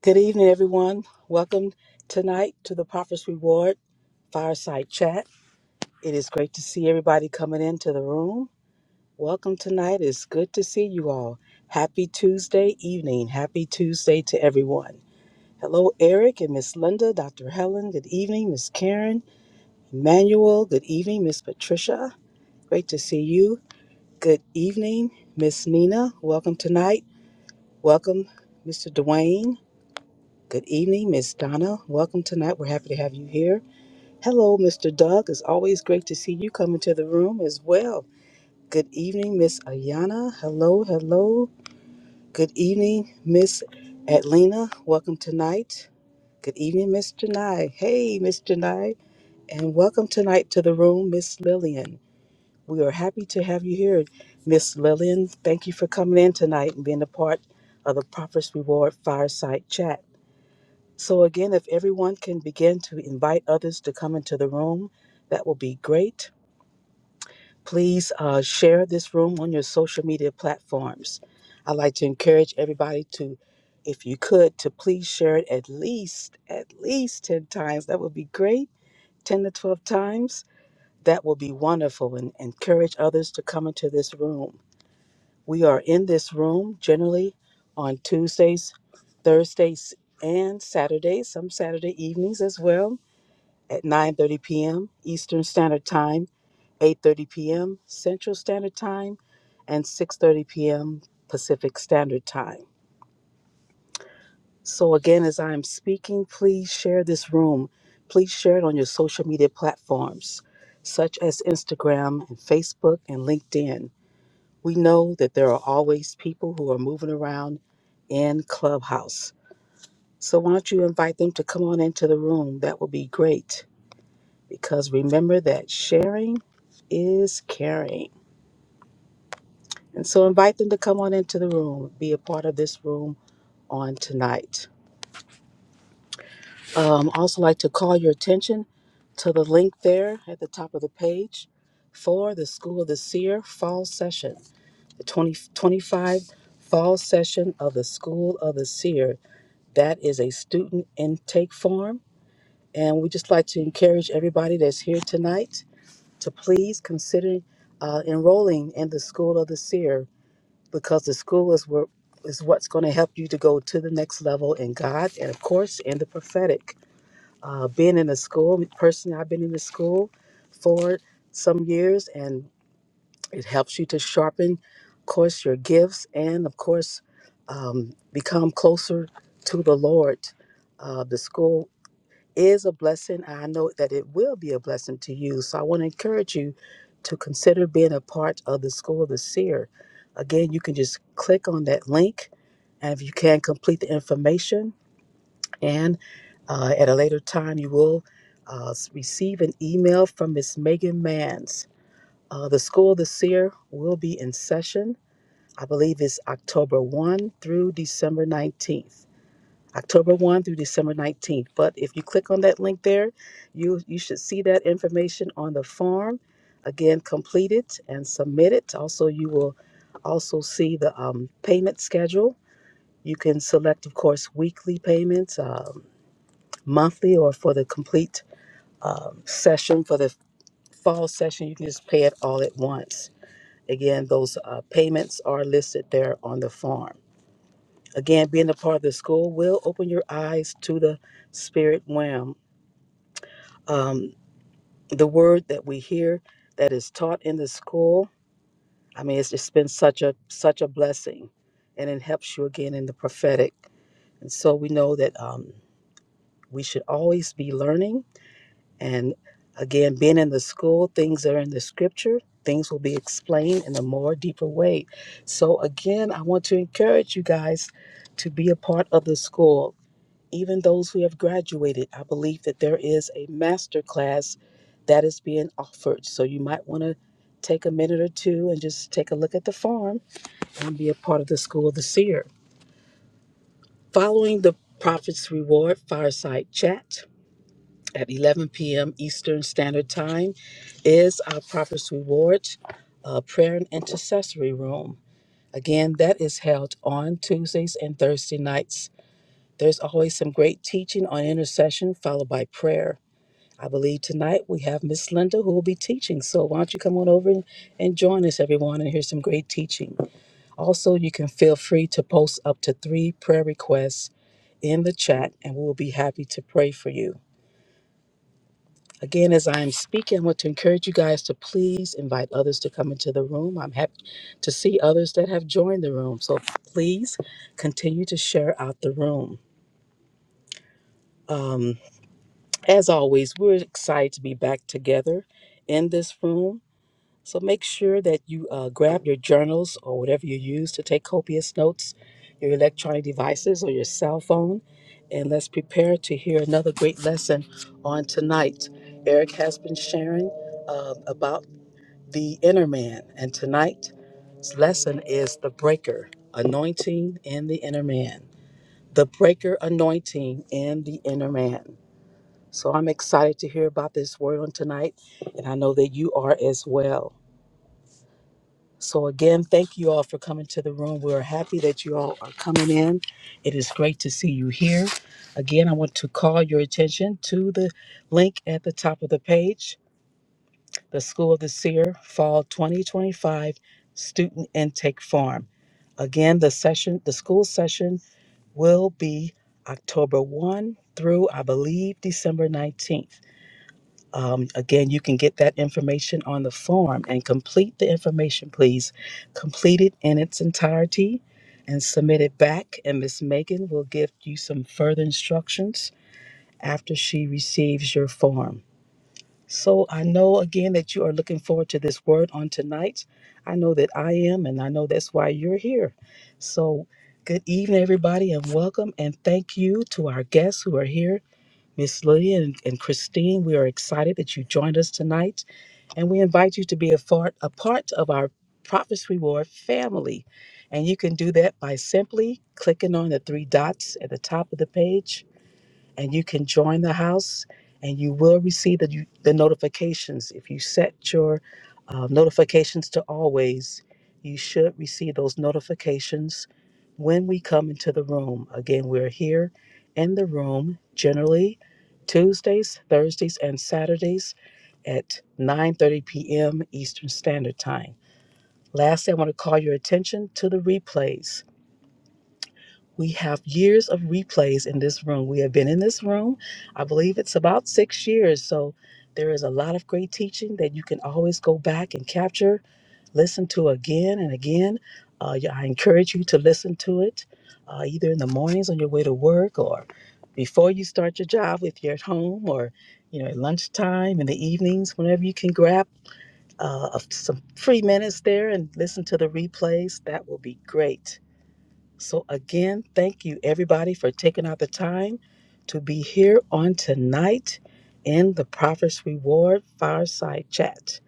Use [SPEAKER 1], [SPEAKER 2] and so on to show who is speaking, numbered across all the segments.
[SPEAKER 1] Good evening, everyone. Welcome tonight to the Prophet's Reward Fireside Chat. It is great to see everybody coming into the room. Welcome tonight. It's good to see you all. Happy Tuesday evening. Happy Tuesday to everyone. Hello, Eric and Miss Linda, Dr. Helen. Good evening, Miss Karen, Emmanuel. Good evening, Miss Patricia. Great to see you. Good evening, Miss Nina. Welcome tonight. Welcome, Mr. Dwayne. Good evening, Miss Donna. Welcome tonight. We're happy to have you here. Hello, Mr. Doug. It's always great to see you come into the room as well. Good evening, Miss Ayana. Hello, hello. Good evening, Miss Atlina. Welcome tonight. Good evening, Miss Janai. Hey, Miss Janai. And welcome tonight to the room, Miss Lillian. We are happy to have you here, Miss Lillian. Thank you for coming in tonight and being a part of the Prophet's Reward Fireside Chat. So, again, if everyone can begin to invite others to come into the room, that will be great. Please uh, share this room on your social media platforms. I'd like to encourage everybody to, if you could, to please share it at least, at least 10 times. That would be great. 10 to 12 times. That will be wonderful and encourage others to come into this room. We are in this room generally on Tuesdays, Thursdays, and Saturdays, some Saturday evenings as well at 9:30 p.m. Eastern Standard Time, 8:30 p.m. Central Standard Time, and 6:30 p.m. Pacific Standard Time. So again, as I'm speaking, please share this room. Please share it on your social media platforms, such as Instagram and Facebook and LinkedIn. We know that there are always people who are moving around in Clubhouse. So why don't you invite them to come on into the room? That would be great. because remember that sharing is caring. And so invite them to come on into the room, be a part of this room on tonight. Um, also like to call your attention to the link there at the top of the page for the School of the Seer Fall Session, the 2025 Fall Session of the School of the Seer. That is a student intake form. And we just like to encourage everybody that's here tonight to please consider uh, enrolling in the School of the Seer because the school is where is what's going to help you to go to the next level in God and of course in the prophetic. Uh, being in the school, personally, I've been in the school for some years, and it helps you to sharpen, of course, your gifts and of course um, become closer to the Lord. Uh, the school is a blessing. and I know that it will be a blessing to you. So I want to encourage you to consider being a part of the School of the Seer. Again, you can just click on that link, and if you can complete the information, and uh, at a later time, you will uh, receive an email from Miss Megan Manns. Uh, the School of the Seer will be in session. I believe it's October 1 through December 19th. October 1 through December 19th. But if you click on that link there, you, you should see that information on the form. Again, complete it and submit it. Also, you will also see the um, payment schedule. You can select, of course, weekly payments, um, monthly, or for the complete um, session, for the fall session, you can just pay it all at once. Again, those uh, payments are listed there on the form. Again, being a part of the school will open your eyes to the spirit realm. Um, the word that we hear that is taught in the school, I mean, it's just been such a such a blessing, and it helps you again in the prophetic. And so we know that um, we should always be learning. And again, being in the school, things are in the scripture. Things will be explained in a more deeper way. So again, I want to encourage you guys to be a part of the school even those who have graduated, I believe that there is a master class that is being offered. So you might want to take a minute or two and just take a look at the farm and be a part of the School of the Seer. Following the Prophet's Reward Fireside Chat at 11 p.m. Eastern Standard Time is our Prophet's Reward uh, Prayer and Intercessory Room. Again, that is held on Tuesdays and Thursday nights. There's always some great teaching on intercession followed by prayer. I believe tonight we have Miss Linda who will be teaching. So why don't you come on over and, and join us, everyone, and hear some great teaching. Also, you can feel free to post up to three prayer requests in the chat, and we will be happy to pray for you. Again, as I am speaking, I want to encourage you guys to please invite others to come into the room. I'm happy to see others that have joined the room. So please continue to share out the room. Um, as always, we're excited to be back together in this room So make sure that you uh, grab your journals or whatever you use to take copious notes, your electronic devices or your cell phone, and let's prepare to hear another great lesson on tonight. Eric has been sharing uh, about the inner man, and tonight's lesson is the breaker anointing in the inner man. The breaker anointing in the inner man. So I'm excited to hear about this word on tonight, and I know that you are as well. So, again, thank you all for coming to the room. We are happy that you all are coming in. It is great to see you here. Again, I want to call your attention to the link at the top of the page the School of the Seer Fall 2025 Student Intake Form. Again, the session, the school session will be October 1 through, I believe, December 19th. Um, again, you can get that information on the form and complete the information, please. Complete it in its entirety and submit it back. And Miss Megan will give you some further instructions after she receives your form. So I know again that you are looking forward to this word on tonight. I know that I am, and I know that's why you're here. So good evening, everybody, and welcome. And thank you to our guests who are here Miss Lydia and, and Christine, we are excited that you joined us tonight, and we invite you to be a, far, a part of our Prophet's Reward family. And you can do that by simply clicking on the three dots at the top of the page and you can join the house and you will receive the, the notifications if you set your uh, notifications to always you should receive those notifications when we come into the room again we're here in the room generally tuesdays thursdays and saturdays at 9.30 p.m eastern standard time lastly i want to call your attention to the replays we have years of replays in this room. We have been in this room, I believe it's about six years. So there is a lot of great teaching that you can always go back and capture, listen to again and again. Uh, yeah, I encourage you to listen to it uh, either in the mornings on your way to work or before you start your job if you're at home or you know at lunchtime in the evenings whenever you can grab uh, some free minutes there and listen to the replays that will be great so, again, thank you everybody for taking out the time to be here on tonight in the Prophet's Reward Fireside Chat.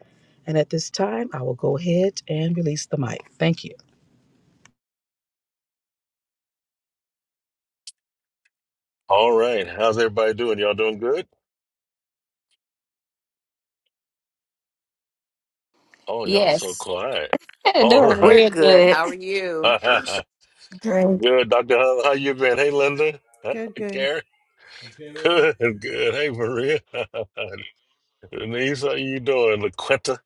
[SPEAKER 1] And at this time, I will go ahead and release the mic. Thank you.
[SPEAKER 2] All right. How's everybody doing? Y'all doing good? Oh, y'all so
[SPEAKER 3] Yes.
[SPEAKER 2] quiet. All
[SPEAKER 3] Doing
[SPEAKER 2] right.
[SPEAKER 4] We're
[SPEAKER 3] real
[SPEAKER 4] good.
[SPEAKER 3] good.
[SPEAKER 4] How are you?
[SPEAKER 5] church
[SPEAKER 2] Good, Dr. How, how you been? Hey, Linda.
[SPEAKER 6] Good, good.
[SPEAKER 2] Karen.
[SPEAKER 6] Okay, baby?
[SPEAKER 2] Good, good. Hey, Maria. Denise, how you doing? LaQuinta,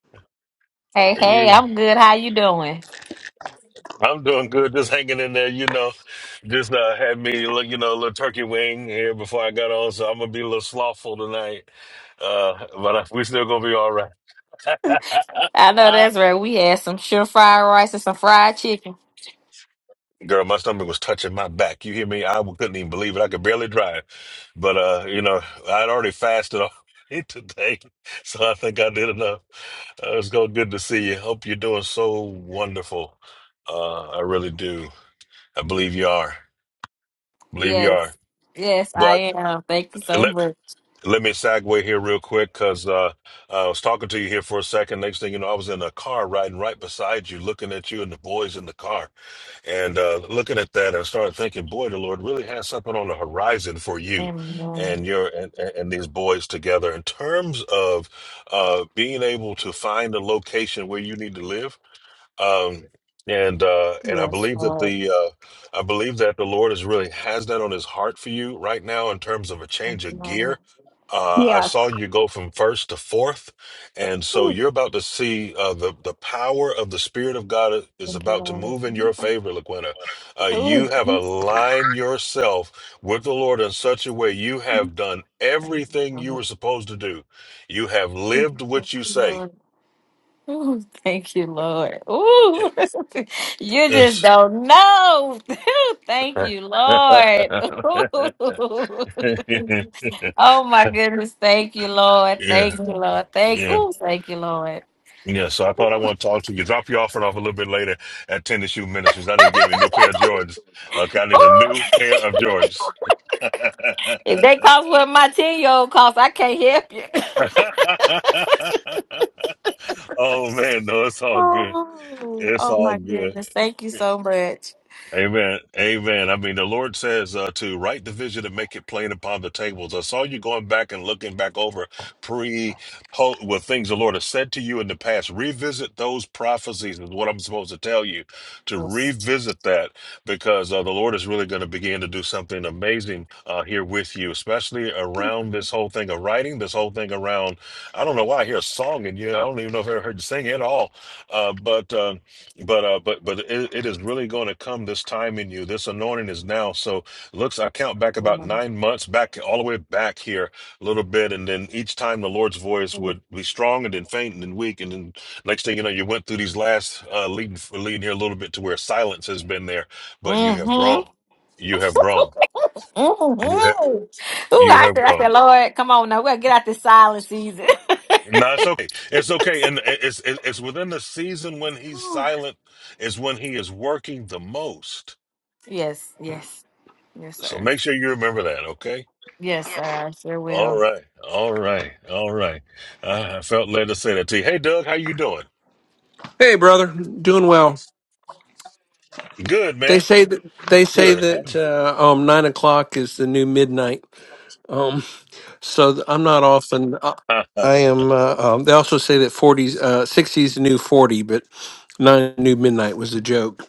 [SPEAKER 3] Hey,
[SPEAKER 2] are
[SPEAKER 3] hey,
[SPEAKER 2] you?
[SPEAKER 3] I'm good. How you doing?
[SPEAKER 2] I'm doing good. Just hanging in there, you know. Just uh, had me, look, you know, a little turkey wing here before I got on, so I'm gonna be a little slothful tonight. Uh, but I, we still gonna be all right.
[SPEAKER 3] I know that's right. We had some sure fried rice and some fried chicken.
[SPEAKER 2] Girl, my stomach was touching my back. You hear me? I couldn't even believe it. I could barely drive. But uh, you know, I'd already fasted already today, so I think I did enough. Uh, it's go good to see you. Hope you're doing so wonderful. Uh, I really do. I believe you are. Believe you are.
[SPEAKER 3] Yes. Yes,
[SPEAKER 2] But
[SPEAKER 3] I am. Thank you so
[SPEAKER 2] let
[SPEAKER 3] much.
[SPEAKER 2] let me segue here real quick because uh, I was talking to you here for a second. Next thing you know, I was in a car riding right beside you, looking at you and the boys in the car. And uh, looking at that, I started thinking, boy, the Lord really has something on the horizon for you
[SPEAKER 3] Amen.
[SPEAKER 2] and your and, and and these boys together in terms of uh, being able to find a location where you need to live um and uh and i
[SPEAKER 3] Yes,
[SPEAKER 2] believe that
[SPEAKER 3] Lord.
[SPEAKER 2] the uh i believe that the lord is really has that on his heart for you right now in terms of a
[SPEAKER 3] Thank
[SPEAKER 2] change
[SPEAKER 3] you,
[SPEAKER 2] of
[SPEAKER 3] Lord.
[SPEAKER 2] gear uh i saw
[SPEAKER 7] Yes.
[SPEAKER 2] you go from first to fourth and so
[SPEAKER 3] Ooh,
[SPEAKER 2] you're about to see uh the the power of the spirit of god is
[SPEAKER 3] thank you,
[SPEAKER 2] about to
[SPEAKER 3] Lord.
[SPEAKER 2] move in your favor laquina uh
[SPEAKER 3] Ooh.
[SPEAKER 2] you have aligned yourself with the lord in such a way you have done
[SPEAKER 3] Thank you,
[SPEAKER 2] everything you were supposed to do you have lived what you say
[SPEAKER 3] Lord. Ooh, thank you, Lord. Ooh, you just don't know. Ooh, thank
[SPEAKER 2] yeah,
[SPEAKER 3] you, Lord. Oh my goodness, thank you, Lord. Thank you, Lord. Thank
[SPEAKER 2] yeah,
[SPEAKER 3] ooh, thank you, Lord.
[SPEAKER 2] yeah. So I thought I
[SPEAKER 3] Ooh.
[SPEAKER 2] want to talk to you. Drop you off and off a little bit later at Tennis Shoe Ministries. I need to get me a new pair of Jordans. Okay, I need a
[SPEAKER 3] Ooh.
[SPEAKER 2] new pair of Jordans.
[SPEAKER 3] If they cost what my 10 year old cost, I can't help you.
[SPEAKER 2] oh man, no, it's all good.
[SPEAKER 3] Oh,
[SPEAKER 2] It's
[SPEAKER 3] oh
[SPEAKER 2] all
[SPEAKER 3] my
[SPEAKER 2] good.
[SPEAKER 3] goodness. Thank you so much.
[SPEAKER 2] Amen. Amen. I mean, the Lord says uh, to write the vision and make it plain upon the tables. I saw you going back and looking back over pre po- what things the Lord has said to you in the past. Revisit those prophecies is what I'm supposed to tell you to revisit that because uh, the Lord is really going to begin to do something amazing uh, here with you, especially around this whole thing of writing, this whole thing around. I don't know why I hear a song in you. I don't even know if I ever heard you sing at all, uh, but. Uh, but uh, but but it, it is really going to come this time in you. This anointing is now. So looks, I count back about nine months back, all the way back here a little bit, and then each time the Lord's voice would be strong and then faint and then weak, and then next thing you know, you went through these last uh, leading leading here a little bit to where silence has been there, but you have
[SPEAKER 3] Mm-hmm.
[SPEAKER 2] grown. You have grown. You have
[SPEAKER 3] Mm-mm. Ooh,
[SPEAKER 2] you
[SPEAKER 3] I
[SPEAKER 2] have
[SPEAKER 3] said, I
[SPEAKER 2] grown.
[SPEAKER 3] said, Lord, come on now. We're to get out this silent season.
[SPEAKER 2] No, it's okay. It's okay, and it's it's it's within the season when he's
[SPEAKER 3] Ooh.
[SPEAKER 2] silent is when he is working the most
[SPEAKER 3] yes, yes. Yes,
[SPEAKER 2] So
[SPEAKER 3] sir.
[SPEAKER 2] make sure you remember that, okay?
[SPEAKER 3] Yes, sir. I sure
[SPEAKER 2] All
[SPEAKER 3] will.
[SPEAKER 2] right, all right, all right. I I felt led to say that to you. Hey, Doug, how you doing?
[SPEAKER 8] Hey, brother, doing well.
[SPEAKER 2] Good,
[SPEAKER 8] They
[SPEAKER 2] man.
[SPEAKER 8] say that they say
[SPEAKER 2] Good.
[SPEAKER 8] that uh, um nine o'clock is the new midnight. Um, so th- I'm not often. Uh, I am. Uh, um, they also say that 40s, uh, 60s the new forty, but nine new midnight was a joke.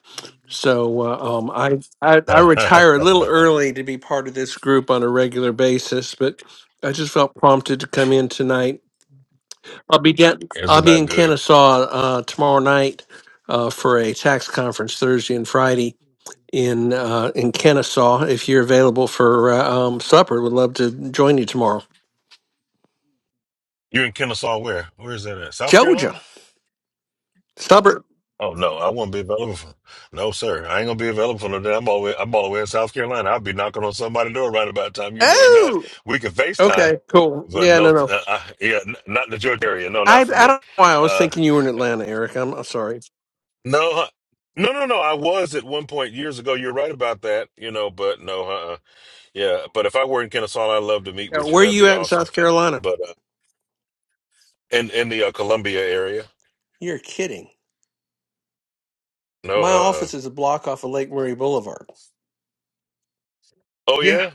[SPEAKER 8] So uh, um, I, I I retire a little early to be part of this group on a regular basis, but I just felt prompted to come in tonight I'll be down,
[SPEAKER 2] it's
[SPEAKER 8] I'll be
[SPEAKER 2] not
[SPEAKER 8] in
[SPEAKER 2] good.
[SPEAKER 8] Kennesaw uh, tomorrow night uh, for a tax conference Thursday and Friday in uh, in Kennesaw. If you're available for uh, um, supper, would love to join you tomorrow.
[SPEAKER 2] You're in Kennesaw, where? Where is that at? South
[SPEAKER 8] Georgia
[SPEAKER 2] Carolina?
[SPEAKER 8] supper.
[SPEAKER 2] Oh no, I won't be available. For, no, sir, I ain't gonna be available for no day. I'm all the way, I'm all the way in South Carolina. I'll be knocking on somebody's door right about the time you're doing that.
[SPEAKER 8] Oh,
[SPEAKER 2] We can FaceTime,
[SPEAKER 8] okay, cool.
[SPEAKER 2] but
[SPEAKER 8] Yeah,
[SPEAKER 2] no,
[SPEAKER 8] no,
[SPEAKER 2] th-
[SPEAKER 8] no.
[SPEAKER 2] uh, I, yeah, n- not in the Georgia area. No,
[SPEAKER 8] I
[SPEAKER 2] not
[SPEAKER 8] I
[SPEAKER 2] for
[SPEAKER 8] don't
[SPEAKER 2] me.
[SPEAKER 8] know why I was
[SPEAKER 2] Uh,
[SPEAKER 8] thinking you were in Atlanta, Eric. I'm, I'm sorry.
[SPEAKER 2] No, uh, no, no, no. I was at one point years ago. You're right about that, you know, but no, uh-uh. Yeah, but if I were in Kennesaw, I'd love to meet
[SPEAKER 8] Uh,
[SPEAKER 2] with you.
[SPEAKER 8] where are
[SPEAKER 2] That'd
[SPEAKER 8] you
[SPEAKER 2] be
[SPEAKER 8] at in
[SPEAKER 2] awesome.
[SPEAKER 8] South Carolina?
[SPEAKER 2] But uh, in in the uh, Columbia area,
[SPEAKER 8] You're kidding.
[SPEAKER 2] no,
[SPEAKER 8] My
[SPEAKER 2] uh-uh.
[SPEAKER 8] office is a block off of Lake Murray Boulevard.
[SPEAKER 2] Oh
[SPEAKER 8] Yeah,
[SPEAKER 2] yeah,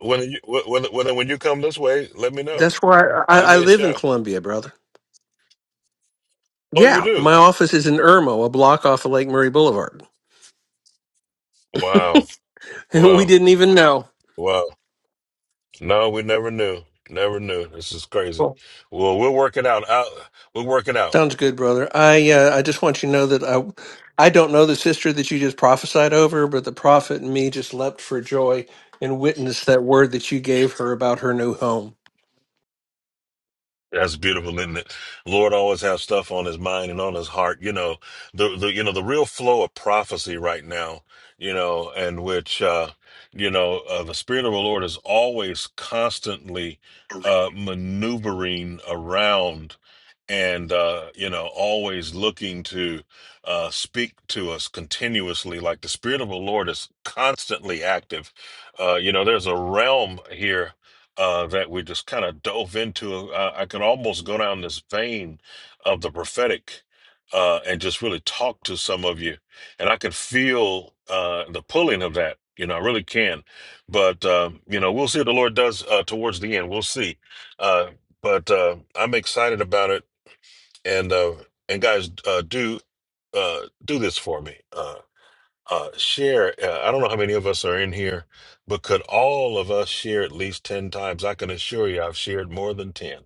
[SPEAKER 2] when you when when when when you come this way, let me know.
[SPEAKER 8] that's where I,
[SPEAKER 2] Give
[SPEAKER 8] I, I
[SPEAKER 2] me a
[SPEAKER 8] live in
[SPEAKER 2] shout.
[SPEAKER 8] Columbia, brother.
[SPEAKER 2] Oh, you
[SPEAKER 8] Yeah,
[SPEAKER 2] do?
[SPEAKER 8] my office is in Irmo, a block off of Lake Murray Boulevard.
[SPEAKER 2] Wow,
[SPEAKER 8] And we
[SPEAKER 2] wow,
[SPEAKER 8] didn't even know.
[SPEAKER 2] wow. No, we never knew. Never knew. This is crazy.
[SPEAKER 8] Cool.
[SPEAKER 2] Well, we'll work it out. Out, we'll work it out.
[SPEAKER 8] Sounds good, brother. I uh, I just want you to know that I I don't know the sister that you just prophesied over, but the prophet and me just leapt for joy and witnessed that word that you gave her about her new home.
[SPEAKER 2] That's beautiful, isn't it? Lord always have stuff on his mind and on his heart. You know, the, the you know, the real flow of prophecy right now, you know, and which uh, you know, uh, the Spirit of the Lord is always constantly uh maneuvering around and uh, you know, always looking to uh speak to us continuously. Like the Spirit of the Lord is constantly active. Uh, you know, there's a realm here uh, that we just kind of dove into. I, I could almost go down this vein of the prophetic uh, and just really talk to some of you. And I could feel uh, the pulling of that. You know, I really can. But, uh, you know, we'll see what the Lord does uh, towards the end. We'll see. Uh, but uh, I'm excited about it. And, uh, and guys, uh, do uh, do this for me. Uh, uh, share. Uh, I don't know how many of us are in here, but could all of us share at least 10 times? I can assure you I've shared more than 10.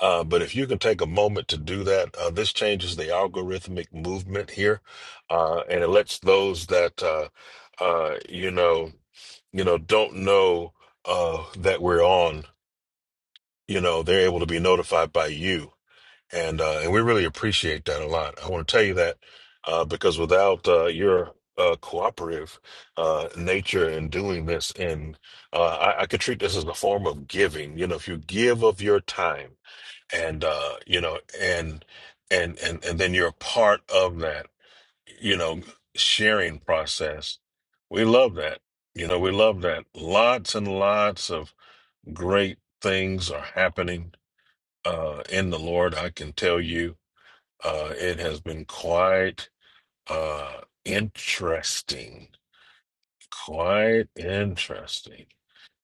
[SPEAKER 2] Uh, but if you can take a moment to do that, uh, this changes the algorithmic movement here, uh, and it lets those that uh, uh, you know, you know, don't know uh, that we're on, you know, they're able to be notified by you and uh, and we really appreciate that a lot. I want to tell you that uh, because without uh, your uh, cooperative uh, nature in doing this, and uh, I, I could treat this as a form of giving. You know, if you give of your time, and uh, you know, and and and and then you're a part of that, you know, sharing process. We love that. You know, we love that. Lots and lots of great things are happening uh, in the Lord. I can tell you uh, it has been quite uh, interesting, quite interesting.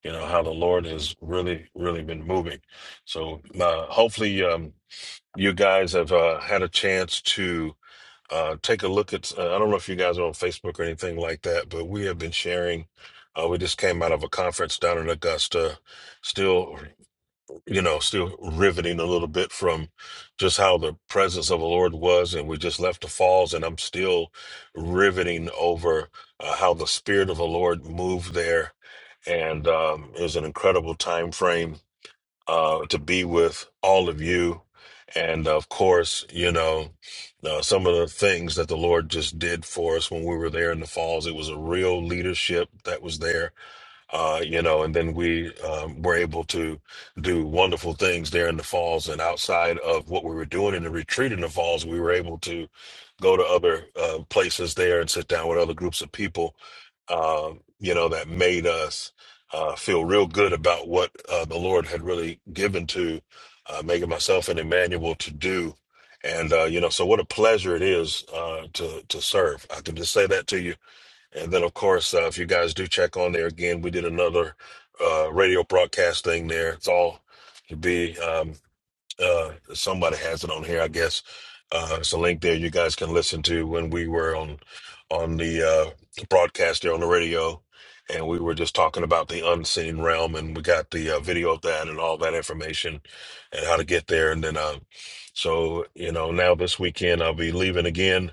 [SPEAKER 2] You know how the Lord has really, really been moving. So uh, hopefully, um, you guys have uh, had a chance to uh, take a look at. Uh, I don't know if you guys are on Facebook or anything like that, but we have been sharing. Uh, we just came out of a conference down in Augusta, still you know, still riveting a little bit from just how the presence of the Lord was. And we just left the falls, and I'm still riveting over uh, how the Spirit of the Lord moved there. And um, it was an incredible time frame uh, to be with all of you. And of course, you know, uh, some of the things that the Lord just did for us when we were there in the falls, it was a real leadership that was there uh, you know, and then we um, were able to do wonderful things there in the falls. And outside of what we were doing in the retreat in the falls, we were able to go to other uh, places there and sit down with other groups of people, uh, you know, that made us uh, feel real good about what uh, the Lord had really given to uh, Megan, myself, and Emmanuel to do. And uh, you know, so what a pleasure it is uh, to to serve. I can just say that to you and then, of course, uh, if you guys do check on there again, we did another uh, radio broadcast thing there. It's all to be. um, uh somebody has it on here i guess uh it's a link there you guys can listen to when we were on on the uh broadcast there on the radio and we were just talking about the unseen realm and we got the uh, video of that and all that information and how to get there and then uh so you know now this weekend i'll be leaving again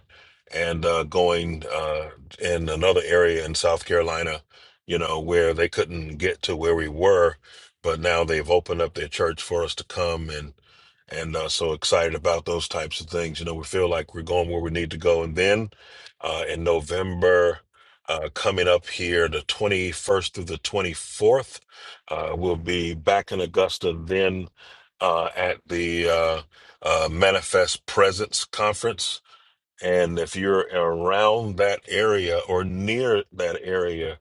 [SPEAKER 2] and uh going uh in another area in south carolina you know where they couldn't get to where we were but now they've opened up their church for us to come and and uh, so excited about those types of things. You know, we feel like we're going where we need to go. And then uh, in November, uh, coming up here, the 21st through the 24th, uh, we'll be back in Augusta then uh, at the uh, uh, Manifest Presence Conference. And if you're around that area or near that area,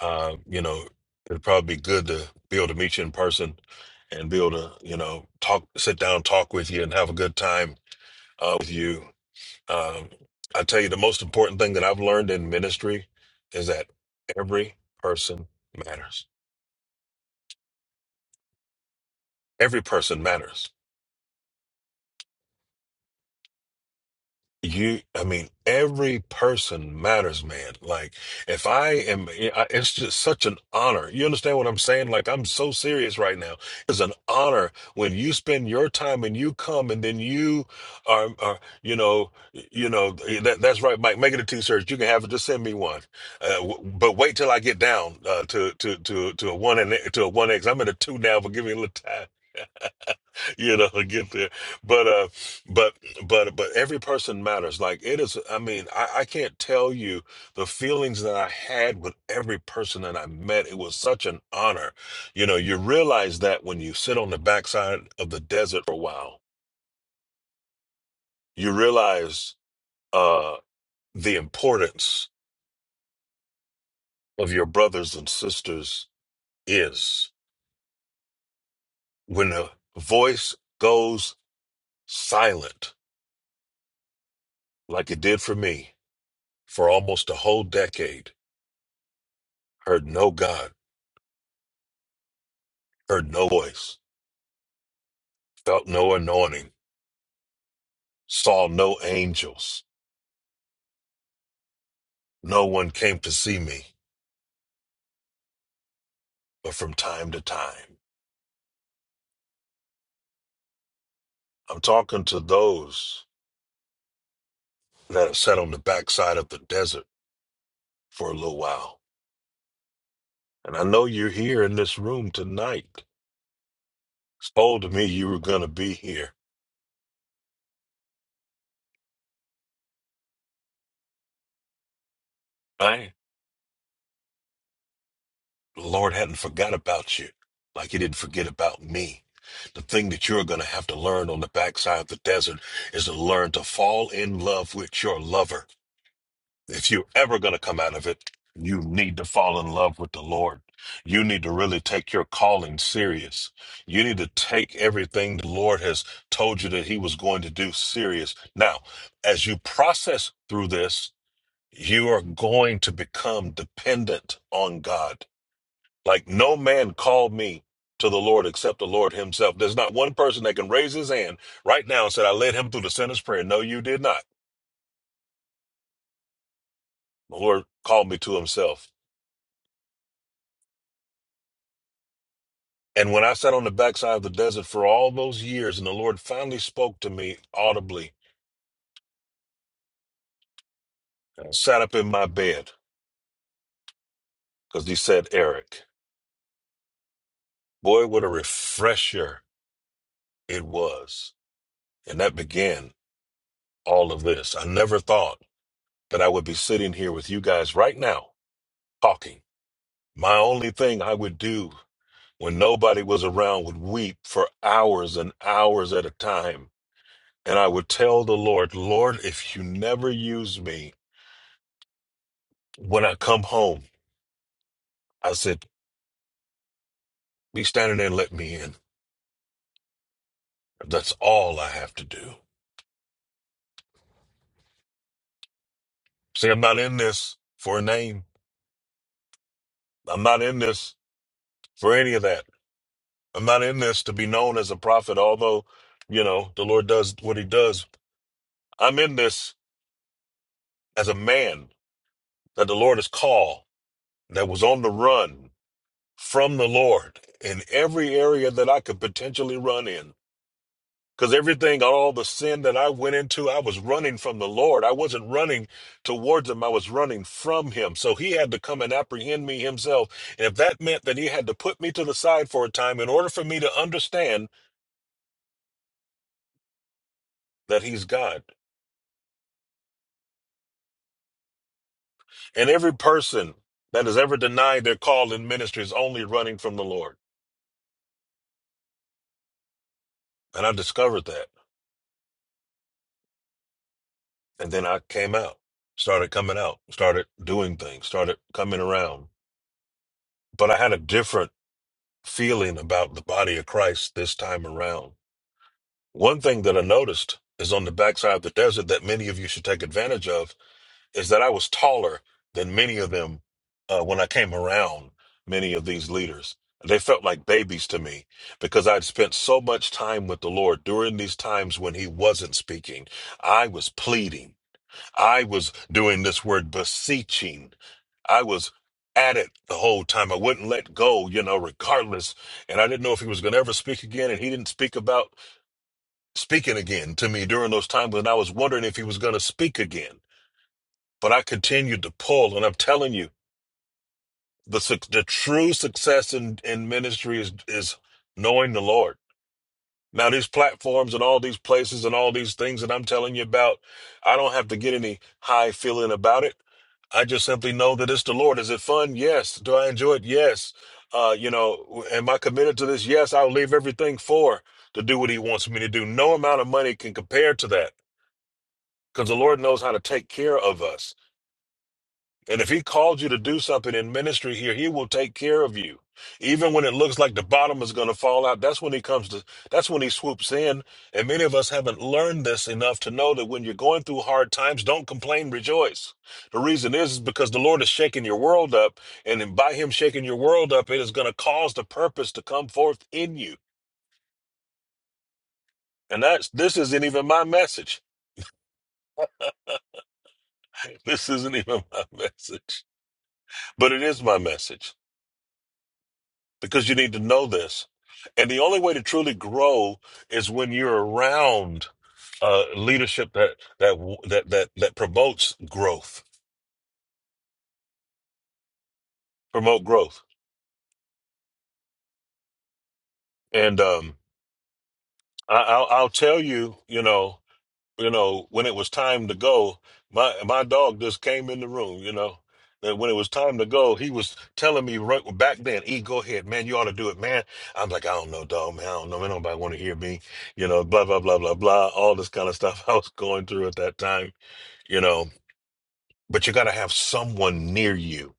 [SPEAKER 2] uh, you know, it'd probably be good to be able to meet you in person and be able to, you know, talk, sit down, talk with you, and have a good time uh, with you. Um, I tell you, the most important thing that I've learned in ministry is that every person matters. Every person matters You, I mean, every person matters, man. Like, if I am, eh, I- it's just such an honor. You understand what I'm saying? Like, I'm so serious right now. It's an honor when you spend your time and you come and then you are, are you know, you know, eh, that, that's right, Mike. Make it a t-shirt. You can have it. Just send me one. Uh, w- but wait till I get down uh, to to to to a one and eh, to a one X. I'm at a two now, but give me a little time. you know get there but uh but but but every person matters like it is i mean I, I can't tell you the feelings that i had with every person that i met it was such an honor you know you realize that when you sit on the backside of the desert for a while you realize uh the importance of your brothers and sisters is when a voice goes silent like it did for me for almost a whole decade heard no God, heard no voice, felt no anointing, saw no angels. No one came to see me, but from time to time. I'm talking to those that have sat on the backside of the desert for a little while. And I know you're here in this room tonight. It's told me you were going to be here. Right? The Lord hadn't forgot about you like he didn't forget about me. The thing that you're going to have to learn on the backside of the desert is to learn to fall in love with your lover if you're ever going to come out of it, you need to fall in love with the Lord. You need to really take your calling serious. You need to take everything the Lord has told you that He was going to do serious. Now, as you process through this, you are going to become dependent on God. Like no man called me to the Lord except the Lord Himself. There's not one person that can raise his hand right now and said, I led him through the sinner's prayer. No, you did not. The Lord called me to Himself. And when I sat on the backside of the desert for all those years, and the Lord finally spoke to me audibly, I sat up in my bed, because he said, Eric, boy, what a refresher it was. And that began all of this. I never thought that I would be sitting here with you guys right now talking. My only thing I would do when nobody was around would weep for hours and hours at a time. And I would tell the Lord, Lord, if you never use me when I come home, I said, Be standing there and let me in. If that's all I have to do. See, I'm not in this for a name. I'm not in this for any of that. I'm not in this to be known as a prophet, although, you know, the Lord does what he does. I'm in this as a man that the Lord has called, that was on the run from the Lord in every area that I could potentially run in. Because everything, all the sin that I went into, I was running from the Lord. I wasn't running towards him, I was running from him. So he had to come and apprehend me himself. And if that meant that he had to put me to the side for a time in order for me to understand that he's God. And every person that has ever denied their call in ministry is only running from the Lord. And I discovered that. And then I came out, started coming out, started doing things, started coming around. But I had a different feeling about the body of Christ this time around. One thing that I noticed is on the backside of the desert that many of you should take advantage of is that I was taller than many of them uh, when I came around many of these leaders. They felt like babies to me because I'd spent so much time with the Lord during these times when He wasn't speaking. I was pleading. I was doing this word beseeching. I was at it the whole time. I wouldn't let go, you know, regardless. And I didn't know if he was going to ever speak again. And he didn't speak about speaking again to me during those times. And I was wondering if he was going to speak again. But I continued to pull. And I'm telling you, the, suc- the true success in, in ministry is, is knowing the Lord Now, these platforms and all these places and all these things that I'm telling you about, I don't have to get any high feeling about it. I just simply know that it's the Lord. Is it fun? Yes. Do I enjoy it? Yes. Uh, you know, am I committed to this? Yes. I'll leave everything for to do what He wants me to do. No amount of money can compare to that because the Lord knows how to take care of us. And if he called you to do something in ministry here, he will take care of you. Even when it looks like the bottom is going to fall out, that's when he comes to, that's when he swoops in. And many of us haven't learned this enough to know that when you're going through hard times, don't complain, rejoice. The reason is, is because the Lord is shaking your world up. And then by him shaking your world up, it is going to cause the purpose to come forth in you. And that's, this isn't even my message. This isn't even my message, but it is my message. because you need to know this. And the only way to truly grow is when you're around uh, leadership that that that that that promotes growth, promote growth. And um, I, I'll, I'll tell you, you know. you know, when it was time to go, my my dog just came in the room, you know. And when it was time to go, he was telling me right back then, E, go ahead, man, you ought to do it, man. I'm like, I don't know, dog, man, I don't know, man, nobody want to hear me, you know, blah, blah, blah, blah, blah, all this kind of stuff I was going through at that time, you know. But you got to have someone near you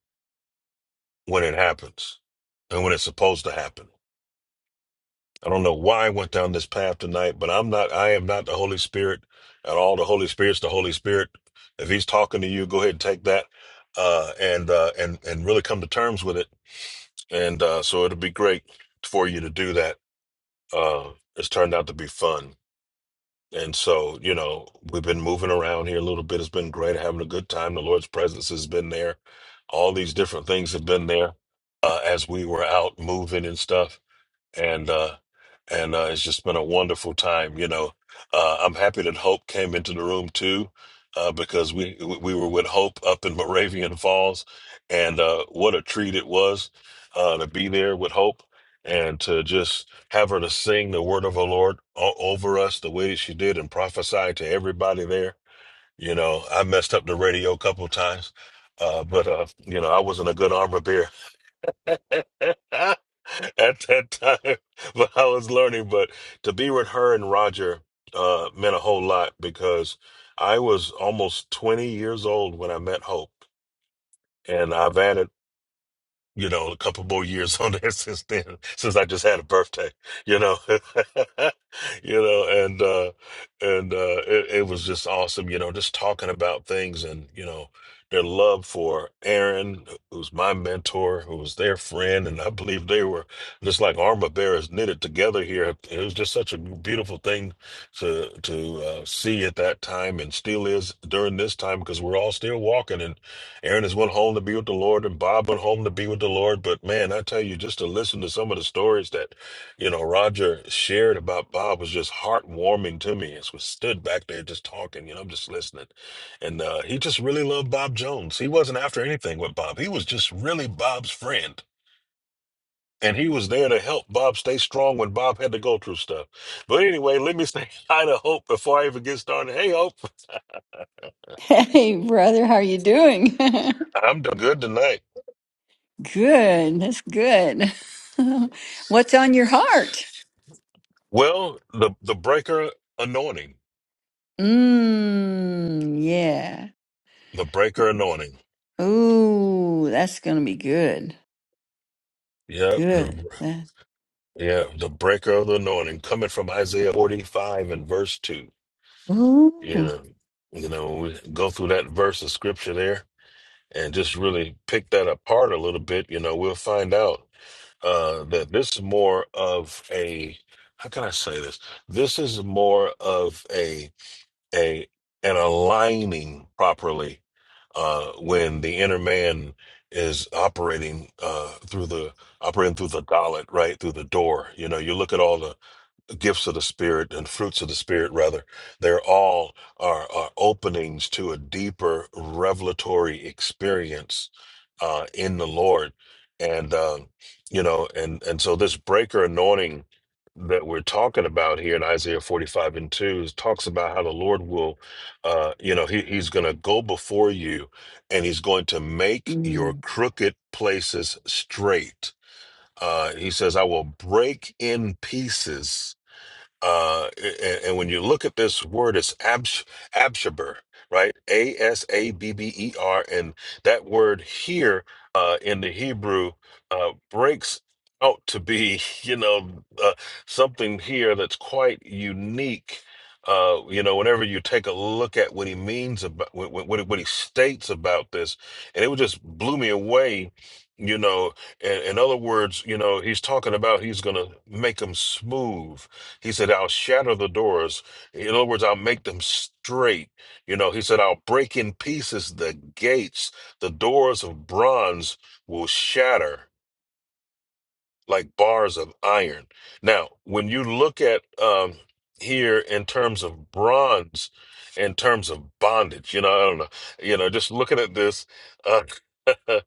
[SPEAKER 2] when it happens and when it's supposed to happen. I don't know why I went down this path tonight, but I'm not, I am not the Holy Spirit at all. The Holy Spirit's the Holy Spirit. If he's talking to you, go ahead and take that, uh, and, uh, and, and really come to terms with it. And, uh, so it'll be great for you to do that. Uh, it's turned out to be fun. And so, you know, we've been moving around here a little bit. It's been great having a good time. The Lord's presence has been there. All these different things have been there, uh, as we were out moving and stuff and uh and uh it's just been a wonderful time you know uh i'm happy that hope came into the room too uh because we we were with hope up in moravian falls and uh what a treat it was uh to be there with hope and to just have her to sing the word of the lord o- over us the way that she did and prophesy to everybody there you know i messed up the radio a couple times uh but uh you know i wasn't a good armor bearer at that time but I was learning. But to be with her and Roger uh, meant a whole lot because I was almost 20 years old when I met Hope. And I've added you know, a couple more years on there since then, since I just had a birthday, you know, you know, and, uh, and, uh, it, it was just awesome, you know, just talking about things and, you know, their love for Aaron, who's my mentor, who was their friend. And I believe they were just like armor bearers knitted together here. It was just such a beautiful thing to, to, uh, see at that time and still is during this time because we're all still walking and. Aaron has went home to be with the Lord, and Bob went home to be with the Lord. But man, I tell you, just to listen to some of the stories that, you know, Roger shared about Bob was just heartwarming to me as we stood back there just talking. You know, I'm just listening, and uh, he just really loved Bob Jones. He wasn't after anything with Bob. He was just really Bob's friend. And he was there to help Bob stay strong when Bob had to go through stuff. But anyway, let me say hi to Hope before I even get started. Hey, Hope,
[SPEAKER 9] Hey, brother, how are you doing?
[SPEAKER 2] I'm doing good tonight.
[SPEAKER 9] Good, that's good. What's on your heart?
[SPEAKER 2] Well, the the breaker anointing.
[SPEAKER 9] Mmm, yeah.
[SPEAKER 2] The breaker anointing.
[SPEAKER 9] Ooh, that's gonna be good.
[SPEAKER 2] Yep. The,
[SPEAKER 9] Good. That-
[SPEAKER 2] yeah. The breaker of the anointing coming from Isaiah 45 and verse 2. You
[SPEAKER 9] Ooh.
[SPEAKER 2] know, you know, we go through that verse of scripture there and just really pick that apart a little bit. You know, we'll find out uh, that this is more of a, how can I say this? This is more of a. a and aligning properly uh, when the inner man is operating uh, through the operating through the dollet, right through the door. You know, you look at all the gifts of the spirit and fruits of the spirit rather they're all are, are openings to a deeper revelatory experience uh in the lord and um you know and and so this breaker anointing that we're talking about here in isaiah 45 and 2 is- talks about how the lord will uh you know he, he's going to go before you and he's going to make your
[SPEAKER 9] Mmm.
[SPEAKER 2] crooked places straight uh he says i will break in pieces uh, and, and when you look at this word, it's abs, abshaber, right? A S A B B E R, and that word here uh, in the Hebrew uh, breaks out to be, you know, uh, something here that's quite unique. Uh, you know, whenever you take a look at what he means about what what, what he what he states about this, and it would just blew me away. You know, in, in other words, you know, he's talking about he's gonna make them smooth he said, I'll shatter the doors. In other words, I'll make them straight. You know, he said, I'll break in pieces the gates. The doors of bronze will shatter like bars of iron. Now, when you look at um, here in terms of bronze, in terms of bondage, you know, I don't know, you know, just looking at this, uh,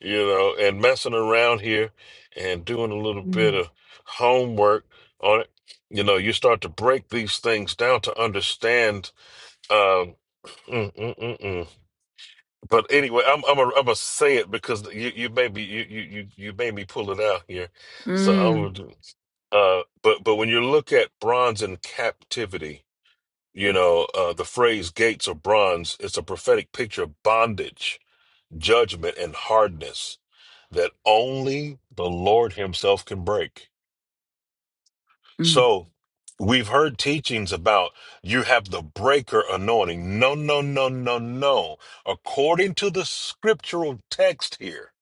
[SPEAKER 2] you know, and messing around here and doing a little bit
[SPEAKER 9] Mmm.
[SPEAKER 2] of homework on it, you know, you start to break these things down to understand. Um, mm, mm, mm, mm. But anyway, I'm I'm gonna I'm gonna say it because you you made me you you you you made me pull it out here.
[SPEAKER 9] Mmm.
[SPEAKER 2] So uh, but but when you look at bronze in captivity, you know uh, the phrase "gates of bronze" it's a prophetic picture of bondage, judgment, and hardness that only the Lord Himself can break.
[SPEAKER 9] Mmm.
[SPEAKER 2] So we've heard teachings about you have the breaker anointing. No, no, no, no, no. According to the scriptural text here,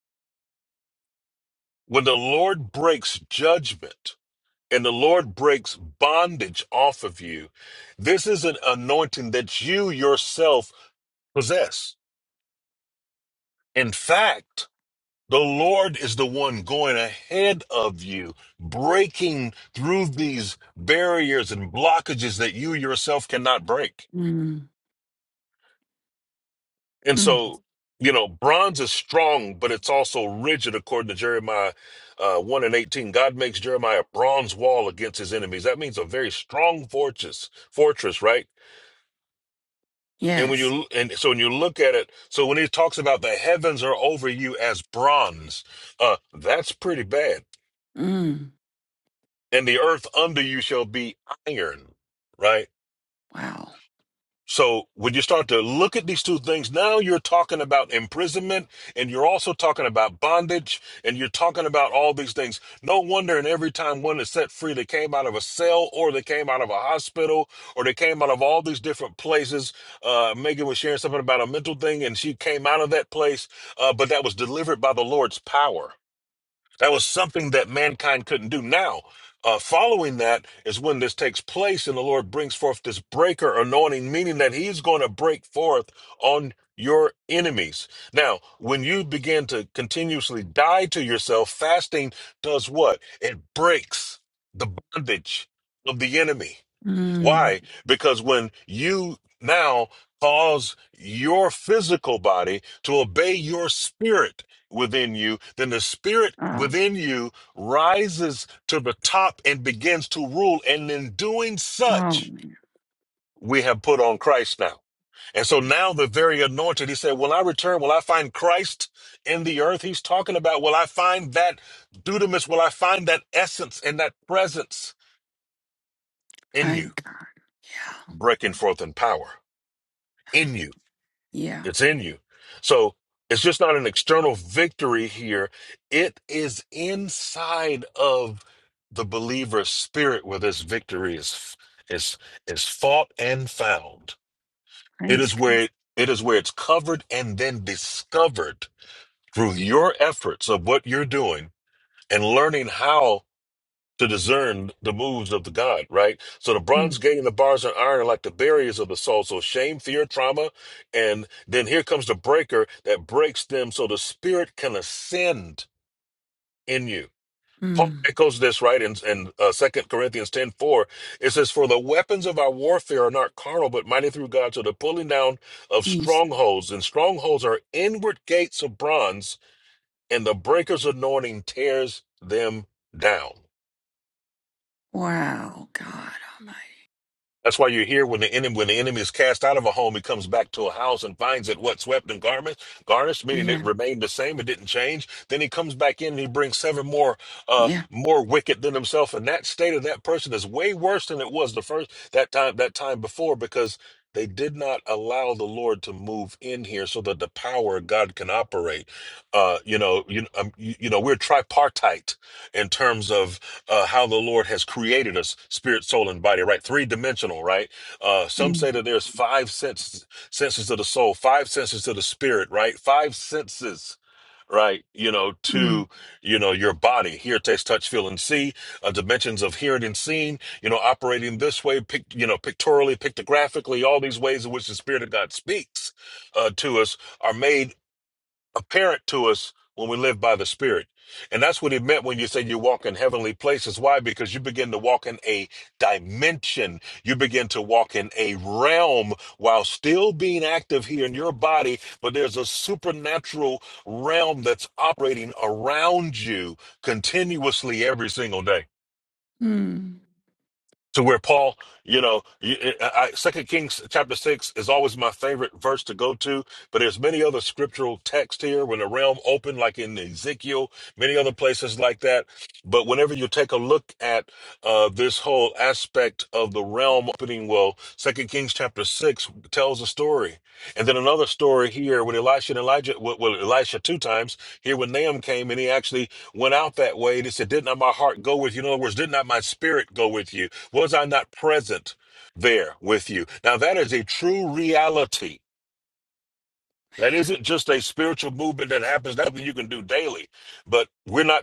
[SPEAKER 2] when the Lord breaks judgment. and the Lord breaks bondage off of you. This is an anointing that you yourself possess. In fact, the Lord is the one going ahead of you, breaking through these barriers and blockages that you yourself cannot break.
[SPEAKER 9] Mmm.
[SPEAKER 2] And
[SPEAKER 9] Mm.
[SPEAKER 2] so, you know, bronze is strong, but it's also rigid, according to Jeremiah uh, 1 and 18. God makes Jeremiah a bronze wall against his enemies. That means a very strong fortress, fortress, right? And when
[SPEAKER 9] Yes.
[SPEAKER 2] you and so when you look at it, so when he talks about the heavens are over you as bronze, uh, that's pretty bad.
[SPEAKER 9] Mmm.
[SPEAKER 2] And the earth under you shall be iron, right?
[SPEAKER 9] Wow.
[SPEAKER 2] So when you start to look at these two things, now you're talking about imprisonment and you're also talking about bondage and you're talking about all these things. No wonder in every time one is set free, they came out of a cell or they came out of a hospital or they came out of all these different places. Uh, Megan was sharing something about a mental thing and she came out of that place, uh, but that was delivered by the Lord's power. That was something that mankind couldn't do. Now, uh, following that is when this takes place, and the Lord brings forth this breaker anointing, meaning that He's going to break forth on your enemies. Now, when you begin to continuously die to yourself, fasting does what? It breaks the bondage of the enemy
[SPEAKER 9] Mmm.
[SPEAKER 2] why? Because when you now cause your physical body to obey your spirit within you, then the spirit
[SPEAKER 9] Oh.
[SPEAKER 2] within you rises to the top and begins to rule. And in doing
[SPEAKER 9] Oh
[SPEAKER 2] such, we have put on Christ now. And so now the very anointed, he said, Will I return? Will I find Christ in the earth? He's talking about, Will I find that dudamus? Will I find that essence and that presence in
[SPEAKER 9] my
[SPEAKER 2] you,
[SPEAKER 9] God. Yeah.
[SPEAKER 2] breaking forth in power in you?
[SPEAKER 9] Yeah.
[SPEAKER 2] It's in you. So it's just not an external victory here. It is inside of the believer's spirit where this victory is is is fought and found. It
[SPEAKER 9] Praise
[SPEAKER 2] is
[SPEAKER 9] God.
[SPEAKER 2] where it is where it's covered and then discovered through your efforts of what you're doing and learning how to discern the moves of the God, right? So the bronze
[SPEAKER 9] Mmm.
[SPEAKER 2] gate and the bars and iron are like the barriers of the soul. So shame, fear, trauma, and then here comes the breaker that breaks them so the spirit can ascend in you. Paul echoes this right in, in uh, 2 Corinthians ten four. It says, For the weapons of our warfare are not carnal, but mighty through God to the pulling down of
[SPEAKER 9] Mmm.
[SPEAKER 2] strongholds. And strongholds are inward gates of bronze, and the breaker's anointing tears them down.
[SPEAKER 9] Wow, God Almighty.
[SPEAKER 2] That's why you're here when the enemy when the enemy is cast out of a home, he comes back to a house and finds it what swept and garnished, garnished, meaning it
[SPEAKER 9] Yeah,
[SPEAKER 2] remained the same, it didn't change. Then he comes back in and he brings seven more uh
[SPEAKER 9] yeah.
[SPEAKER 2] more wicked than himself. And that state of that person is way worse than it was the first that time that time before because they did not allow the Lord to move in here so that the power of God can operate. Uh, you know, you, um, you, you know, we're tripartite in terms of uh, how the Lord has created us, spirit, soul, and body, right? Three dimensional, right? Uh, some
[SPEAKER 9] Mm,
[SPEAKER 2] say that there's five senses, senses to the soul, five senses to the spirit, right? Five senses, right? You know,
[SPEAKER 9] mm,
[SPEAKER 2] to, you know, your body, hear, taste, touch, feel, and see, uh, dimensions of hearing and seeing, you know, operating this way, pic, you know, pictorially, pictographically, all these ways in which the spirit of God speaks uh, to us are made apparent to us when we live by the Spirit. And that's what it meant when you say you walk in heavenly places. Why? Because you begin to walk in a dimension. You begin to walk in a realm while still being active here in your body, but there's a supernatural realm that's operating around you continuously every single day
[SPEAKER 9] mm,
[SPEAKER 2] to where Paul, you know, you, I, I- Second Kings chapter six is always my favorite verse to go to. But there's many other scriptural texts here when the realm opened, like in Ezekiel, many other places like that. But whenever you take a look at uh, this whole aspect of the realm opening, well, Second Kings chapter six tells a story, and then another story here with Elisha and Elijah. Well, well, Elisha two times here when Nahum came and he actually went out that way. And he said, "Did not my heart go with you?" In other words, did not my spirit go with you? Was I not present there with you? Now, that is a true reality. That isn't just a spiritual movement that happens, nothing you can do daily, but we're not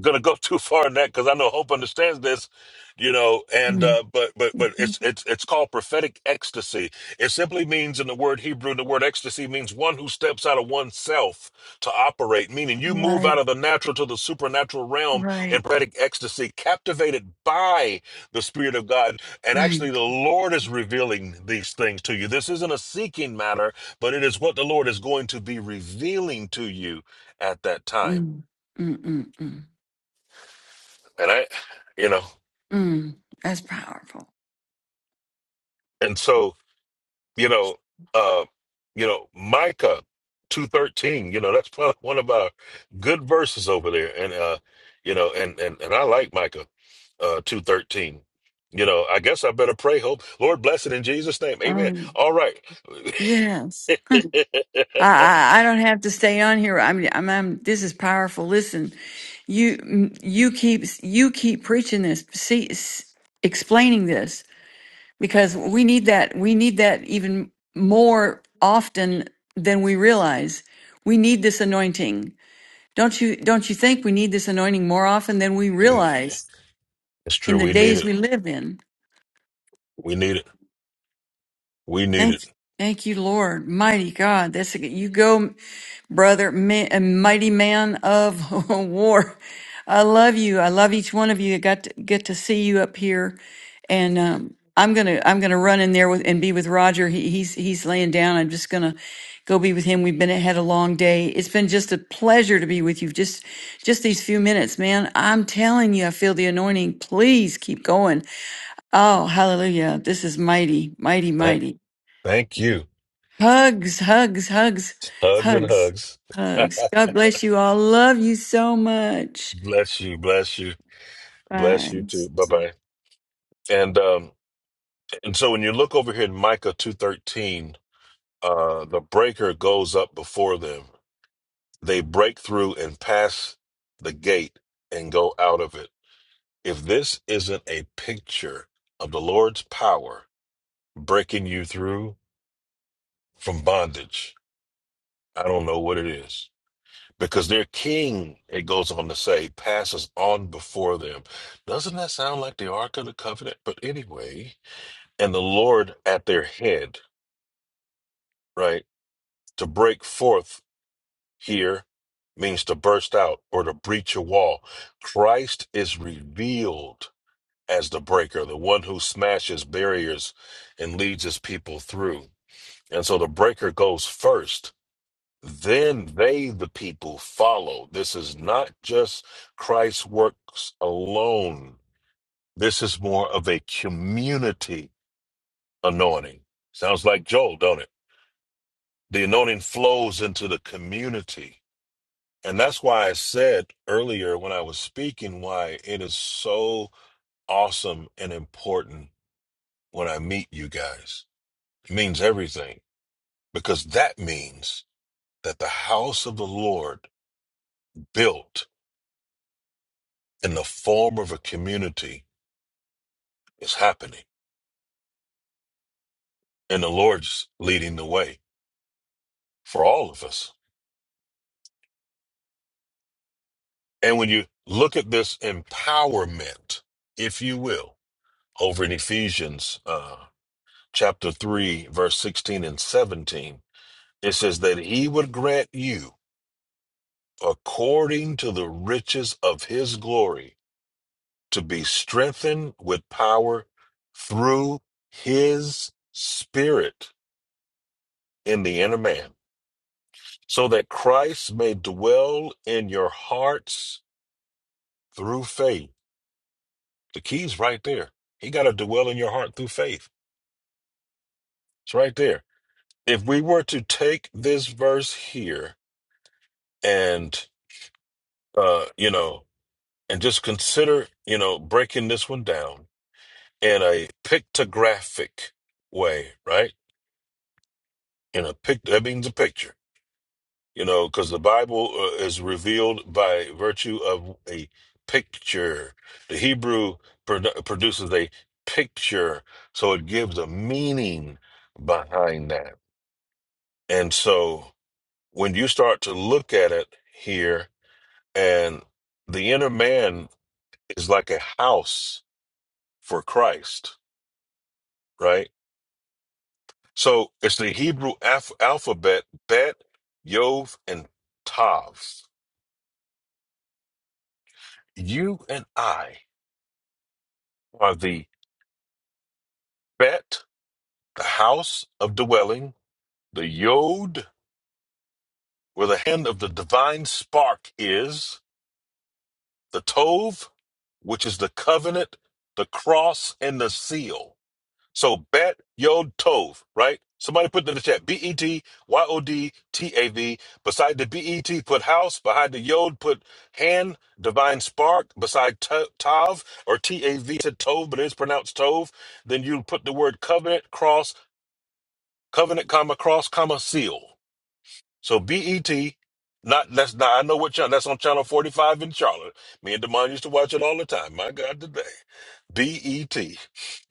[SPEAKER 2] gonna go too far in that because I know Hope understands this, you know. And
[SPEAKER 9] mm,
[SPEAKER 2] uh, but but but
[SPEAKER 9] mhm.
[SPEAKER 2] it's it's it's called prophetic ecstasy. It simply means in the word Hebrew, the word ecstasy means one who steps out of oneself to operate. Meaning you move
[SPEAKER 9] Right,
[SPEAKER 2] out of the natural to the supernatural realm in
[SPEAKER 9] right.
[SPEAKER 2] prophetic ecstasy, captivated by the Spirit of God. And
[SPEAKER 9] My,
[SPEAKER 2] actually, the Lord is revealing these things to you. This isn't a seeking matter, but it is what the Lord is going to be revealing to you at that time.
[SPEAKER 9] mm, mm, mm, mm,
[SPEAKER 2] And I, you know.
[SPEAKER 9] mm. That's powerful.
[SPEAKER 2] And so, you know, uh, you know, Micah two thirteen, you know, that's probably one of our good verses over there. And uh, you know, and and and I like Micah uh two thirteen. You know, I guess I better pray, hope. Lord bless it in Jesus' name. Amen.
[SPEAKER 9] Oh,
[SPEAKER 2] All right.
[SPEAKER 9] yes.
[SPEAKER 2] it's
[SPEAKER 9] I, I, I don't have to stay on here. I'm, I'm, I'm, this is powerful. Listen, you, you keep, you keep preaching this, see, s- explaining this because we need that we need that even more often than we realize we need this anointing don't you don't you think we need this anointing more often than we realize in
[SPEAKER 2] true.
[SPEAKER 9] the
[SPEAKER 2] We need
[SPEAKER 9] days
[SPEAKER 2] it.
[SPEAKER 9] we live in
[SPEAKER 2] We need it. We need
[SPEAKER 9] thank
[SPEAKER 2] it.
[SPEAKER 9] thank you lord mighty god that's you go brother, ma- a mighty man of war. I love you. I love each one of you. I got to get to see you up here, and um, I'm gonna I'm gonna run in there with and be with Roger. He, he's he's laying down. I'm just gonna go be with him. We've been had a long day. It's been just a pleasure to be with you. Just just these few minutes, man. I'm telling you, I feel the anointing. Please keep going. Oh, hallelujah! This is mighty, mighty,
[SPEAKER 2] Thank
[SPEAKER 9] mighty.
[SPEAKER 2] thank you.
[SPEAKER 9] Hugs, hugs, hugs,
[SPEAKER 2] Hugs and
[SPEAKER 9] hugs,
[SPEAKER 2] hugs.
[SPEAKER 9] hugs. God bless you all. Love you so much.
[SPEAKER 2] bless you, bless you, bless
[SPEAKER 9] Bye.
[SPEAKER 2] you too. Bye bye. And um And so when you look over here in Micah 2:13, uh the breaker goes up before them. They break through and pass the gate and go out of it. If this isn't a picture of the Lord's power breaking you through from bondage, I don't know what it is. Because their king, it goes on to say, passes on before them. Doesn't that sound like the Ark of the Covenant? But anyway, and the Lord at their head, right? to break forth here means to burst out or to breach a wall. Christ is revealed as the breaker, the one who smashes barriers and leads his people through. And so the breaker goes first. Then they, the people, follow. This is not just Christ's works alone. This is more of a community anointing. Sounds like Joel, don't it? The anointing flows into the community And that's why I said earlier when I was speaking why it is so awesome and important when I meet you guys. It means everything because that means that the house of the Lord built in the form of a community is happening and the Lord's leading the way for all of us. And when you look at this empowerment, if you will, over in Ephesians uh, chapter 3, verse 16 and 17, It says that he would grant you, according to the riches of his glory, to be strengthened with power through his spirit in the inner man, so that Christ may dwell in your hearts through faith. The key's right there. He got to dwell in your heart through faith. It's right there. If we were to take this verse here and, uh, you know, and just consider, you know, breaking this one down in a pictographic way, right? In a pic, that means a picture, you know, because the Bible uh, is revealed by virtue of a picture. The Hebrew produ- produces a picture, so it gives a meaning behind that. And so when you start to look at it here, and the inner man is like a house for Christ, right? So it's the Hebrew alph- alphabet Bet, Yov, and Tav. You and I are the Bet, the house of dwelling, the Yod, where the hand of the divine spark is, the Tov, which is the covenant, the cross, and the seal. So bet yod tov, right? Somebody put it in the chat B E T Y O D T A V. Beside the B E T, put house. Behind the yod, put hand. Divine spark. Beside to- tav or T A V to tov, but it's pronounced tov. Then you put the word covenant, cross, covenant, comma cross, comma seal. So B E T. Not that's not. I know what channel. That's on channel forty five in Charlotte. Me and Demond used to watch it all the time. My God, today. B E T.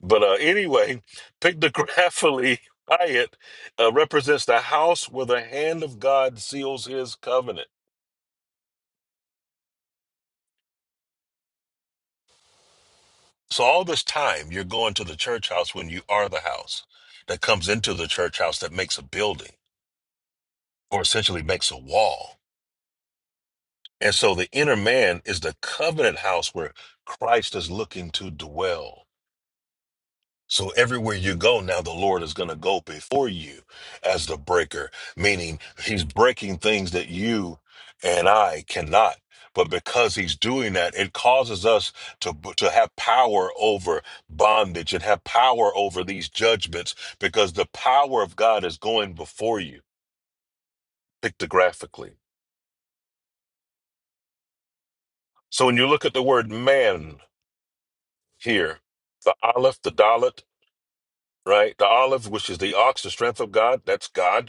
[SPEAKER 2] But uh, anyway, pictographically, Hyatt uh, represents the house where the hand of God seals his covenant. So all this time, you're going to the church house when you are the house that comes into the church house that makes a building or essentially makes a wall. And so the inner man is the covenant house where Christ is looking to dwell. So everywhere you go now, the Lord is going to go before you as the breaker, meaning he's breaking things that you and I cannot. But because he's doing that, it causes us to, to have power over bondage and have power over these judgments because the power of God is going before you pictographically. So when you look at the word man here, the Aleph, the Dalit, right? The Aleph, which is the ox, the strength of God, that's God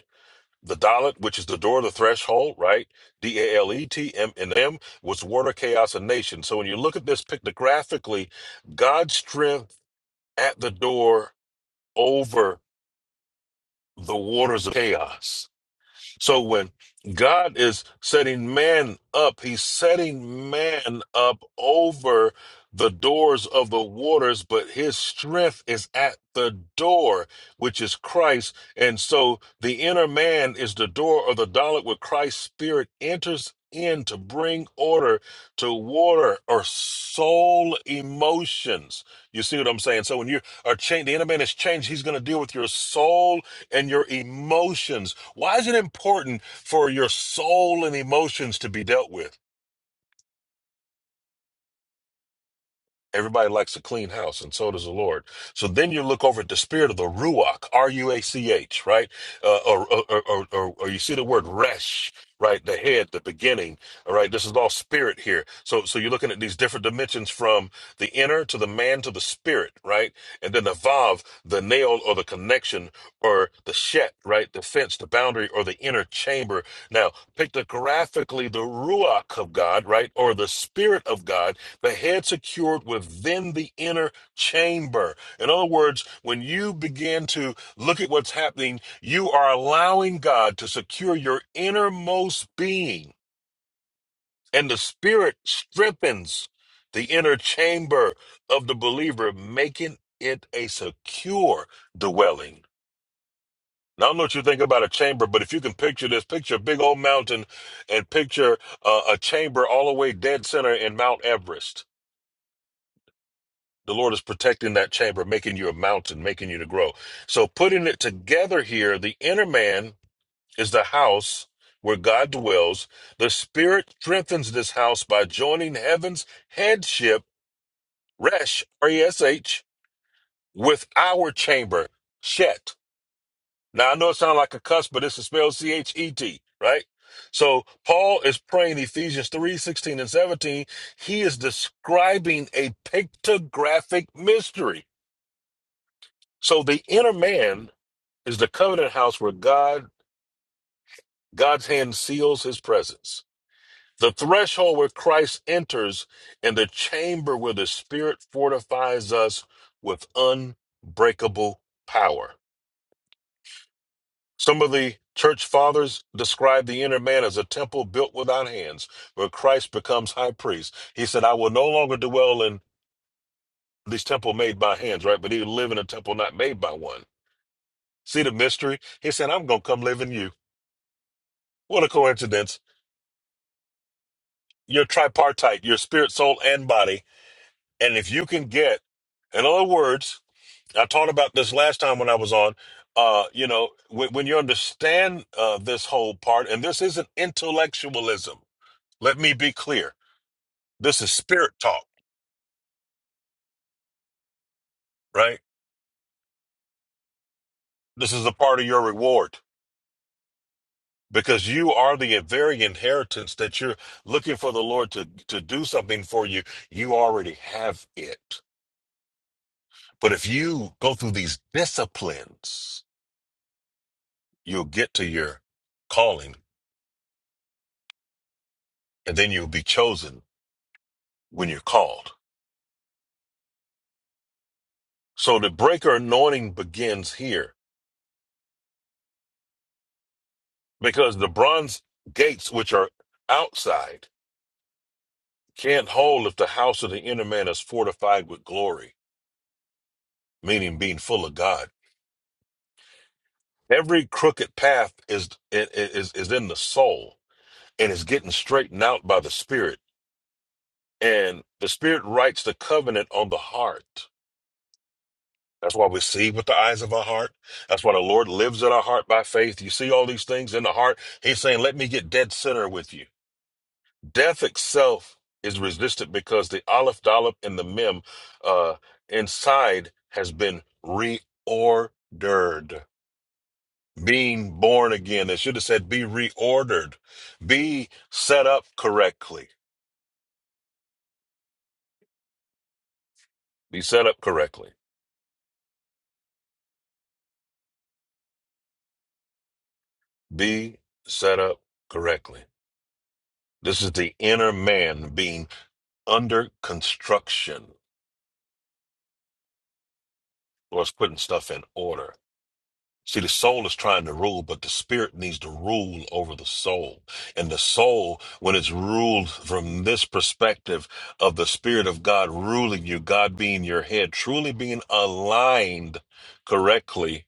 [SPEAKER 2] The Dalit, which is the door of the threshold, right? D A L E T M and M was water, chaos, and nation. So when you look at this pictographically, God's strength at the door over the waters of chaos. So when God is setting man up, he's setting man up over the doors of the waters, but his strength is at the door, which is Christ. And so the inner man is the door or the dialog where Christ's spirit enters in to bring order to water or soul emotions. You see what I'm saying? So when you are changed, the inner man is changed, he's going to deal with your soul and your emotions why is it important for your soul and emotions to be dealt with? Everybody likes a clean house, and so does the Lord. So then you look over at the spirit of the Ruach, R U A C H, right? Uh, or, or, or, or, or you see the word Resh, right? The head, the beginning, all right? This is all spirit here. So, so you're looking at these different dimensions from the inner to the man to the spirit, right? And then the Vav, the nail or the connection or the Shet, right? The fence, the boundary or the inner chamber. Now, pictographically, the Ruach of God, right? Or the spirit of God the head secured within the inner chamber. In other words, when you begin to look at what's happening, you are allowing God to secure your innermost being, and the Spirit strengthens the inner chamber of the believer, making it a secure dwelling. Now, I don't know what you think about a chamber, but if you can picture this, picture a big old mountain and picture uh, a chamber all the way dead center in Mount Everest The Lord is protecting that chamber, making you a mountain, making you to grow. So putting it together here, the inner man is the house where God dwells. The Spirit strengthens this house by joining heaven's headship, Resh, R-E-S-H, with our chamber, Shet. Now I know it sounds like a cuss, but it's spelled C-H-E-T, right? So Paul is praying Ephesians 3:16 and 17. He is describing a pictographic mystery So the inner man is the covenant house where God God's hand seals his presence. The threshold where Christ enters and the chamber where the spirit fortifies us with unbreakable power. Some of the church fathers describe the inner man as a temple built without hands where Christ becomes high priest. He said, I will no longer dwell in this temple made by hands, right? But he will live in a temple not made by one. See the mystery? He said, I'm going to come live in you. What a coincidence. you're tripartite, your spirit, soul, and body. And if you can get, in other words, I talked about this last time when I was on. Uh, you know, when, when you understand uh, this whole part, and this isn't intellectualism. Let me be clear. This is spirit talk, right? This is a part of your reward because you are the very inheritance that you're looking for the Lord to to do something for you. You already have it, but if you go through these disciplines you'll get to your calling and then you'll be chosen when you're called. So the breaker anointing begins here because the bronze gates, which are outside, can't hold if the house of the inner man is fortified with glory, meaning being full of God. Every crooked path is is is in the soul and is getting straightened out by the Spirit, and the Spirit writes the covenant on the heart. That's why we see with the eyes of our heart. That's why the Lord lives in our heart by faith. You see all these things in the heart. He's saying, Let me get dead center with you. Death itself is resistant because the Aleph Dollop and the Mem uh, inside has been reordered. Being born again. It should have said, Be reordered. Be set up correctly. Be set up correctly. Be set up correctly. This is the inner man being under construction. Lord's putting stuff in order. See, the soul is trying to rule, but the spirit needs to rule over the soul. And the soul, when it's ruled from this perspective of the spirit of God ruling you, God being your head, truly being aligned correctly,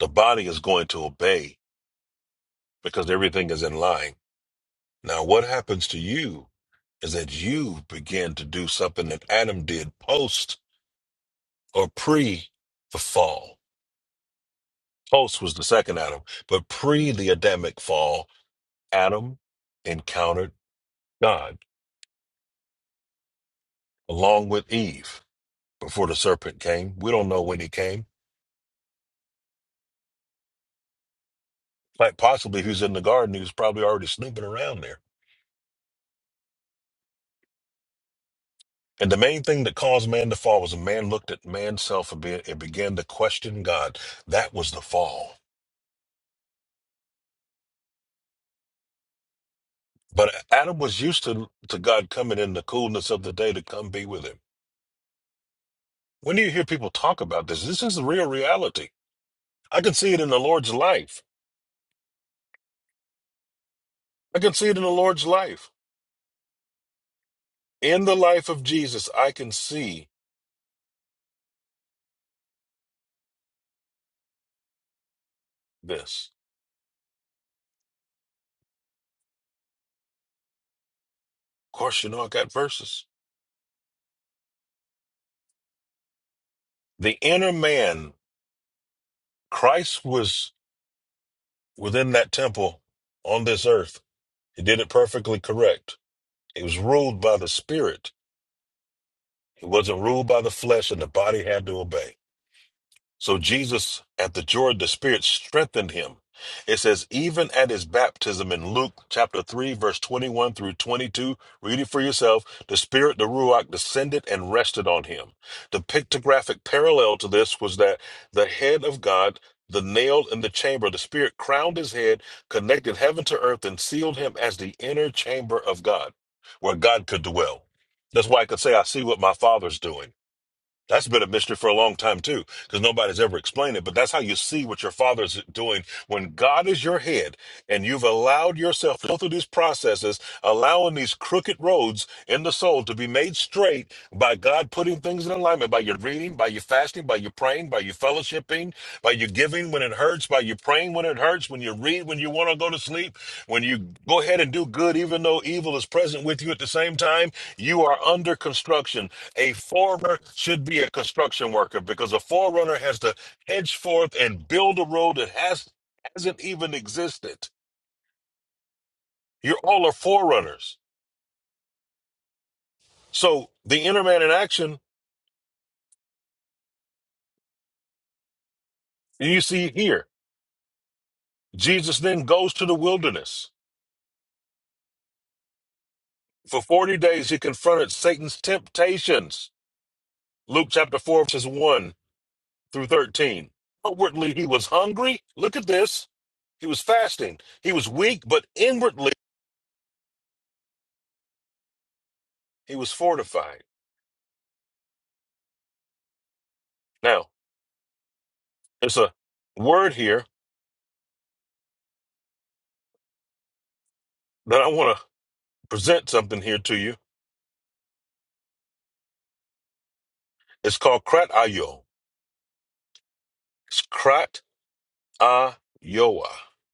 [SPEAKER 2] the body is going to obey because everything is in line. Now, what happens to you is that you begin to do something that Adam did post or pre the fall Post was the second Adam, but pre the Adamic fall, Adam encountered God along with Eve before the serpent came. We don't know when he came. Like possibly he was in the garden, he was probably already snooping around there. And the main thing that caused man to fall was a man looked at man's self a bit and began to question God. That was the fall. But Adam was used to, to God coming in the coolness of the day to come be with him. When do you hear people talk about this? This is the real reality. I can see it in the Lord's life. I can see it in the Lord's life. In the life of Jesus, I can see this. Of course, you know I got verses. The inner man, Christ was within that temple on this earth. He did it perfectly correct. He was ruled by the Spirit. He wasn't ruled by the flesh, and the body had to obey. So Jesus at the Jordan, the Spirit strengthened him. It says, even at his baptism in Luke chapter 3, verse 21 through 22, read it for yourself. The Spirit, the Ruach, descended and rested on him. The pictographic parallel to this was that the head of God, the nail in the chamber, the Spirit crowned his head, connected heaven to earth, and sealed him as the inner chamber of God, where God could dwell. That's why I could say, I see what my Father's doing that's been a mystery for a long time too, because nobody's ever explained it. But that's how you see what your father is doing when God is your head and you've allowed yourself to go through these processes, allowing these crooked roads in the soul to be made straight by God putting things in alignment by your reading, by your fasting, by your praying, by your fellowshipping, by your giving when it hurts, by your praying when it hurts, when you read, when you want to go to sleep, when you go ahead and do good, even though evil is present with you at the same time, you are under construction. A forerunner should be a construction worker because a forerunner has to hedge forth and build a road that has hasn't even existed. You're all are forerunners. So the inner man in action, you see here, Jesus then goes to the wilderness. For 40 days he confronted Satan's temptations. Luke chapter 4, verses 1 through 13. Outwardly he was hungry. Look at this. He was fasting. He was weak, but inwardly he was fortified. Now There's a word here that I want to present something here to you. It's called kratayo. It's kratayoa.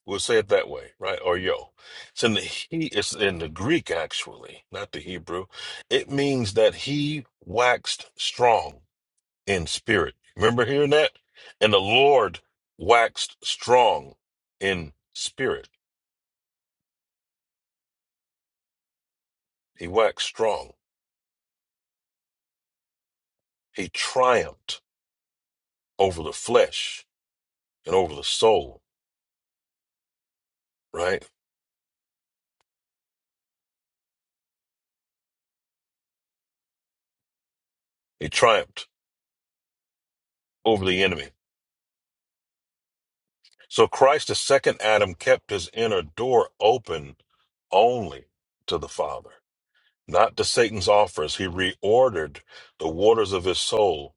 [SPEAKER 2] We'll say it that way, right? Or yo. It's in the he. It's in the Greek actually, not the Hebrew. It means that he waxed strong in spirit. Remember hearing that? And the Lord waxed strong in spirit. He waxed strong. He triumphed over the flesh and over the soul, right? He triumphed over the enemy. So Christ, the second Adam, kept his inner door open only to the Father, not to Satan's offers. He reordered the waters of his soul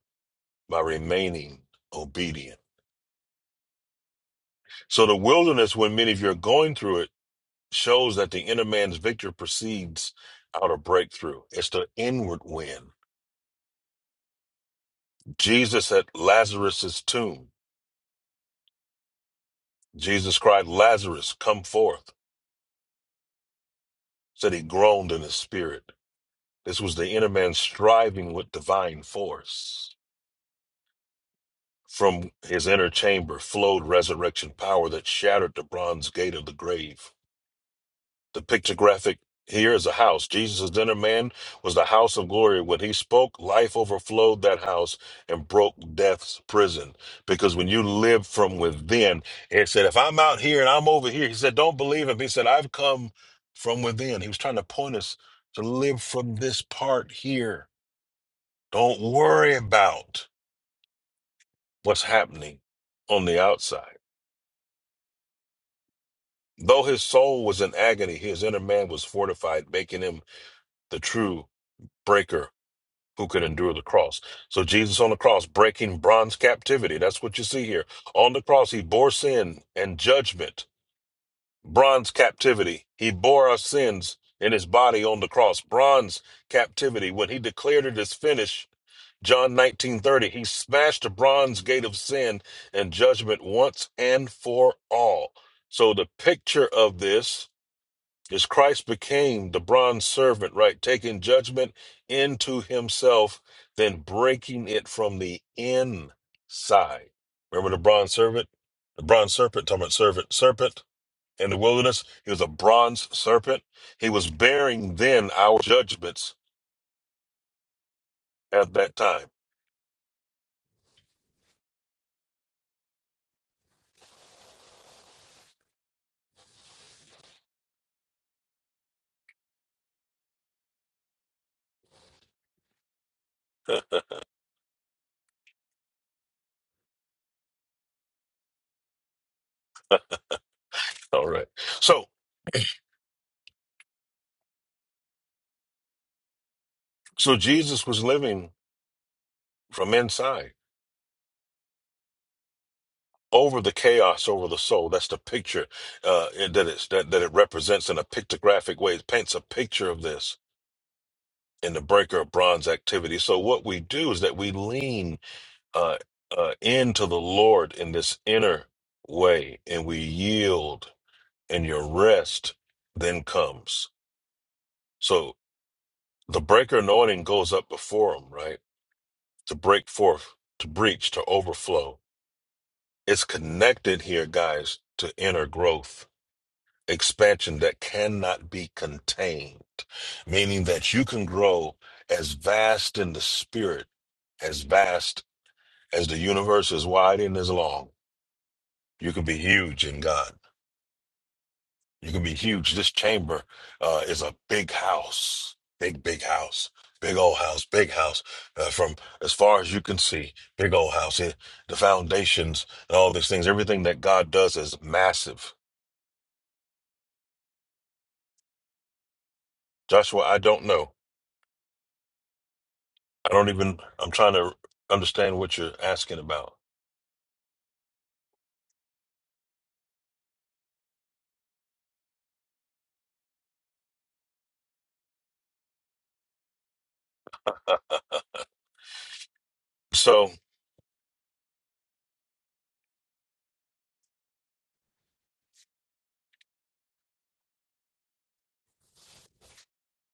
[SPEAKER 2] by remaining obedient. So the wilderness, when many of you are going through it, shows that the inner man's victory precedes out of breakthrough. It's the inward win. Jesus at Lazarus's tomb. Jesus cried, Lazarus, come forth. Said he groaned in his spirit. This was the inner man striving with divine force. From his inner chamber flowed resurrection power that shattered the bronze gate of the grave. The pictographic here is a house. Jesus' inner man was the house of glory. When he spoke, life overflowed that house and broke death's prison. Because when you live from within, it said, if I'm out here and I'm over here, he said, don't believe him. He said, I've come from within. He was trying to point us to live from this part here Don't worry about what's happening on the outside. Though his soul was in agony, his inner man was fortified, making him the true breaker who could endure the cross. So Jesus on the cross breaking bronze captivity. That's what you see here. On the cross, he bore sin and judgment, bronze captivity. He bore our sins in his body on the cross, bronze captivity. When he declared it is finished, John 19:30 he smashed the bronze gate of sin and judgment once and for all. So the picture of this is Christ became the bronze servant, right, taking judgment into himself, then breaking it from the inside. Remember the bronze servant? The bronze serpent, talking about servant, serpent in the wilderness. He was a bronze serpent. He was bearing then our judgments at that time. All right. So So Jesus was living from inside over the chaos over the soul. That's the picture uh, it- that it's that, that it represents in a pictographic way. It paints a picture of this in the breaker of bronze activity. So what we do is that we lean uh, uh, into the Lord in this inner way, and we yield, and your rest then comes. So the breaker anointing goes up before him, right? To break forth, to breach, to overflow It's connected here, guys, to inner growth, expansion that cannot be contained, meaning that you can grow as vast in the spirit, as vast as the universe is wide and as long. You can be huge in God. You can be huge. This chamber uh, is a big house, big, big house. Big old house, big house, uh, from as far as you can see, big old house. It, the foundations and all these things, everything that God does is massive Joshua, I don't know. I don't even, I'm trying to understand what you're asking about. So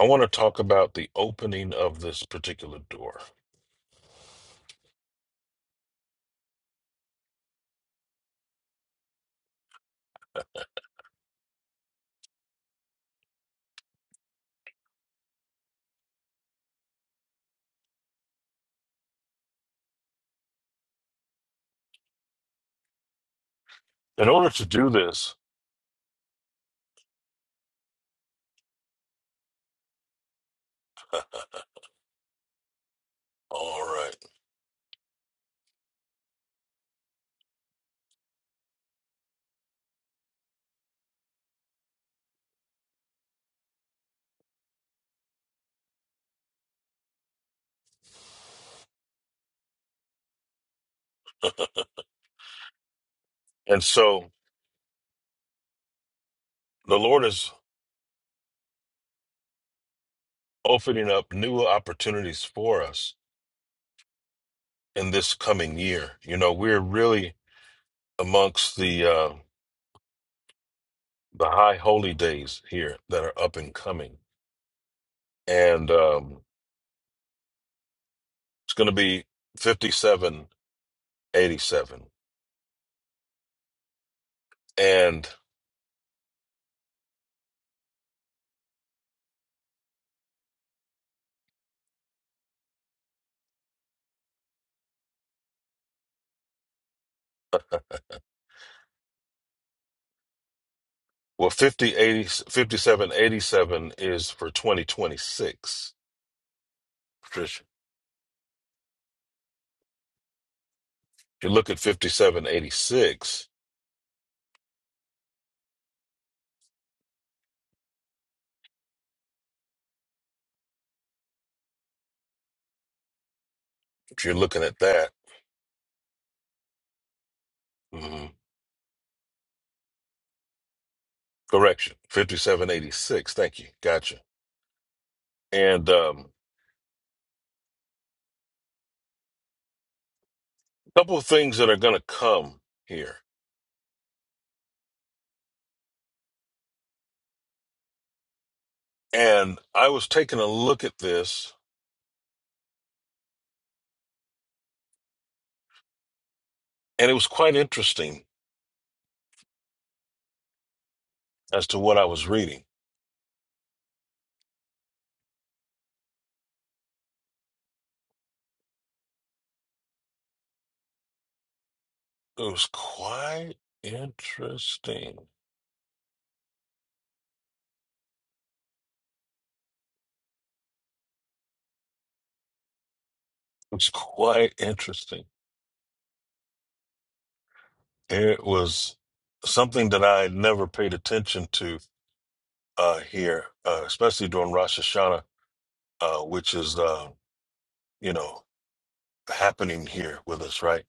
[SPEAKER 2] I want to talk about the opening of this particular door. In order to do this, all right. And so the Lord is opening up new opportunities for us in this coming year. You know, we're really amongst the, uh, the high holy days here that are up and coming. And um, it's going to be 5787. and Well, fifty-eighty, fifty-seven, eighty-seven is for 2026, Patricia. If you look at 5786, if you're looking at that, mhm, correction, 5786, thank you, gotcha. And um, a couple of things that are going to come here. And I was taking a look at this, and it was quite interesting as to what I was reading. It was quite interesting. It's quite interesting. It was something that I had never paid attention to uh, here, uh, especially during Rosh Hashanah, uh, which is uh, you know happening here with us, right?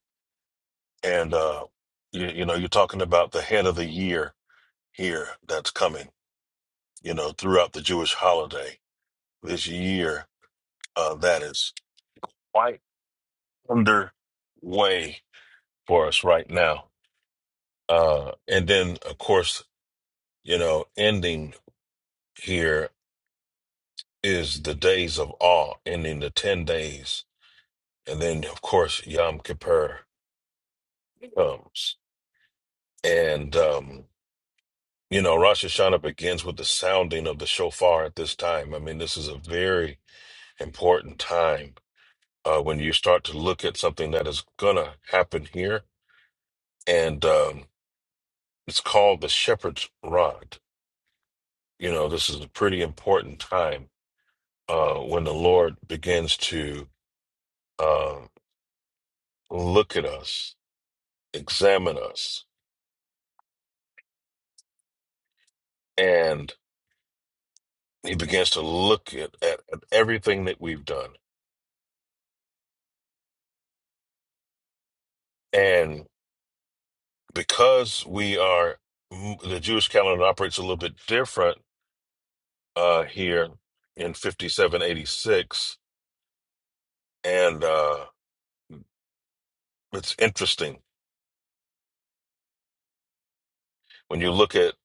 [SPEAKER 2] And uh, you, you know, you're talking about the head of the year here that's coming. You know, throughout the Jewish holiday this year, uh, that is quite underway for us right now. Uh, and then, of course, you know, ending here is the days of awe, ending the 10 days. And then, of course, Yom Kippur comes. And, um, you know, Rosh Hashanah begins with the sounding of the shofar at this time. I mean, this is a very important time uh, when you start to look at something that is going to happen here. And um, it's called the shepherd's rod. You know, this is a pretty important time uh, when the Lord begins to uh, look at us, examine us, and he begins to look at, at, at everything that we've done. And because we are, the Jewish calendar operates a little bit different uh, here in 5786. And uh, it's interesting when you look at,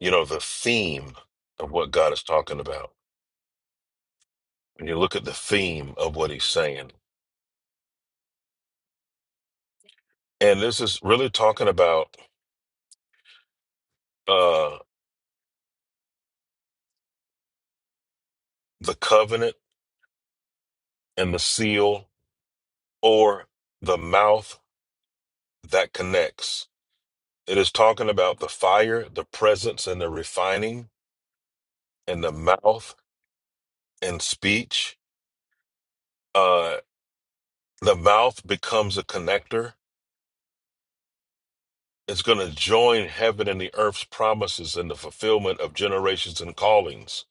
[SPEAKER 2] you know, the theme of what God is talking about, when you look at the theme of what he's saying. And this is really talking about uh, the covenant and the seal or the mouth that connects. It is talking about the fire, the presence, and the refining, and the mouth and speech. Uh, the mouth becomes a connector. It's going to join heaven and the earth's promises and the fulfillment of generations and callings.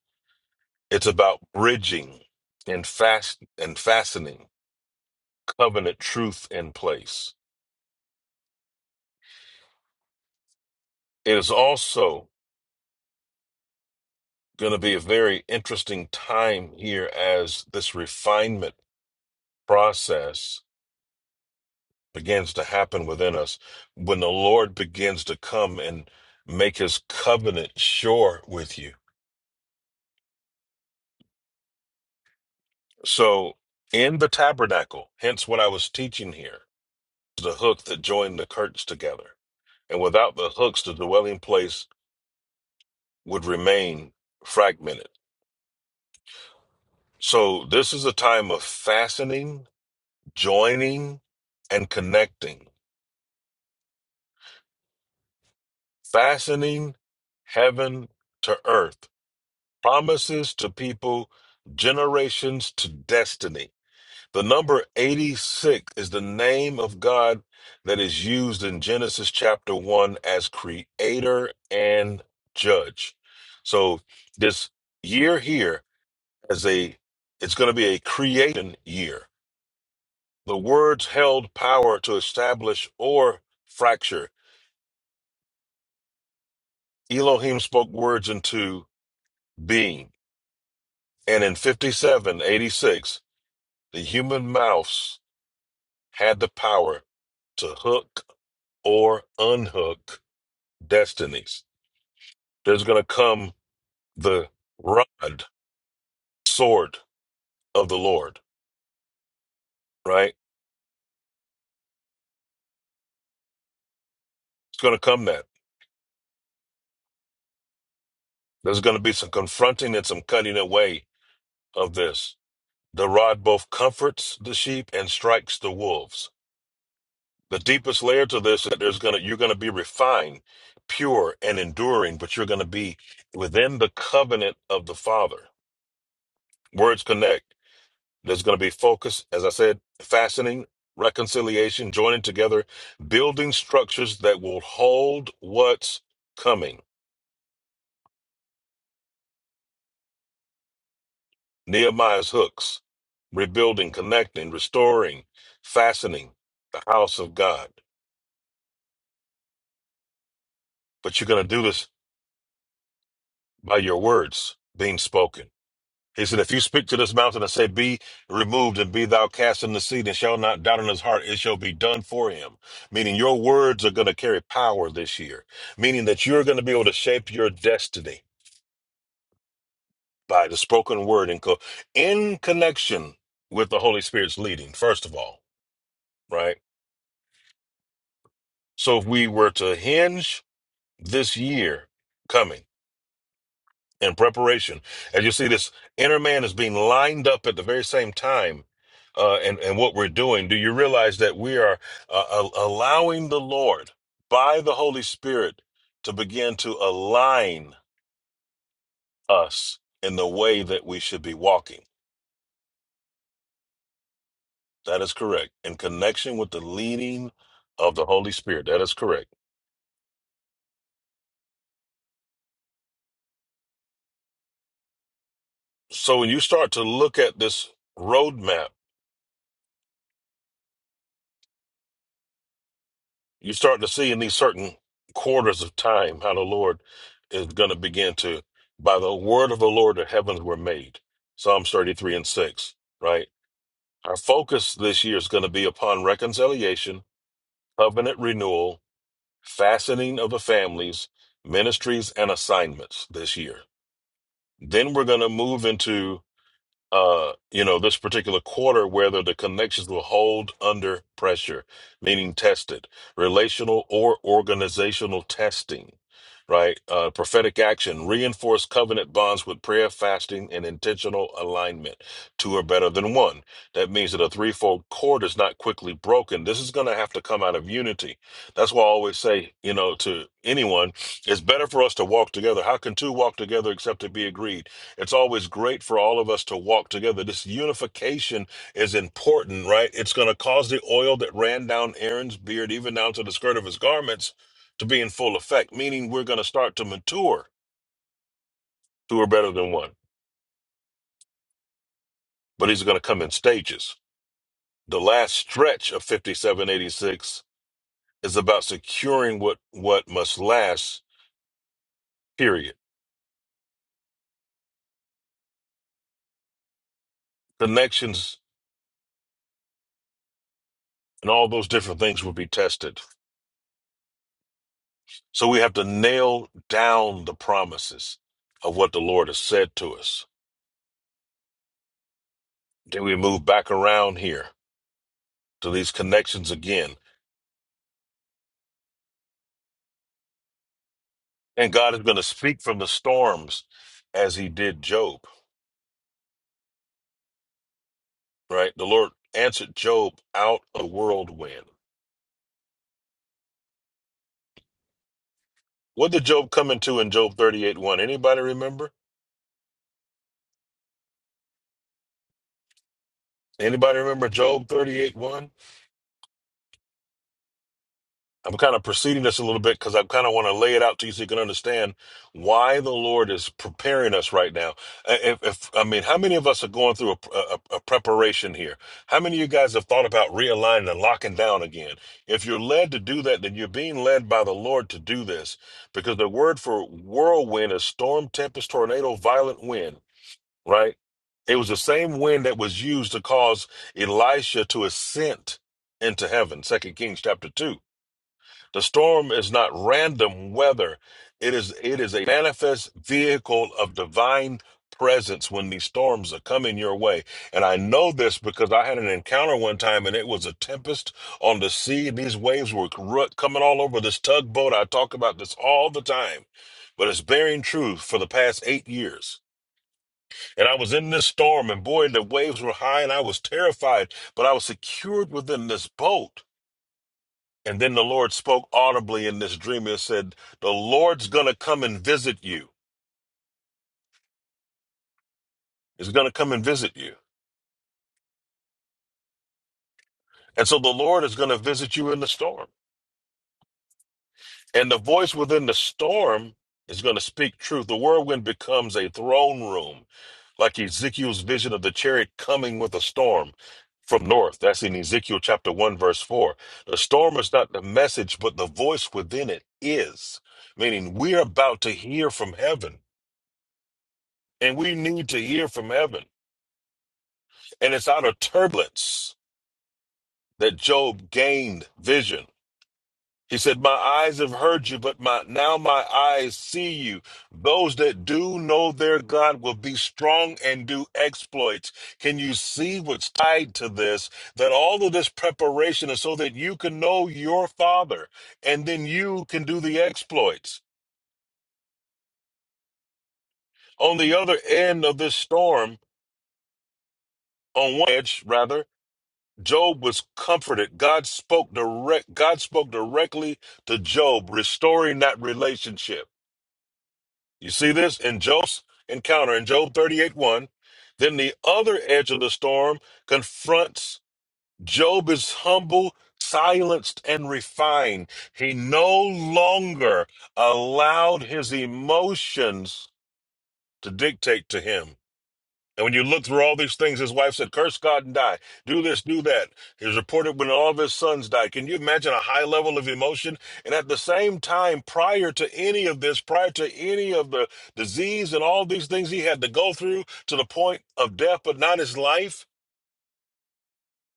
[SPEAKER 2] It's about bridging and fast and fastening covenant truth in place. It is also going to be a very interesting time here as this refinement process begins to happen within us, when the Lord begins to come and make his covenant sure with you. So, in the tabernacle, hence what I was teaching here, the hook that joined the curtains together. And without the hooks, the dwelling place would remain fragmented. So, this is a time of fastening, joining, and connecting, fastening heaven to earth promises to people, generations to destiny. The number 86 is the name of God that is used in Genesis chapter 1 as creator and judge. So this year here is a it's going to be a creation year. The words held power to establish or fracture. Elohim spoke words into being. And in 5786, the human mouths had the power to hook or unhook destinies. There's going to come the rod, sword of the Lord, right? It's going to come that. There's going to be some confronting and some cutting away of this. The rod both comforts the sheep and strikes the wolves. The deepest layer to this is that there's gonna you're gonna be refined, pure, and enduring, but you're gonna be within the covenant of the Father. Words connect There's going to be focus, as I said, fastening, reconciliation, joining together, building structures that will hold what's coming. Nehemiah's hooks, rebuilding, connecting, restoring, fastening the house of God. But you're going to do this by your words being spoken. He said, If you speak to this mountain and say, Be removed and be thou cast in the sea, and shall not doubt in his heart, it shall be done for him. Meaning your words are going to carry power this year, meaning that you're going to be able to shape your destiny by the spoken word in, co- in connection with the Holy Spirit's leading, first of all, right? So if we were to hinge this year coming, in preparation. And you see this inner man is being lined up at the very same time. Uh, and, and what we're doing, do you realize that we are uh, a- allowing the Lord by the Holy Spirit to begin to align us in the way that we should be walking? That is correct. In connection with the leading of the Holy Spirit. That is correct. So when you start to look at this roadmap, You're starting to see in these certain quarters of time how the Lord is going to begin to, by the word of the Lord, the heavens were made. Psalms 33 and 6, right? Our focus this year is going to be upon reconciliation, covenant renewal, fastening of the families, ministries, and assignments this year. Then we're going to move into uh, you know, this particular quarter, whether the connections will hold under pressure, meaning tested, relational or organizational testing, right? Uh, prophetic action, reinforce covenant bonds with prayer, fasting, and intentional alignment. Two are better than one. That means that a threefold cord is not quickly broken. This is going to have to come out of unity. That's why I always say, you know, to anyone, it's better for us to walk together. How can two walk together except to be agreed? It's always great for all of us to walk together. This unification is important, right? It's going to cause the oil that ran down Aaron's beard, even down to the skirt of his garments, to be in full effect, meaning we're going to start to mature. Two are better than one, but he's going to come in stages. The last stretch of 5786 is about securing what, what must last, period. Connections and all those different things will be tested So we have to nail down the promises of what the Lord has said to us. Then we move back around here to these connections again. And God is going to speak from the storms as he did Job, right? The Lord answered Job out a whirlwind. What did Job come into in Job 38 1? Anybody remember? Anybody remember Job 38 1? I'm kind of preceding this a little bit because I kind of want to lay it out to you so you can understand why the Lord is preparing us right now. Uh, If, if I mean, how many of us are going through a, a, a preparation here? How many of you guys have thought about realigning and locking down again? If you're led to do that, then you're being led by the Lord to do this because the word for whirlwind is storm, tempest, tornado, violent wind, right? It was the same wind that was used to cause Elisha to ascend into heaven, Second Kings chapter 2 the storm is not random weather. It is it is a manifest vehicle of divine presence when these storms are coming your way. And I know this because I had an encounter one time and it was a tempest on the sea and these waves were ru- coming all over this tugboat. I talk about this all the time. But it's bearing truth for the past eight years. And I was in this storm, and boy, the waves were high, and I was terrified, but I was secured within this boat. And then the Lord spoke audibly in this dream and said, The Lord's going to come and visit you. Is going to come and visit you. And so the Lord is going to visit you in the storm. And the voice within the storm is going to speak truth. The whirlwind becomes a throne room, like Ezekiel's vision of the chariot coming with a storm from north. That's in Ezekiel chapter 1, verse 4. The storm is not the message, but the voice within it is. Meaning, we're about to hear from heaven, and we need to hear from heaven. And it's out of turbulence that Job gained vision. He said, My eyes have heard you, but my now my eyes see you. Those that do know their God will be strong and do exploits. Can you see what's tied to this? That all of this preparation is so that you can know your father, and then you can do the exploits. On the other end of this storm, on one edge, rather, Job was comforted. God spoke direct. God spoke directly to Job, restoring that relationship. You see this in Job's encounter in Job 38 1. Then the other edge of the storm confronts Job is humble, silenced, and refined. He no longer allowed his emotions to dictate to him. And when you look through all these things, his wife said, Curse God and die. Do this, do that. He was reported when all of his sons died. Can you imagine a high level of emotion? And at the same time, prior to any of this, prior to any of the disease and all these things he had to go through to the point of death, but not his life,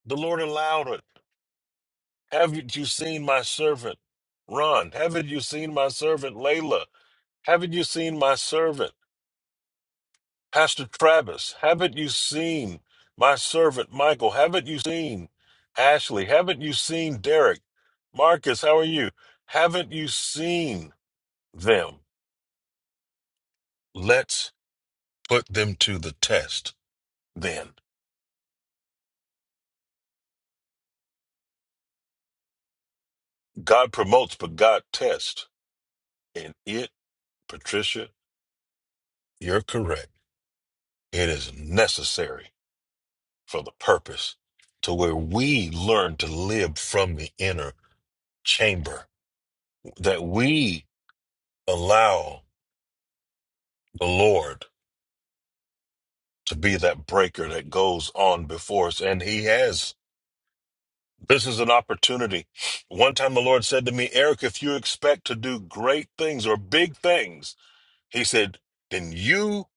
[SPEAKER 2] the Lord allowed it. Haven't you seen my servant, Ron? Haven't you seen my servant, Layla? Haven't you seen my servant? Pastor Travis, haven't you seen my servant Michael? Haven't you seen Ashley? Haven't you seen Derek? Marcus, how are you? Haven't you seen them? Let's put them to the test then. God promotes, but God tests. And it, Patricia, you're correct. It is necessary for the purpose to where we learn to live from the inner chamber, that we allow the Lord to be that breaker that goes on before us. And he has. This is an opportunity. One time the Lord said to me, Eric, if you expect to do great things or big things, he said, then you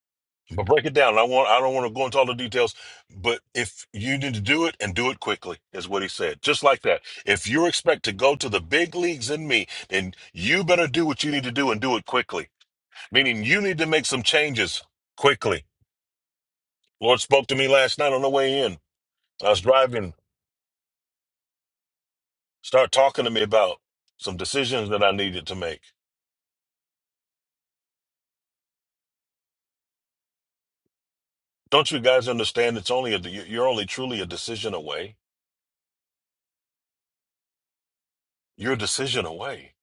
[SPEAKER 2] but break it down. I want I don't want to go into all the details, but if you need to do it and do it quickly, is what he said. Just like that. If you expect to go to the big leagues in me, then you better do what you need to do and do it quickly. Meaning you need to make some changes quickly. Lord spoke to me last night on the way in. I was driving, start talking to me about some decisions that I needed to make. Don't you guys understand? It's only a, you- you're only truly a decision away. You're a decision away.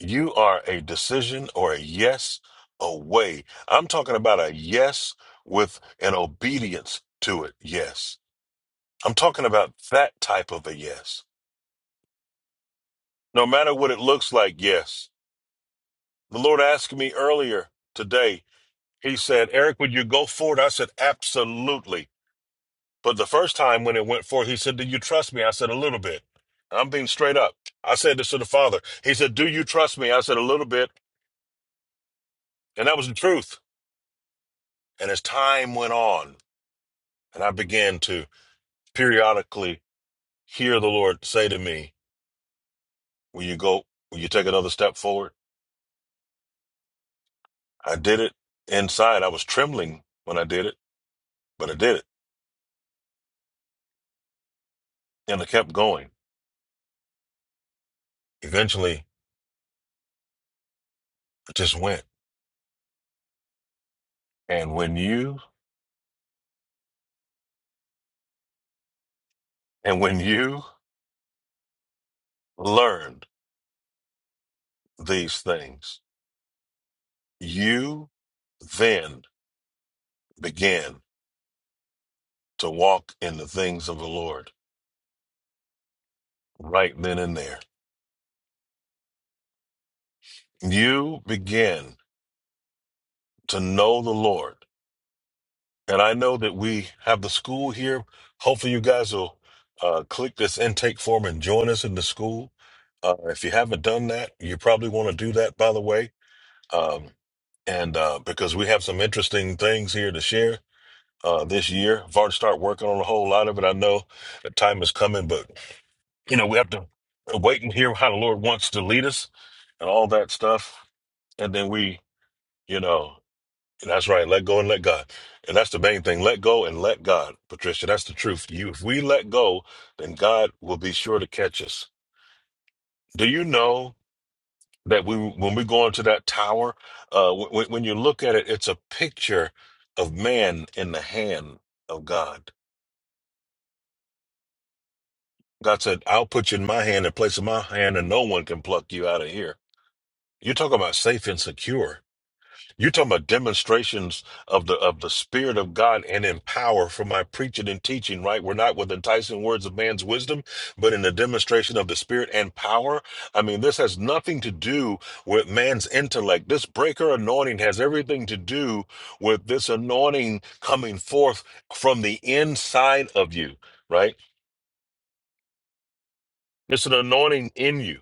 [SPEAKER 2] You are a decision or a yes away. I'm talking about a yes with an obedience to it. Yes. I'm talking about that type of a yes. No matter what it looks like, yes. The Lord asked me earlier today, He said, Eric, would you go forward? I said, absolutely. But the first time when it went forth, he said, Do you trust me? I said, A little bit. I'm being straight up. I said this to the father. He said, Do you trust me? I said, A little bit. And that was the truth. And as time went on, and I began to periodically hear the Lord say to me, Will you go, will you take another step forward? I did it inside. I was trembling when I did it, but I did it. And I kept going. Eventually, I just went. And when you, and when you learned these things, You then begin to walk in the things of the Lord right then and there. You begin to know the Lord. And I know that we have the school here. Hopefully, you guys will uh, click this intake form and join us in the school. Uh, if you haven't done that, you probably want to do that, by the way. Um, and uh, because we have some interesting things here to share uh, this year. I've already started working on a whole lot of it. I know the time is coming, but you know, we have to wait and hear how the Lord wants to lead us and all that stuff. And then we, you know, that's right, let go and let God. And that's the main thing. Let go and let God, Patricia. That's the truth. You if we let go, then God will be sure to catch us. Do you know that we when we go into that tower, uh when, when you look at it, it's a picture of man in the hand of God. God said, I'll put you in my hand and place in my hand, and no one can pluck you out of here. You're talking about safe and secure You're talking about demonstrations of the of the Spirit of God and in power for my preaching and teaching, right? We're not with enticing words of man's wisdom, but in the demonstration of the Spirit and power. I mean, this has nothing to do with man's intellect. This breaker anointing has everything to do with this anointing coming forth from the inside of you, right? It's an anointing in you,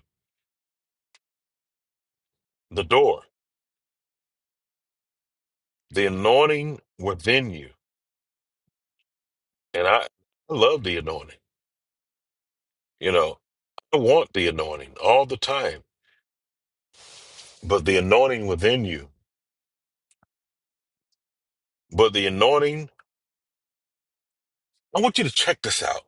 [SPEAKER 2] the door, the anointing within you. And I I love the anointing, you know. I want the anointing all the time, but the anointing within you, but the anointing, I want you to check this out.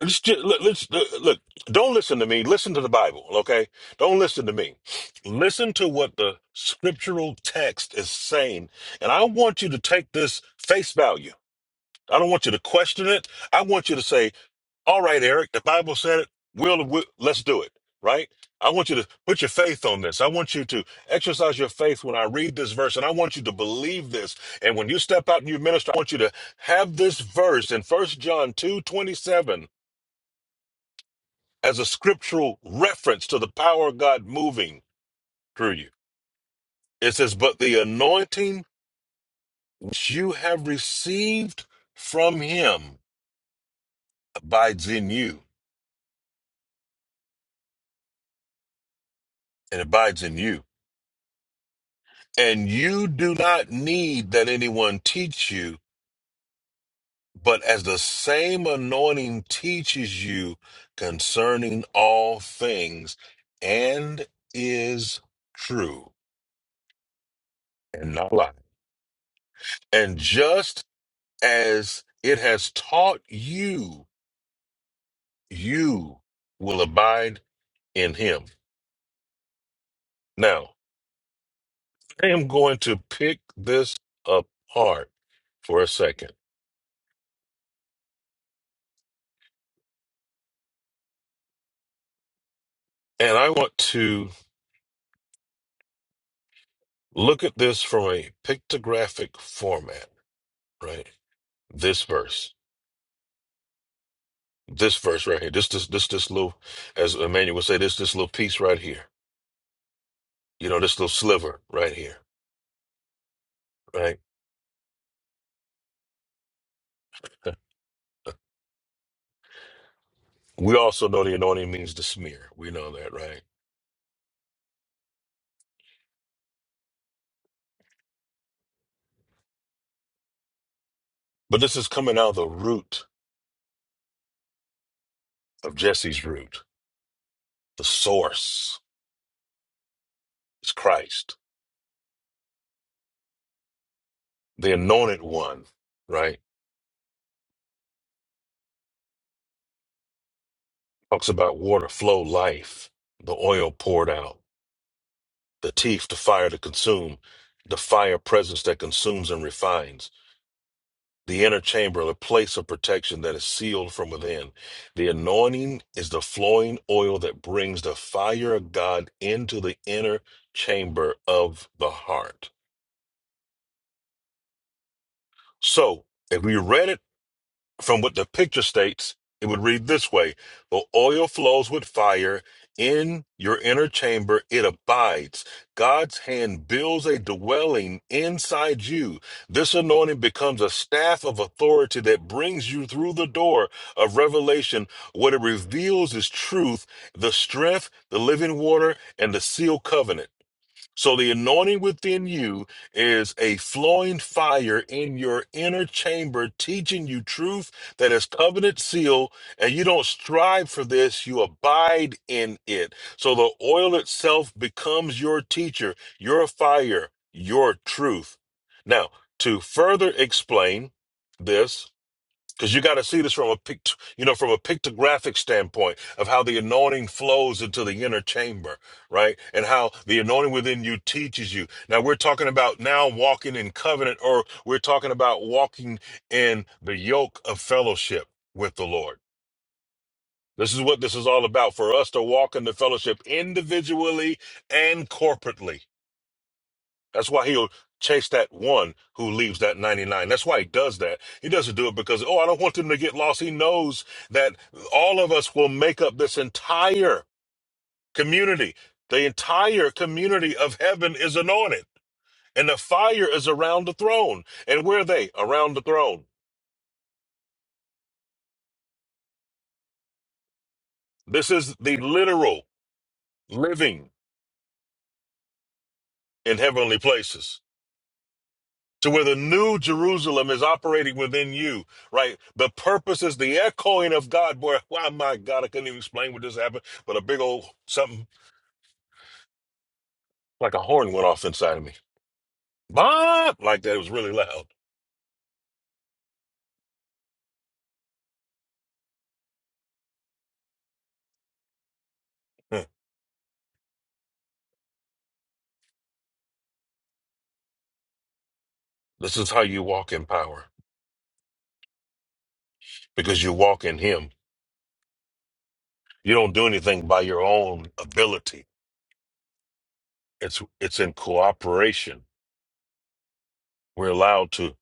[SPEAKER 2] Let's just, look, let's, look, look, don't listen to me. Listen to the Bible, okay? Don't listen to me. Listen to what the scriptural text is saying. And I want you to take this face value. I don't want you to question it. I want you to say, All right, Eric, the Bible said it. We'll, we let's do it, right? I want you to put your faith on this. I want you to exercise your faith when I read this verse, and I want you to believe this. And when you step out and you minister, I want you to have this verse in First John two twenty seven as a scriptural reference to the power of God moving through you. It says, But the anointing which you have received from him abides in you and abides in you. And you do not need that anyone teach you, but as the same anointing teaches you concerning all things and is true and not lie. And just as it has taught you, you will abide in him. Now, I am going to pick this apart for a second. And I want to. Look at this from a pictographic format, right? This verse, this verse right here, this this this this little, as Emmanuel would say, this this little piece right here. You know, this little sliver right here, right? We also know the anointing means the smear. We know that, right? But this is coming out of the root of Jesse's root. The source is Christ, the anointed one, right? Talks about water, flow, life, the oil poured out the teeth, the fire to consume, the fire presence that consumes and refines, the inner chamber, a place of protection that is sealed from within. The anointing is the flowing oil that brings the fire of God into the inner chamber of the heart. So, if we read it From what the picture states, it would read this way The oil flows with fire. In your inner chamber, it abides. God's hand builds a dwelling inside you. This anointing becomes a staff of authority that brings you through the door of revelation. What it reveals is truth, the strength, the living water, and the sealed covenant. So the anointing within you is a flowing fire in your inner chamber, teaching you truth that is covenant seal, and you don't strive for this, you abide in it. So the oil itself becomes your teacher, your fire, your truth. Now, to further explain this, because you got to see this from a pict, you know, from a pictographic standpoint of how the anointing flows into the inner chamber, right? And how the anointing within you teaches you. Now we're talking about now walking in covenant, or we're talking about walking in the yoke of fellowship with the Lord. This is what this is all about for us to walk in the fellowship individually and corporately. That's why he'll chase that one who leaves that 99. That's why he does that. He doesn't do it because, oh, I don't want them to get lost. He knows that all of us will make up this entire community. The entire community of heaven is anointed, and the fire is around the throne. And where are they? Around the throne. This is the literal living in heavenly places. to where the new Jerusalem is operating within you, right? The purposes, the echoing of God. Boy, wow, my God, I couldn't even explain what just happened, but a big old something like a horn went off inside of me. Bah! Like that, it was really loud. Huh. This is how you walk in power because you walk in Him. You don't do anything by your own ability. It's it's in cooperation. We're allowed to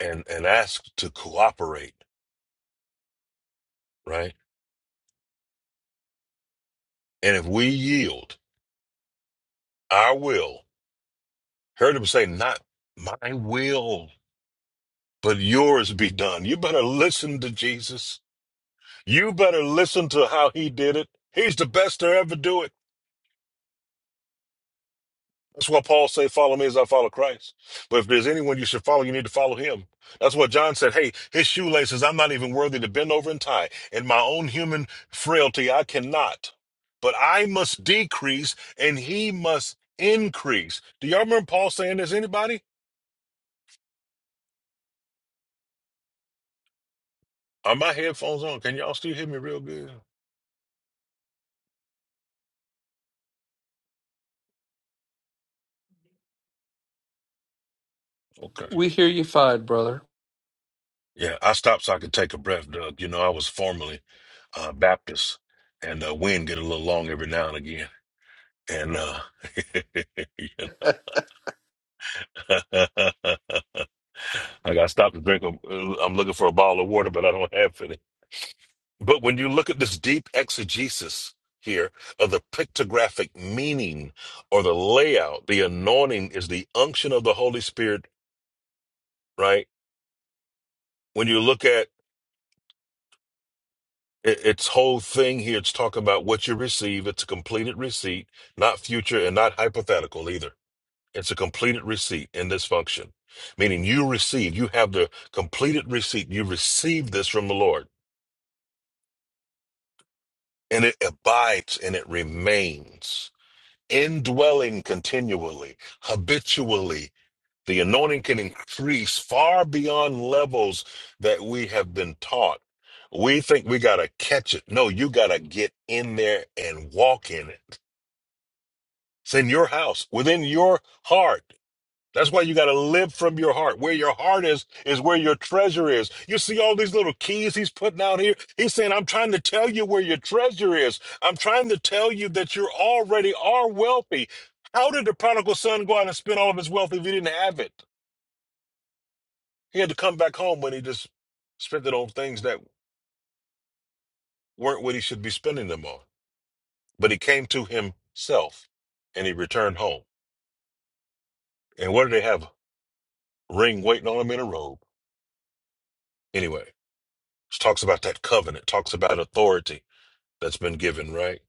[SPEAKER 2] and and asked to cooperate, right? And if we yield our will Heard him say, Not my will, but yours be done. You better listen to Jesus. You better listen to how he did it. He's the best to ever do it. That's why Paul say, follow me as I follow Christ. But if there's anyone you should follow, you need to follow him. That's what John said. Hey, his shoelaces, I'm not even worthy to bend over and tie. In my own human frailty, I cannot. But I must decrease and he must increase. Do y'all remember Paul saying this? Anybody? Are my headphones on? Can y'all still hear me real good? Okay.
[SPEAKER 8] We hear you fine, brother.
[SPEAKER 2] Yeah, I stopped so I could take a breath, Doug. You know, I was formerly uh, Baptist, and uh, wind get a little long every now and again. And uh, I got to stop to drink. A, I'm looking for a bottle of water, but I don't have any. But when you look at this deep exegesis here of the pictographic meaning or the layout, the anointing is the unction of the Holy Spirit, right? When you look at It, its whole thing here, it's talking about what you receive. It's a completed receipt, not future and not hypothetical either. It's a completed receipt in this function, meaning you receive, you have the completed receipt. You receive this from the Lord, and it abides and it remains, indwelling continually, habitually The anointing can increase far beyond levels that we have been taught. We think we got to catch it. No, you got to get in there and walk in it. It's in your house, within your heart. That's why you got to live from your heart. Where your heart is, is where your treasure is. You see all these little keys he's putting out here? He's saying, I'm trying to tell you where your treasure is. I'm trying to tell you that you already are wealthy. How did the prodigal son go out and spend all of his wealth if he didn't have it? He had to come back home when he just spent it on things that weren't what he should be spending them on. But he came to himself and he returned home. And what did they have? Ring waiting on him in a robe. Anyway, it talks about that covenant, talks about authority that's been given, right?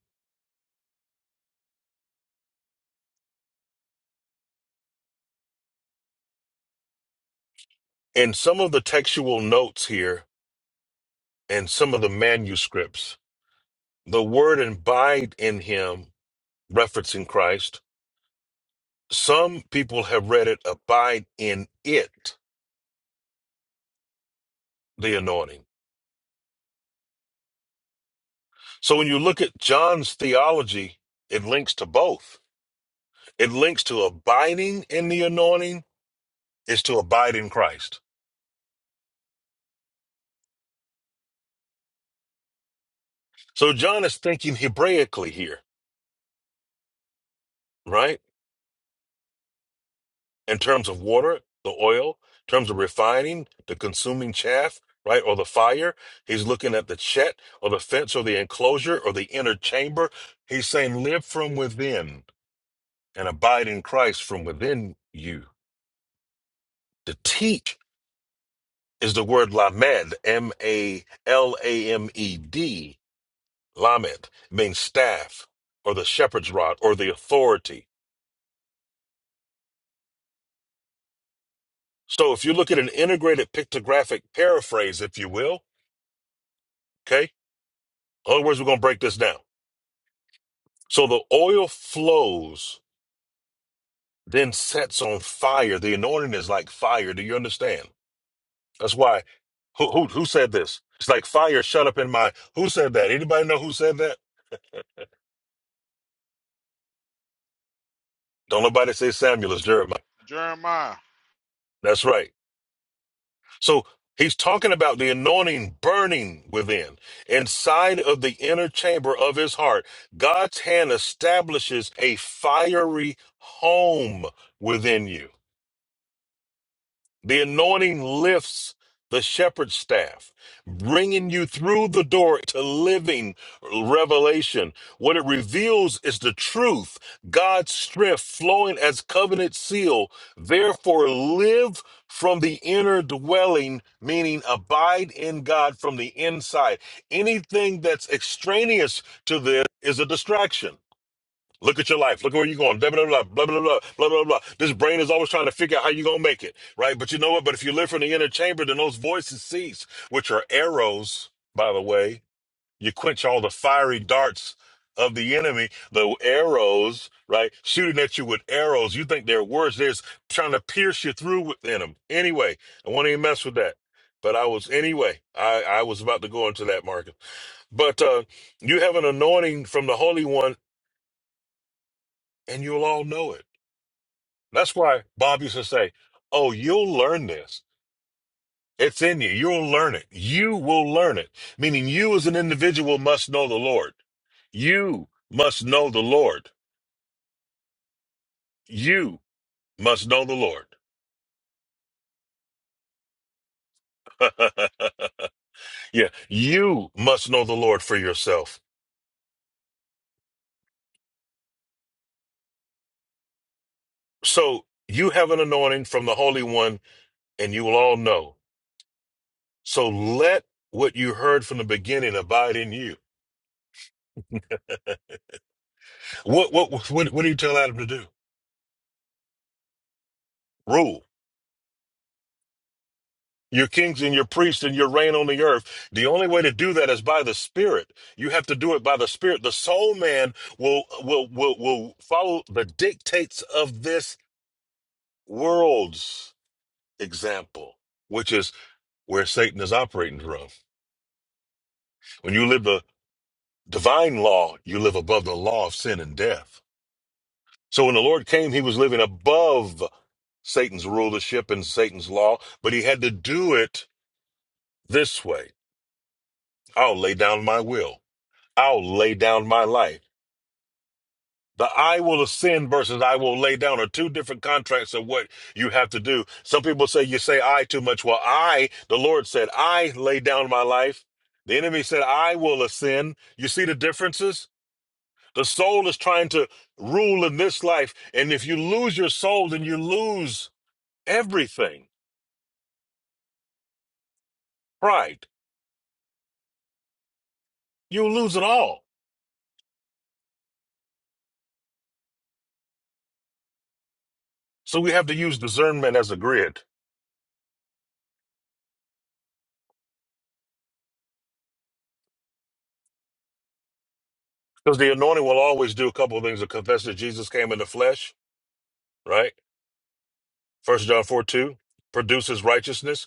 [SPEAKER 2] In some of the textual notes here and some of the manuscripts, the word abide in him, referencing Christ, some people have read it abide in it, the anointing. So when you look at John's theology, it links to both. It links to abiding in the anointing is to abide in Christ. So John is thinking Hebraically here, right? In terms of water, the oil, in terms of refining, the consuming chaff, right? Or the fire. He's looking at the chet or the fence or the enclosure or the inner chamber. He's saying live from within and abide in Christ from within you to teach is the word lamed, M A L A M E D, lamed, means staff or the shepherd's rod or the authority. So if you look at an integrated pictographic paraphrase, if you will, okay, in other words, we're going to break this down. So the oil flows, then sets on fire. The anointing is like fire. Do you understand? That's why. Who, who, who said this? It's like fire shut up in my. Who said that? Anybody know who said that? Don't nobody say Samuel, it's Jeremiah.
[SPEAKER 10] Jeremiah.
[SPEAKER 2] That's right. So he's talking about the anointing burning within, inside of the inner chamber of his heart. God's hand establishes a fiery home within you. The anointing lifts the shepherd's staff, bringing you through the door to living revelation. What it reveals is the truth, God's strength flowing as covenant seal. Therefore, live from the inner dwelling, meaning abide in God from the inside. Anything that's extraneous to this is a distraction. Look at your life. Look at where you're going. Blah, blah, blah, blah, blah, blah, blah, blah, blah. This brain is always trying to figure out how you're going to make it, right? But you know what? But if you live from the inner chamber, then those voices cease, which are arrows, by the way. You quench all the fiery darts of the enemy, the arrows, right? Shooting at you with arrows. You think they're words. They're just trying to pierce you through within them. Anyway, I won't even mess with that. But I was, anyway, I, I was about to go into that market. But uh, you have an anointing from the Holy One, and you'll all know it That's why Bob used to say, Oh, you'll learn this. It's in you. You'll learn it. You will learn it. Meaning, you as an individual must know the Lord. You must know the Lord. You must know the Lord. yeah, you must know the Lord for yourself. So you have an anointing from the Holy One, and you will all know. So let what you heard from the beginning abide in you. What what what, what do you tell Adam to do? Rule. your kings and your priests and your reign on the earth. The only way to do that is by the Spirit. You have to do it by the Spirit. The soul man will will will will follow the dictates of this world's example, which is where Satan is operating from. When you live the divine law, you live above the law of sin and death. So when the Lord came, he was living above Satan's rulership and Satan's law, but he had to do it this way. I'll lay down my will. I'll lay down my life. The I will ascend versus I will lay down are two different contracts of what you have to do. Some people say you say I too much. Well, I, the Lord said, I lay down my life. The enemy said, I will ascend. You see the differences? The soul is trying to rule in this life. And if you lose your soul, then you lose everything. Pride. You lose it all. So we have to use discernment as a grid. Because the anointing will always do a couple of things to confess that Jesus came in the flesh, right? First John 4 2 produces righteousness.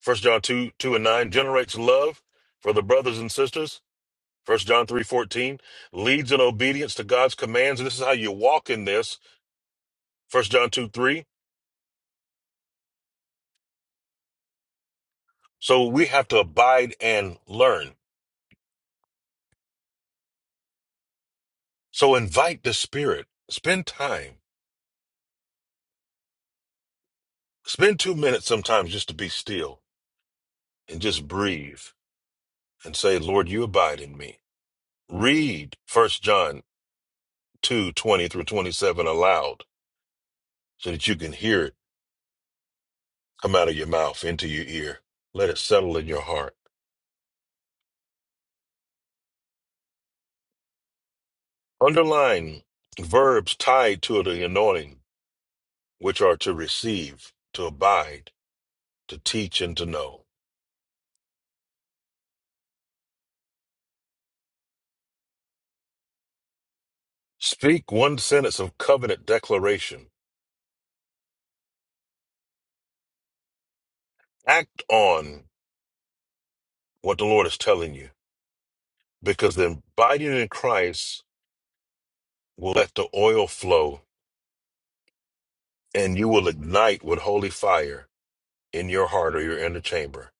[SPEAKER 2] First John 2 2 and 9 generates love for the brothers and sisters. First John three fourteen leads in obedience to God's commands. And this is how you walk in this. First John 2 3. So we have to abide and learn. So invite the Spirit. Spend time. Spend two minutes sometimes just to be still and just breathe and say, Lord, you abide in me. Read First John two twenty through 27 aloud so that you can hear it Come out of your mouth into your ear. Let it settle in your heart. Underline verbs tied to the anointing, which are to receive, to abide, to teach, and to know. Speak one sentence of covenant declaration. Act on what the Lord is telling you, because the abiding in Christ will let the oil flow and you will ignite with holy fire in your heart or your inner chamber.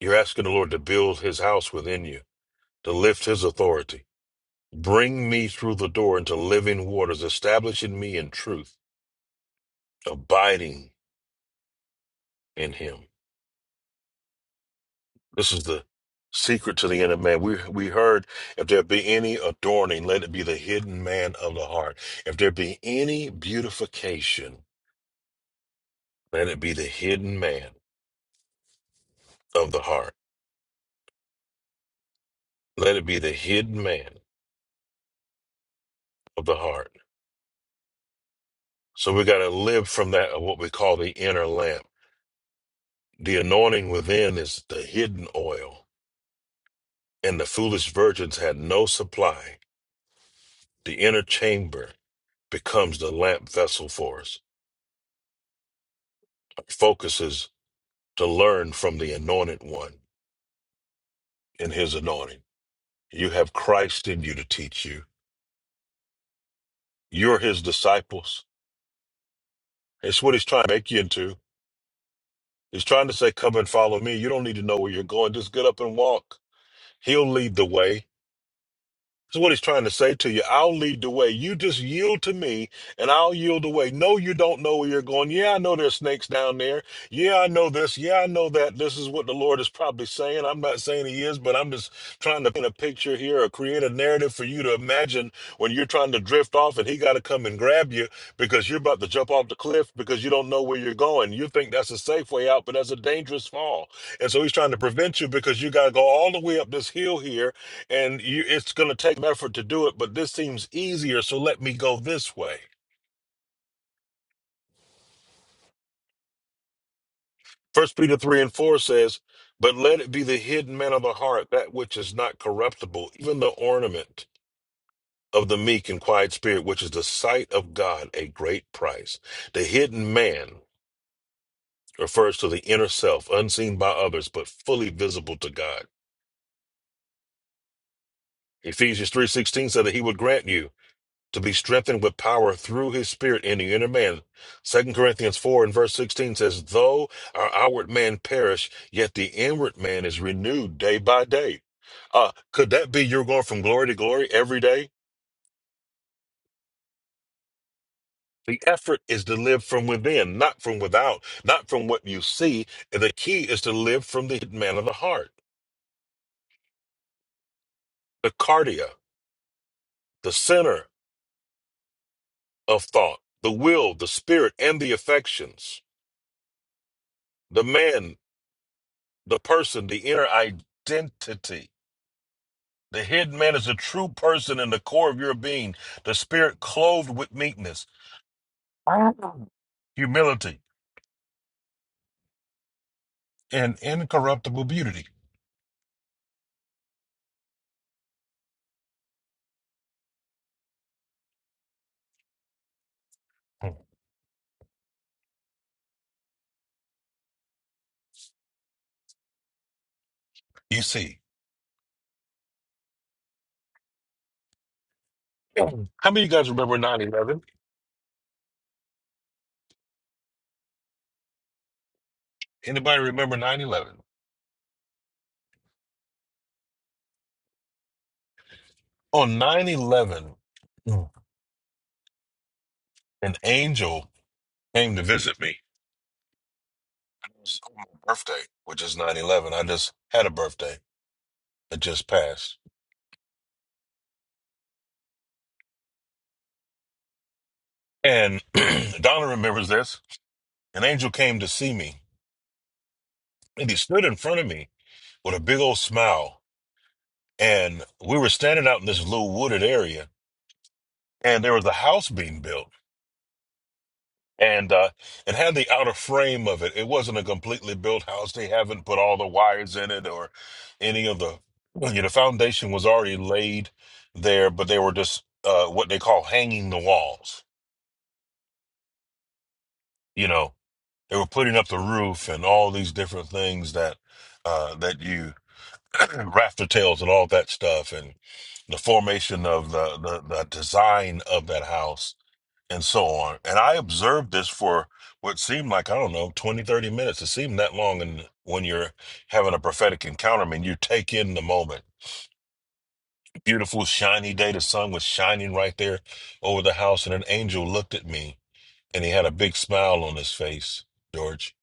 [SPEAKER 2] You're asking the Lord to build his house within you, to lift his authority Bring me through the door into living waters, establishing me in truth, abiding in him. This is the secret to the inner man. We we heard if there be any adorning, let it be the hidden man of the heart. If there be any beautification, let it be the hidden man of the heart. Let it be the hidden man of the heart. So we gotta live from that of what we call the inner lamp. The anointing within is the hidden oil, and the foolish virgins had no supply The inner chamber becomes the lamp vessel for us. Our focus is to learn from the anointed one in his anointing. You have Christ in you to teach you. You're his disciples. It's what he's trying to make you into. He's trying to say, Come and follow me. You don't need to know where you're going. Just get up and walk. He'll lead the way. That's what he's trying to say to you. I'll lead the way. You just yield to me and I'll yield the way. No, you don't know where you're going. Yeah, I know there's snakes down there. Yeah, I know this. Yeah, I know that. This is what the Lord is probably saying. I'm not saying he is, but I'm just trying to paint a picture here or create a narrative for you to imagine when you're trying to drift off and he got to come and grab you because you're about to jump off the cliff because you don't know where you're going. You think that's a safe way out, but that's a dangerous fall. And so he's trying to prevent you because you got to go all the way up this hill here and you, it's going to take effort to do it, but this seems easier, so let me go this way. First Peter 3 and 4 says, But let it be the hidden man of the heart, that which is not corruptible, even the ornament of the meek and quiet spirit, which is the sight of God, a great price. The hidden man refers to the inner self, unseen by others, but fully visible to God. Ephesians 3:16 said that he would grant you to be strengthened with power through his spirit in the inner man. Second Corinthians 4 and verse 16 says, Though our outward man perish, yet the inward man is renewed day by day. Uh, could that be you're going from glory to glory every day? The effort is to live from within, not from without, not from what you see. And the key is to live from the man of the heart, the cardia, the center of thought, the will, the spirit, and the affections, the man, the person, the inner identity The hidden man is a true person in the core of your being, the spirit clothed with meekness, humility, and incorruptible beauty. You see. How many of you guys remember 9 11? Anybody remember 9 11? On nine eleven, an angel came to visit me. It was on my birthday, which is 9 11. I just had a birthday that just passed. And Donna remembers this. An angel came to see me, and he stood in front of me with a big old smile. and we were standing out in this little wooded area, and there was a house being built, and uh, it had the outer frame of it. It wasn't a completely built house; they haven't put all the wires in it or any of the. You know, the foundation was already laid there, but they were just uh, what they call hanging the walls. You know, they were putting up the roof and all these different things that uh, that you rafter tails and all that stuff, and the formation of the the, the design of that house and so on. And I observed this for what seemed like, I don't know, 20, 30 minutes. It seemed that long. And when you're having a prophetic encounter, I mean, you take in the moment. Beautiful, shiny day. The sun was shining right there over the house. And an angel looked at me and he had a big smile on his face, George.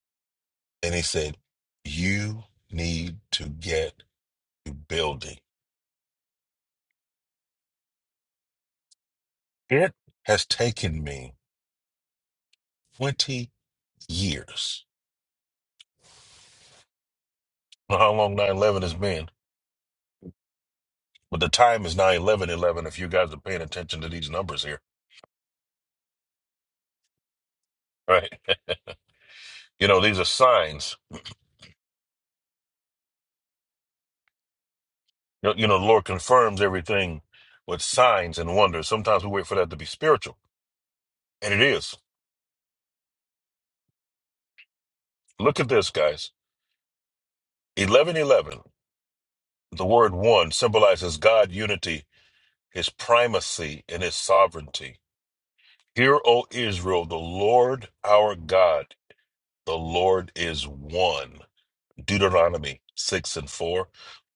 [SPEAKER 2] And he said, You need to get to building. It has taken me 20 years. I don't know How long 9 11 has been? But the time is now 11 11. if you guys are paying attention to these numbers here, right? You know, these are signs. You know, you know, the Lord confirms everything with signs and wonders. Sometimes we wait for that to be spiritual, and it is. Look at this, guys. Eleven eleven. the word one symbolizes God unity, his primacy, and his sovereignty. Hear, O Israel, the Lord our God, the Lord is one. Deuteronomy 6 and 4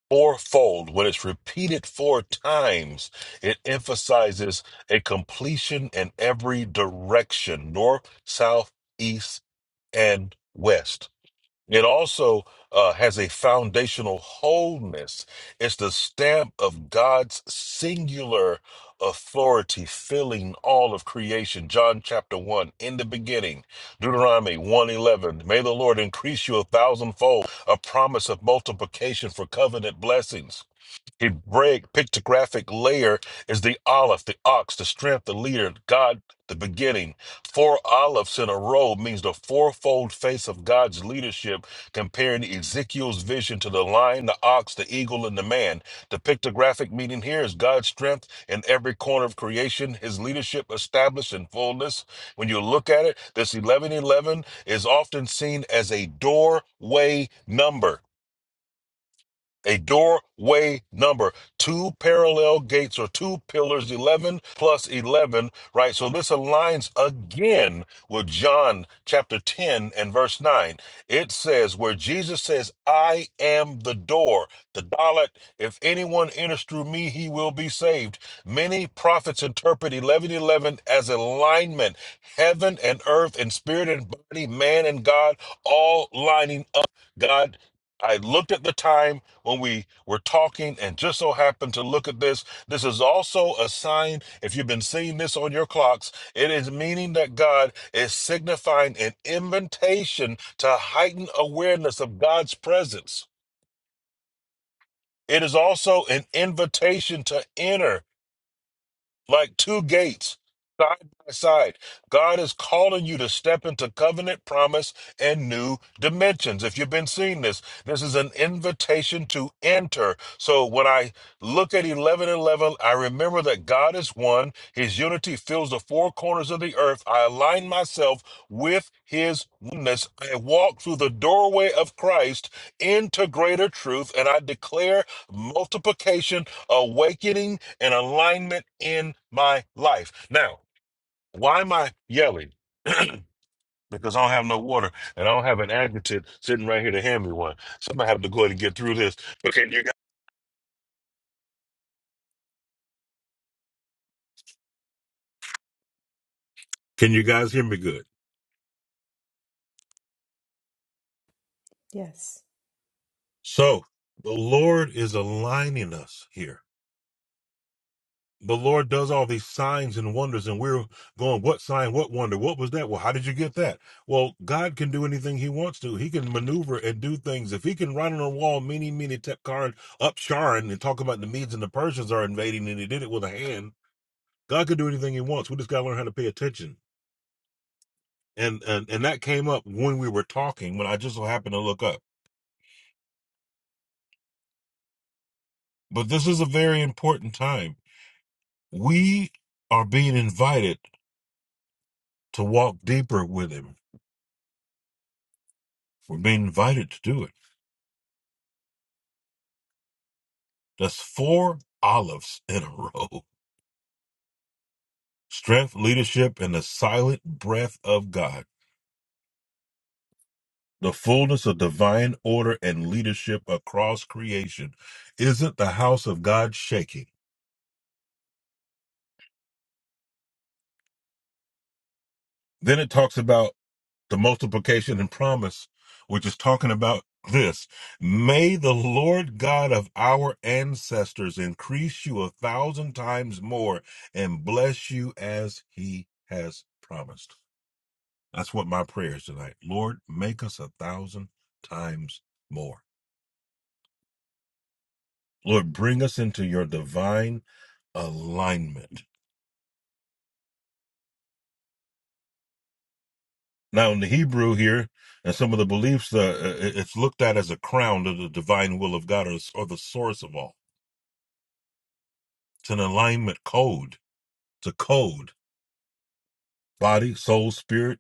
[SPEAKER 2] fourfold. When it's repeated four times, it emphasizes a completion in every direction north, south, east, and west. It also uh, has a foundational wholeness. It's the stamp of God's singular authority filling all of creation. John chapter 1, in the beginning, Deuteronomy one eleven. May the Lord increase you a thousandfold, a promise of multiplication for covenant blessings. Hebraic pictographic layer is the Aleph, the ox, the strength, the leader, God, the beginning. Four olives in a row means the fourfold face of God's leadership, comparing Ezekiel's vision to the lion, the ox, the eagle, and the man. The pictographic meaning here is God's strength in every corner of creation, his leadership established in fullness. When you look at it, this 1111 is often seen as a doorway number. A doorway number, two parallel gates or two pillars, 11 plus 11, right? So this aligns again with John chapter 10 and verse 9. It says, where Jesus says, I am the door, the Dalit, if anyone enters through me, he will be saved. Many prophets interpret 1111 as alignment, heaven and earth and spirit and body, man and God, all lining up. God, I looked at the time when we were talking and just so happened to look at this. This is also a sign, if you've been seeing this on your clocks, it is meaning that God is signifying an invitation to heighten awareness of God's presence. It is also an invitation to enter like two gates side by side. God is calling you to step into covenant promise and new dimensions. If you've been seeing this, this is an invitation to enter. So when I look at 11 and 11, I remember that God is one. His unity fills the four corners of the earth. I align myself with his oneness. I walk through the doorway of Christ into greater truth and I declare multiplication awakening and alignment in my life. Now, why am I yelling? because I don't have no water and I don't have an advocate sitting right here to hand me one. So I'm gonna have to go ahead and get through this. But can you guys, can you guys hear me good?
[SPEAKER 6] Yes.
[SPEAKER 2] So the Lord is aligning us here. the Lord does all these signs and wonders, and we're going, what sign, what wonder, what was that? Well, how did you get that? Well, God can do anything He wants to. He can maneuver and do things. If He can run on a wall, meeny, meeny, tep, Karan, up Sharon, and talk about the Medes and the Persians are invading, and He did it with a hand, God can do anything He wants. We just got to learn how to pay attention. And, and and that came up when we were talking, when I just so happened to look up. But this is a very important time. We are being invited to walk deeper with Him. We're being invited to do it. That's four olives in a row. Strength, leadership, and the silent breath of God. The fullness of divine order and leadership across creation. Isn't the house of God shaking? Then it talks about the multiplication and promise, which is talking about this. May the Lord God of our ancestors increase you a thousand times more and bless you as he has promised. That's what my prayer is tonight. Lord, make us a thousand times more. Lord, bring us into your divine alignment. Now, in the Hebrew here, and some of the beliefs, uh, uh, it's looked at as a crown to the divine will of God or, or the source of all. It's an alignment code. It's a code. Body, soul, spirit.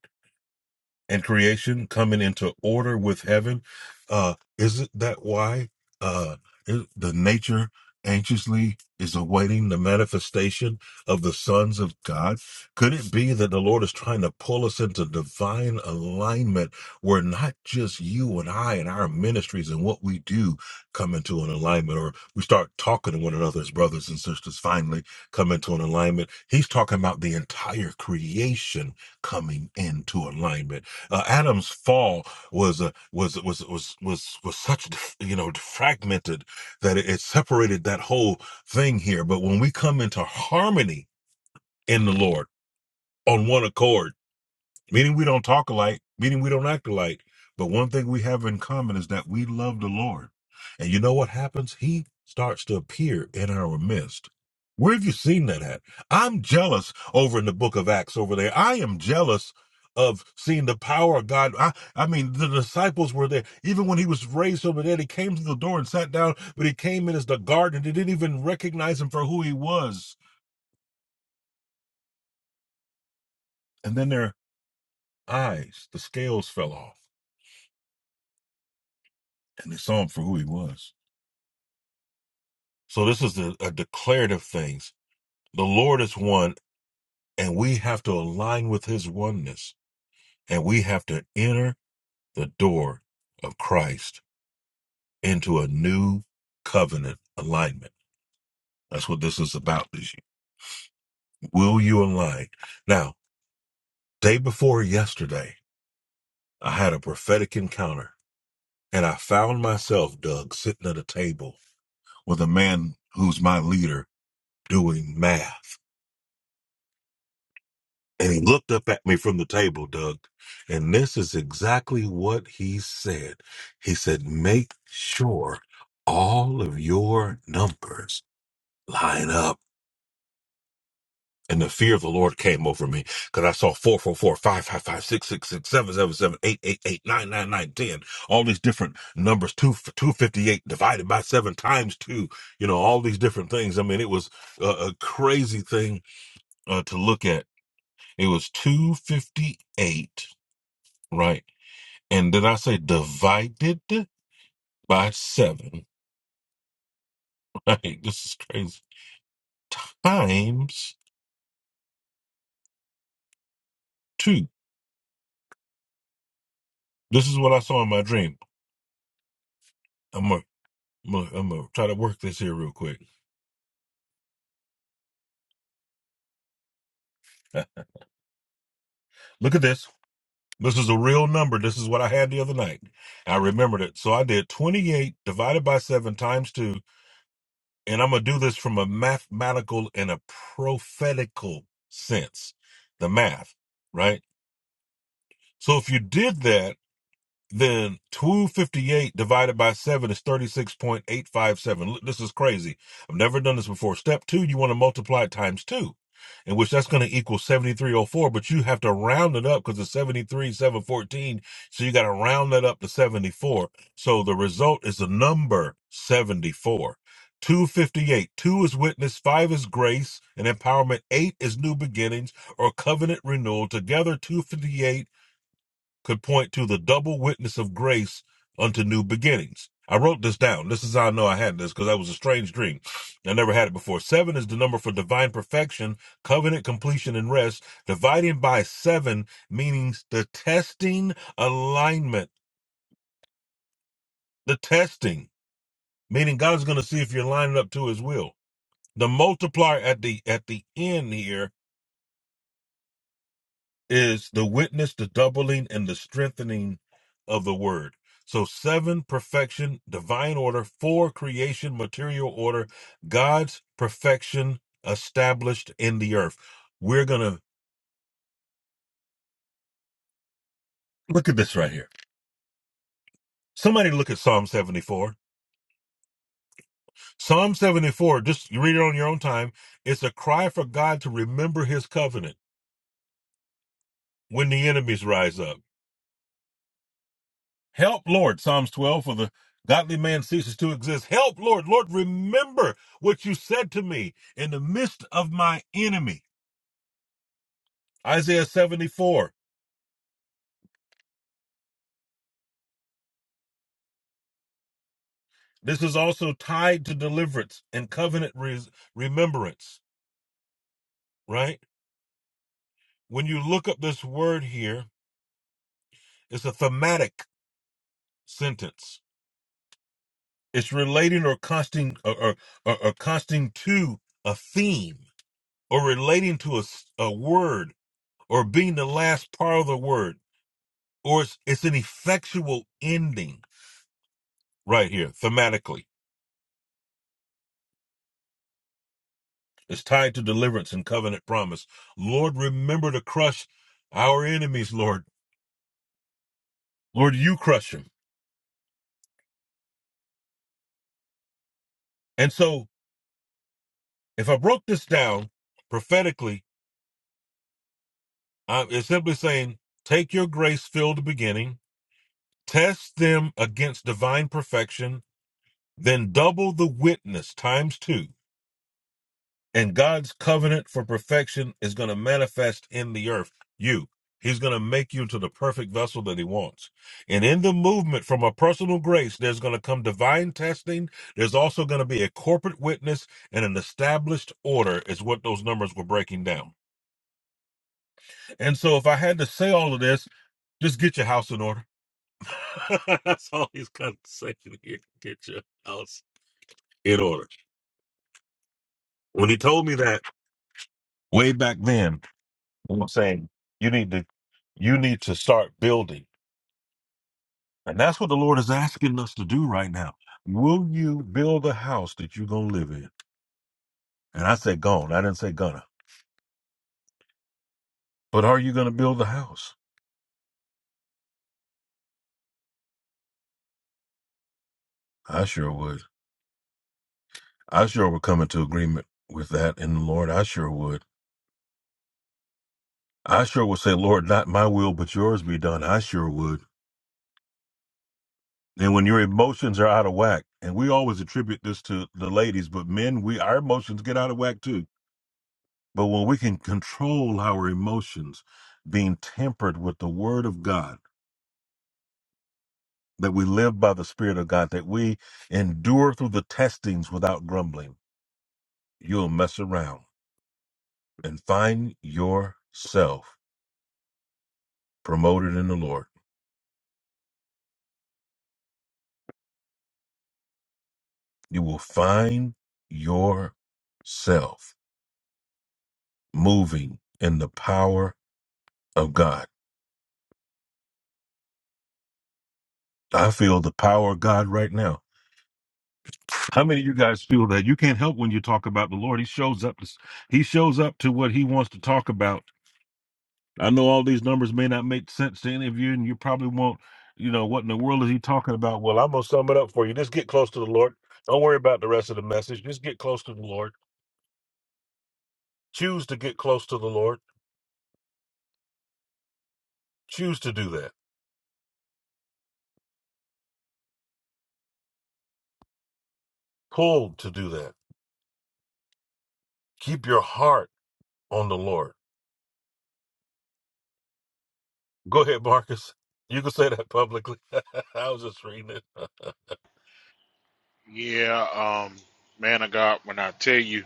[SPEAKER 2] and creation coming into order with heaven. Uh, isn't that why uh, is- the nature anxiously is awaiting the manifestation of the sons of God? Could it be that the Lord is trying to pull us into divine alignment where not just you and I and our ministries and what we do come into an alignment or we start talking to one another as brothers and sisters finally come into an alignment? He's talking about the entire creation coming into alignment uh, Adam's fall was uh, was was was was was such you know fragmented that it, it separated that whole thing here. But when we come into harmony in the Lord on one accord meaning we don't talk alike, meaning we don't act alike. But one thing we have in common is that we love the Lord. And you know what happens? He starts to appear in our midst. Where have you seen that at? I'm jealous over in the book of Acts over there. I am jealous of seeing the power of God. I, I mean, the disciples were there. Even when he was raised over there, he came to the door and sat down, but he came in as the gardener. They didn't even recognize him for who he was. And then their eyes, the scales fell off, and they saw him for who he was. So this is the, a declarative things. The Lord is one, and we have to align with His oneness, and we have to enter the door of Christ into a new covenant alignment. That's what this is about. Is will you align? Now, day before yesterday, I had a prophetic encounter, and I found myself, Doug, sitting at a table with a man who's my leader doing math. And he looked up at me from the table, Doug. And this is exactly what he said. He said, make sure all of your numbers line up. And the fear of the Lord came over me because I saw four, four, four, five, five, five, six, six, six, seven, seven, seven, eight, eight, eight, nine, nine, nine, ten. All these different numbers, two, 258 divided by seven times two, you know, all these different things. I mean, it was a, a crazy thing uh, to look at. It was 258 right? And did I say divided by seven? Like, this is crazy. Times two. This is what I saw in my dream. I'm going to I'm gonna try to work this here real quick. Uh, Look at this. This is a real number. This is what I had the other night. I remembered it. So I did 28 divided by 7 times 2. And I'm going to do this from a mathematical and a prophetical sense, the math, right? So if you did that, then 258 divided by 7 is 36.857. Look, This is crazy. I've never done this before. Step two, you want to multiply it times two, in which that's going to equal 7304, but you have to round it up because it's 73714. So you got to round that up to 74. So the result is the number 74. 258. Two is witness, five is grace and empowerment, eight is new beginnings or covenant renewal. Together, 258 could point to the double witness of grace unto new beginnings. I wrote this down. This is how I know I had this because that was a strange dream. I never had it before. Seven is the number for divine perfection, covenant completion, and rest. Dividing by seven means the testing alignment. The testing meaning God's going to see if you're lining up to His will. The multiplier at the at the end here is the witness, the doubling, and the strengthening of the word. So, seven, perfection, divine order, four, creation, material order, God's perfection established in the earth. We're going to look at this right here. Somebody look at Psalm 74. Psalm 74, just you read it on your own time. It's a cry for God to remember his covenant when the enemies rise up. Help, Lord, Psalms 12, for the godly man ceases to exist. Help, Lord, Lord, remember what you said to me in the midst of my enemy. Isaiah 74. This is also tied to deliverance and covenant res- remembrance, right? When you look up this word here, it's a thematic sentence. It's relating or consting or, or, or, or consting to a theme or relating to a, s- a word or being the last part of the word or it's, it's an effectual ending right here thematically it's tied to deliverance and covenant promise lord remember to crush our enemies lord lord you crush them and so if i broke this down prophetically I, it's simply saying take your grace filled beginning test them against divine perfection then double the witness times two And God's covenant for perfection is going to manifest in the earth. You. He's going to make you to the perfect vessel that he wants. And in the movement from a personal grace, there's going to come divine testing. There's also going to be a corporate witness and an established order is what those numbers were breaking down. And so if I had to say all of this, just get your house in order. That's all he's got to say here. Get your house in order. When he told me that way back then, I'm saying you need to you need to start building. And that's what the Lord is asking us to do right now. Will you build a house that you're gonna live in? And I said gone. I didn't say gonna. But are you gonna build a house? I sure would. I sure would come into agreement with that in the Lord. I sure would. I sure would say, Lord, not my will but yours be done. I sure would. And when your emotions are out of whack, and we always attribute this to the ladies, but men, we our emotions get out of whack too But when we can control our emotions, being tempered with the word of God, that we live by the spirit of God, that we endure through the testings without grumbling, you'll mess around and find yourself promoted in the Lord. You will find yourself moving in the power of God. I feel the power of God right now How many of you guys feel that you can't help when you talk about the Lord? He shows up. To, he shows up to what he wants to talk about. I know all these numbers may not make sense to any of you, and you probably won't. You know what in the world is he talking about? Well, I'm gonna sum it up for you. Just get close to the Lord. Don't worry about the rest of the message. Just get close to the Lord. Choose to get close to the Lord. Choose to do that. Pull to do that. Keep your heart on the Lord. Go ahead, Marcus. You can say that publicly. I was just reading it.
[SPEAKER 10] Yeah, um, man of God, when I tell you,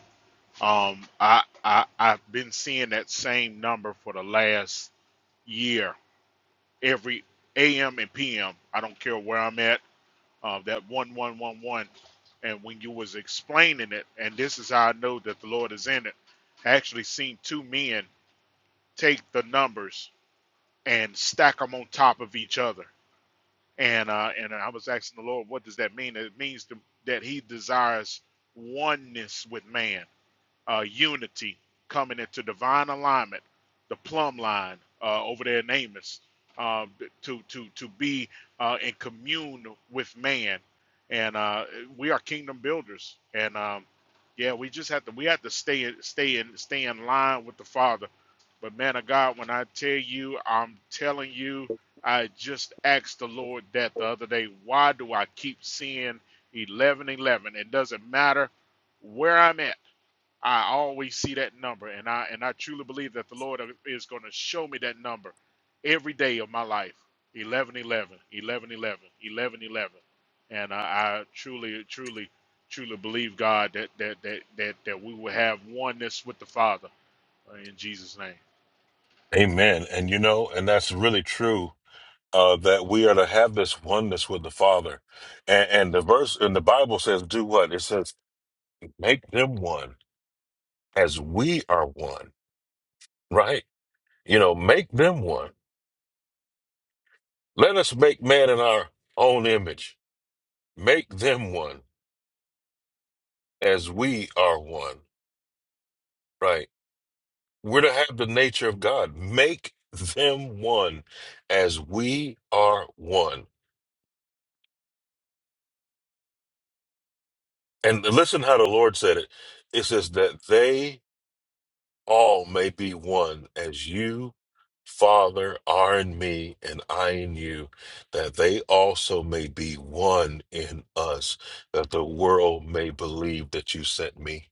[SPEAKER 10] um, I I I've been seeing that same number for the last year. Every AM and PM, I don't care where I'm at, uh, that one one one one. And when you was explaining it, and this is how I know that the Lord is in it, I actually seen two men take the numbers and stack them on top of each other. and uh, and I was asking the Lord, what does that mean? It means to, that He desires oneness with man uh, unity coming into divine alignment, the plumb line uh, over there in Amos, uh, to to to be uh, in commune with man, and uh, we are kingdom builders, and um, yeah, we just have to we have to stay in- stay in stay in line with the Father. But man of God, when I tell you, I'm telling you, I just asked the Lord that the other day. Why do I keep seeing eleven eleven? It doesn't matter where I'm at I always see that number, and I and I truly believe that the Lord is going to show me that number every day of my life. 11, 11, 11, 11, 11, 11. and I, I truly truly truly believe god that, that that that that we will have oneness with the father uh, in jesus name
[SPEAKER 2] Amen. And you know, and that's really true. uh, that we are to have this oneness with the Father. And, and the verse in the Bible says, do what? It says, make them one as we are one, right? You know, make them one. Let us make man in our own image. Make them one as we are one, right? We're to have the nature of God. Make them one as we are one. And listen how the Lord said it. It says that they all may be one as you, Father, are in me and I in you, that they also may be one in us, that the world may believe that you sent me.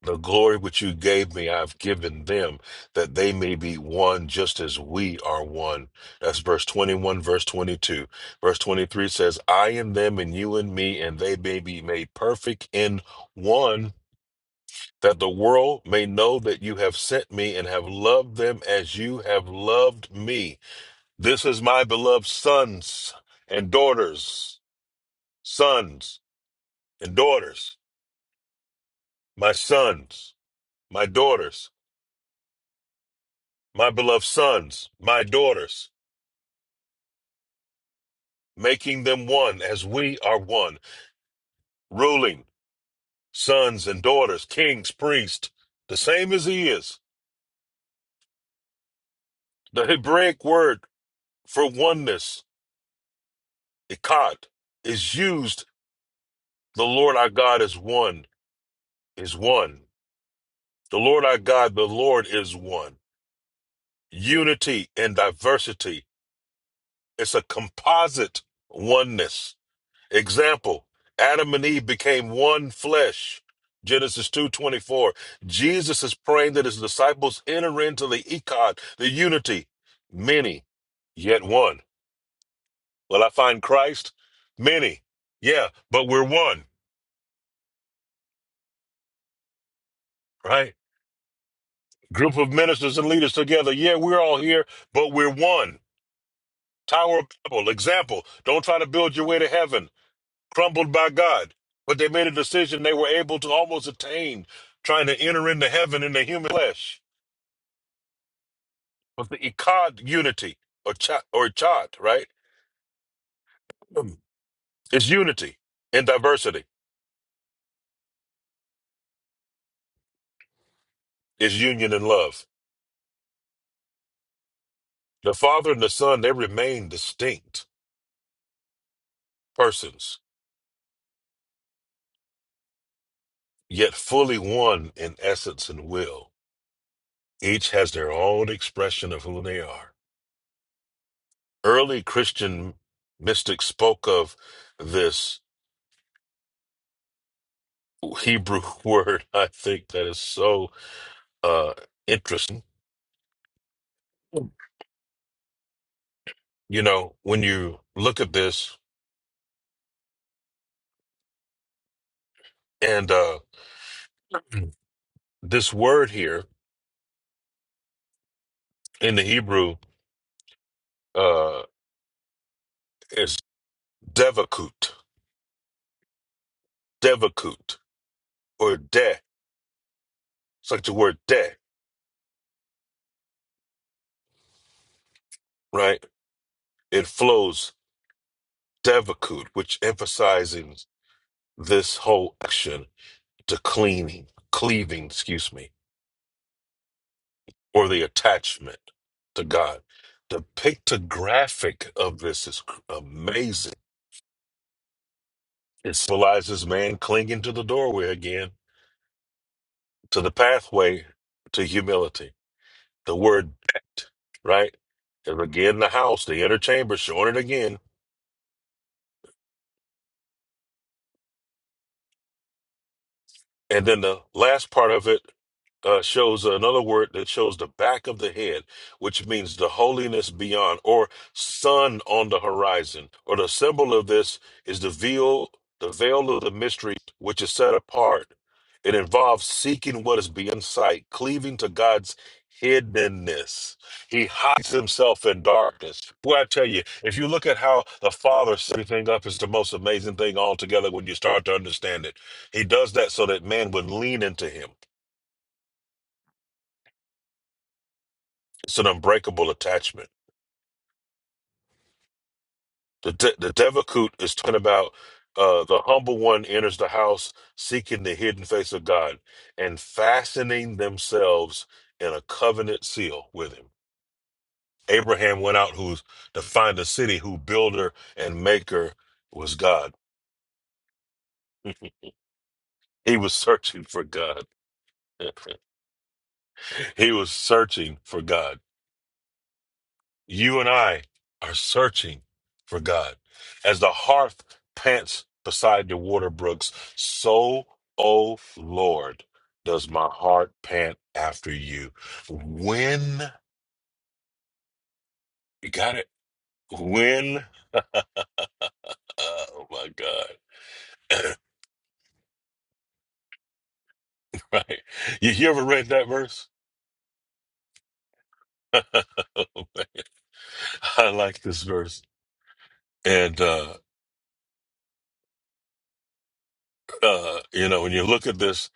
[SPEAKER 2] The glory which you gave me, I've given them, that they may be one just as we are one. That's verse 21, verse 22. Verse 23 says, I in them and you in me, and they may be made perfect in one that the world may know that you have sent me and have loved them as you have loved me. This is my beloved sons and daughters, sons and daughters, my sons, my daughters, my beloved sons, my daughters, making them one as we are one, ruling sons and daughters, kings, priests, the same as he is. The Hebraic word for oneness, ikad, is used the Lord our God is one is one. The Lord our God, the Lord is one. Unity and diversity. It's a composite oneness. Example, Adam and Eve became one flesh. Genesis 2:24. Jesus is praying that his disciples enter into the ecod, the unity, many yet one. Will I find Christ? Many. Yeah, but we're one, right? Group of ministers and leaders together. Yeah, we're all here, but we're one Tower of Babel, example. Don't try to build your way to heaven, crumbled by God. But they made a decision they were able to almost attain, trying to enter into heaven in the human flesh. But the Ikad unity, or cha or Chad, right? It's unity in diversity, it's union in love. The Father and the Son, they remain distinct persons, yet fully one in essence and will. Each has their own expression of who they are. early Christian mystics spoke of this Hebrew word. I think that is so uh, interesting. You know, when you look at this and uh, this word here in the Hebrew uh, is devakut, devakut, or de. It's like the word de, right? It flows devakut, which emphasizes this whole action to cleaning, cleaving, excuse me or the attachment to God. The pictographic of this is cr- amazing. It symbolizes man clinging to the doorway again, to the pathway to humility. The word decked, right? Is again the house, the inner chamber, showing it again And then the last part of it uh, shows another word that shows the back of the head, which means the holiness beyond or sun on the horizon. Or the symbol of this is the veil, the veil of the mystery, which is set apart. It involves seeking what is beyond sight, cleaving to God's hiddenness. He hides himself in darkness. Boy, I tell you, if you look at how the Father set everything up, it's the most amazing thing altogether when you start to understand it. He does that so that man would lean into him. It's an unbreakable attachment. The de- the Devakut is talking about uh, the humble one enters the house seeking the hidden face of God and fastening themselves in a covenant seal with him. Abraham went out who's to find a city whose builder and maker was God. he was searching for God. he was searching for God. You and I are searching for God. As the hearth pants beside the water brooks, so, O Lord, does my heart pant after you. When, you got it? When, oh my God. right. You, you ever read that verse? I like this verse. And, uh, uh, you know, when you look at this,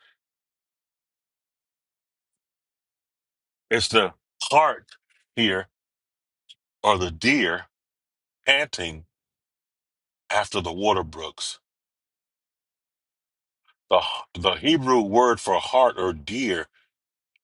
[SPEAKER 2] it's the heart here or the deer panting after the water brooks. The, the Hebrew word for heart or deer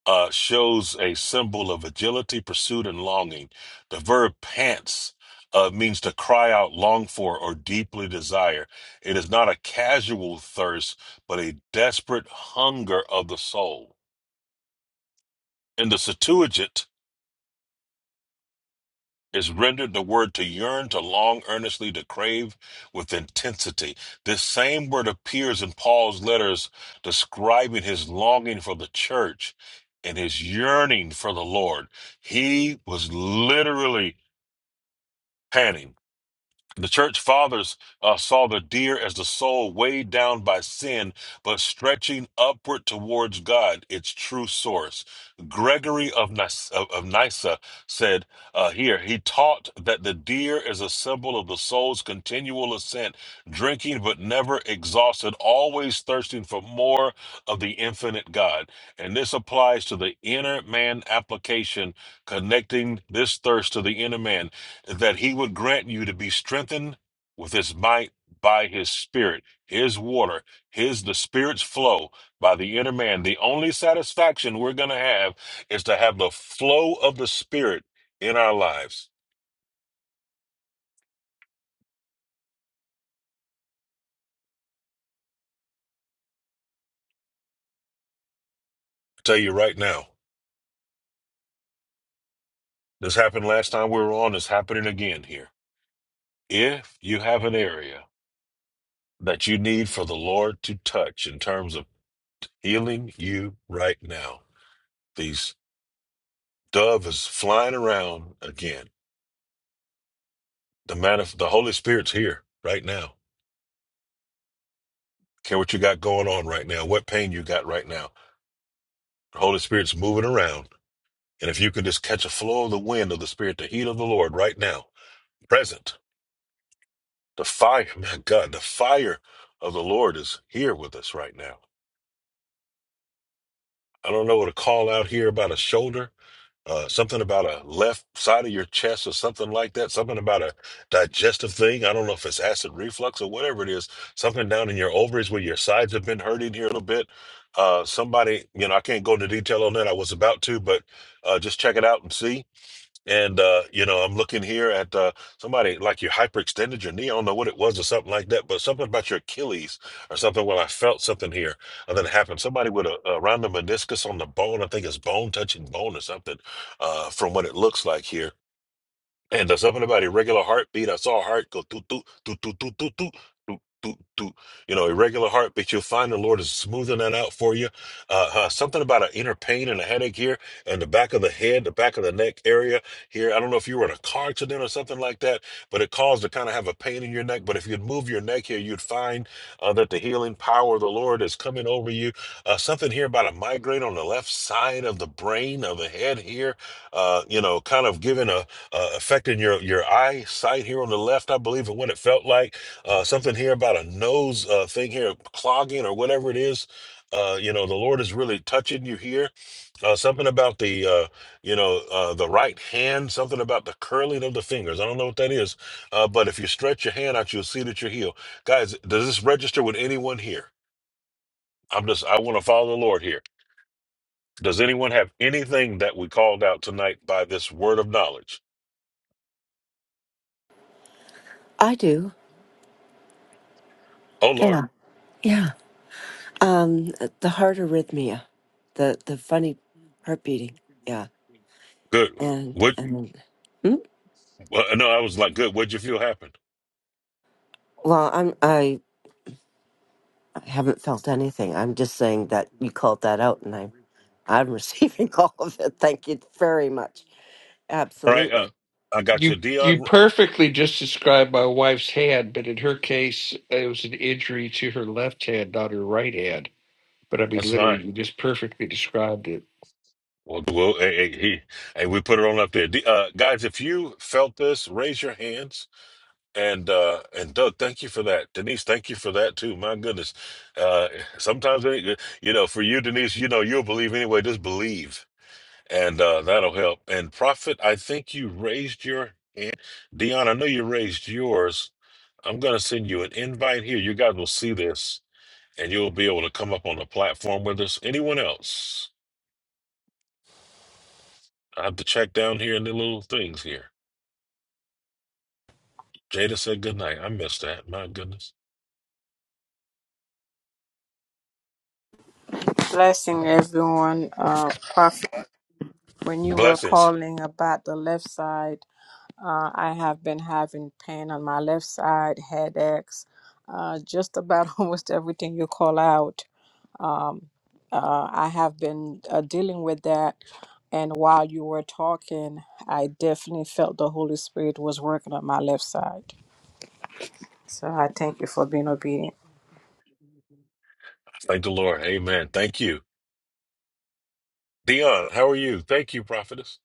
[SPEAKER 2] uh, shows a symbol of agility, pursuit, and longing. The verb pants uh, means to cry out, long for, or deeply desire. It is not a casual thirst, but a desperate hunger of the soul. In the Septuagint, is rendered the word to yearn, to long, earnestly, to crave with intensity. This same word appears in Paul's letters describing his longing for the church and his yearning for the Lord. He was literally panting. The church fathers uh, saw the deer as the soul weighed down by sin, but stretching upward towards God, its true source. Gregory of, Nys- of of Nyssa said uh, here, he taught that the deer is a symbol of the soul's continual ascent, drinking but never exhausted, always thirsting for more of the infinite God. And this applies to the inner man application, connecting this thirst to the inner man that he would grant you to be strengthened with his might by his spirit, his water, his the spirit's flow by the inner man. The only satisfaction we're gonna have is to have the flow of the spirit in our lives. I tell you right now, this happened last time we were on, it's happening again here. If you have an area that you need for the Lord to touch in terms of healing you right now, these dove is flying around again The man of the Holy Spirit's here right now. Care what you got going on right now, what pain you got right now. The Holy Spirit's moving around. And if you can just catch a flow of the wind of the Spirit, the heat of the Lord right now, present, the fire, my God, the fire of the Lord is here with us right now. I don't know what a call out here about a shoulder. uh, something about a left side of your chest or something like that, something about a digestive thing. I don't know if it's acid reflux or whatever it is, something down in your ovaries where your sides have been hurting here a little bit. Uh, somebody, you know, I can't go into detail on that. I was about to, but uh, just check it out and see. And uh, you know, I'm looking here at uh, somebody like you hyperextended your knee. I don't know what it was or something like that, but something about your Achilles or something. Well, I felt something here, and then it happened. Somebody with a around the meniscus on the bone. I think it's bone touching bone or something, uh, from what it looks like here. And there's something about irregular heartbeat. I saw a heart go doo doo doo doo doo doo doo doo doo doo. You know, irregular heartbeat. You'll find the Lord is smoothing that out for you. Uh, uh, something about an inner pain and a headache here, and the back of the head, the back of the neck area here. I don't know if you were in a car accident or something like that, but it caused to kind of have a pain in your neck. But if you'd move your neck here, you'd find uh, that the healing power of the Lord is coming over you. Uh, something here about a migraine on the left side of the brain of the head here. Uh, you know, kind of giving a uh, affecting your your eyesight here on the left, I believe, and what it felt like. Uh, something here about a nose uh, thing here clogging or whatever it is. Uh, you know, the Lord is really touching you here. Uh, something about the uh, you know uh, the right hand. Something about the curling of the fingers. I don't know what that is, uh, but if you stretch your hand out, you'll see that you're healed. Guys, does this register with anyone here? I'm just I want to follow the Lord here. Does anyone have anything that we called out tonight by this word of knowledge?
[SPEAKER 11] I do.
[SPEAKER 2] Oh Lord,
[SPEAKER 11] Yeah. Yeah. Um the heart arrhythmia. The the funny heart beating. Yeah.
[SPEAKER 2] good.
[SPEAKER 11] And
[SPEAKER 2] What
[SPEAKER 11] and Hmm?
[SPEAKER 2] Well, no, I was like, good. What'd you feel happened?
[SPEAKER 11] well, I'm I haven't felt anything. I'm just saying that you called that out and I'm I'm receiving all of it. Thank you very much.
[SPEAKER 2] All right, uh,
[SPEAKER 11] Absolutely.
[SPEAKER 2] I got
[SPEAKER 8] You
[SPEAKER 2] you,
[SPEAKER 8] you
[SPEAKER 2] Dion.
[SPEAKER 8] perfectly just described my wife's hand, but in her case, it was an injury to her left hand, not her right hand. But I mean,
[SPEAKER 2] That's fine.
[SPEAKER 8] literally, you just perfectly described it.
[SPEAKER 2] Well, well, hey, hey, he, hey, we put it on up there, D, uh, guys. If you felt this, raise your hands. And uh, and Doug, thank you for that. Denise, thank you for that too. My goodness, uh, sometimes it- you know, for you, Denise, you know, you'll believe anyway. Just believe, and uh, that'll help. And Prophet, I think you raised your hand. Dion, I know you raised yours. I'm going to send you an invite here. You guys will see this and you'll be able to come up on the platform with us. Anyone else? I have to check down here in the little things here. Jada said good night. I missed that. My goodness.
[SPEAKER 12] Blessing everyone. Uh, Prophet, when you were
[SPEAKER 2] Blessings.
[SPEAKER 12] calling about the left side, uh, I have been having pain on my left side, headaches, uh, just about almost everything you call out. Um, uh, I have been uh, dealing with that. And while you were talking, I definitely felt the Holy Spirit was working on my left side. So I thank you for being obedient.
[SPEAKER 2] Thank the Lord. Amen. Thank you. Dion, how are you? Thank you, prophetess.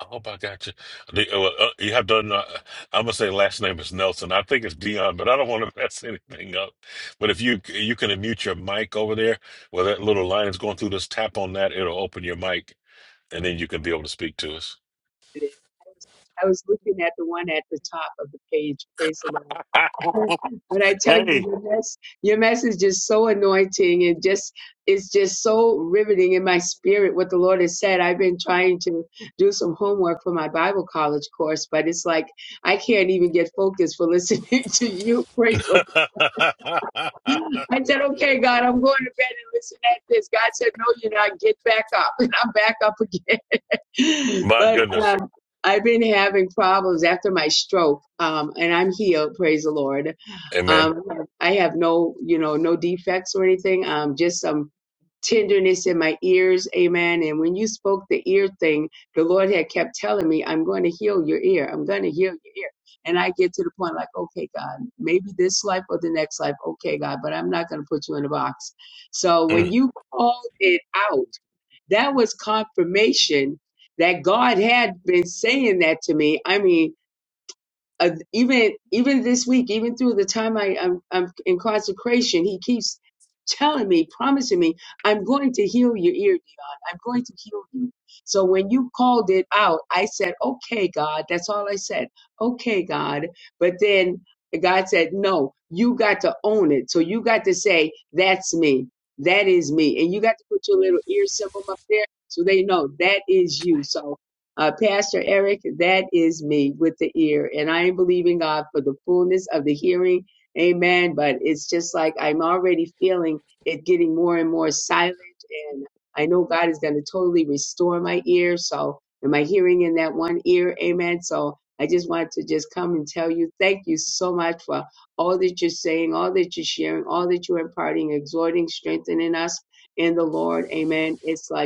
[SPEAKER 2] I hope I got you. The- uh, well, uh, You have done, uh, I'm going to say last name is Nelson. I think it's Dion, but I don't want to mess anything up. But if you you can mute your mic over there where that little line is going through, just tap on that. It'll open your mic and then you can be able to speak to us.
[SPEAKER 13] it. I was looking at the one at the top of the page. Praise the Lord. But I tell you,
[SPEAKER 2] Hey,
[SPEAKER 13] your, mess, your message is so anointing and just it's just so riveting in my spirit what the Lord has said. I've been trying to do some homework for my Bible college course, but it's like I can't even get focused for listening to you. Praise the Lord. I said, okay, God, I'm going to bed and listen at this. God said, no, you're not. Get back up. And I'm back up again.
[SPEAKER 2] My
[SPEAKER 13] but
[SPEAKER 2] goodness.
[SPEAKER 13] um, I've been having problems after my stroke, um, and I'm healed, praise the Lord.
[SPEAKER 2] Amen.
[SPEAKER 13] Um, I have no, you know, no defects or anything. Um, just some tenderness in my ears. Amen. And when you spoke the ear thing, the Lord had kept telling me, I'm going to heal your ear. I'm going to heal your ear. And I get to the point like, okay, God, maybe this life or the next life. Okay, God, but I'm not going to put you in a box. So when
[SPEAKER 2] Mm.
[SPEAKER 13] you called it out, that was confirmation that God had been saying that to me. I mean, uh, even even this week, even through the time I, I'm, I'm in consecration, he keeps telling me, promising me, I'm going to heal your ear, Dion. I'm going to heal you. So when you called it out, I said, Okay, God. That's all I said. Okay, God. But then God said, No, you got to own it. So you got to say, That's me. That is me. And you got to put your little ear symbol up there so they know that is you. So uh, Pastor Eric, that is me with the ear. And I am believing God for the fullness of the hearing. Amen. But it's just like I'm already feeling it getting more and more silent. And I know God is going to totally restore my ear. So, and my hearing in that one ear. Amen. So, I just want to just come and tell you thank you so much for all that you're saying, all that you're sharing, all that you're imparting, exhorting, strengthening us in the Lord. Amen. It's like,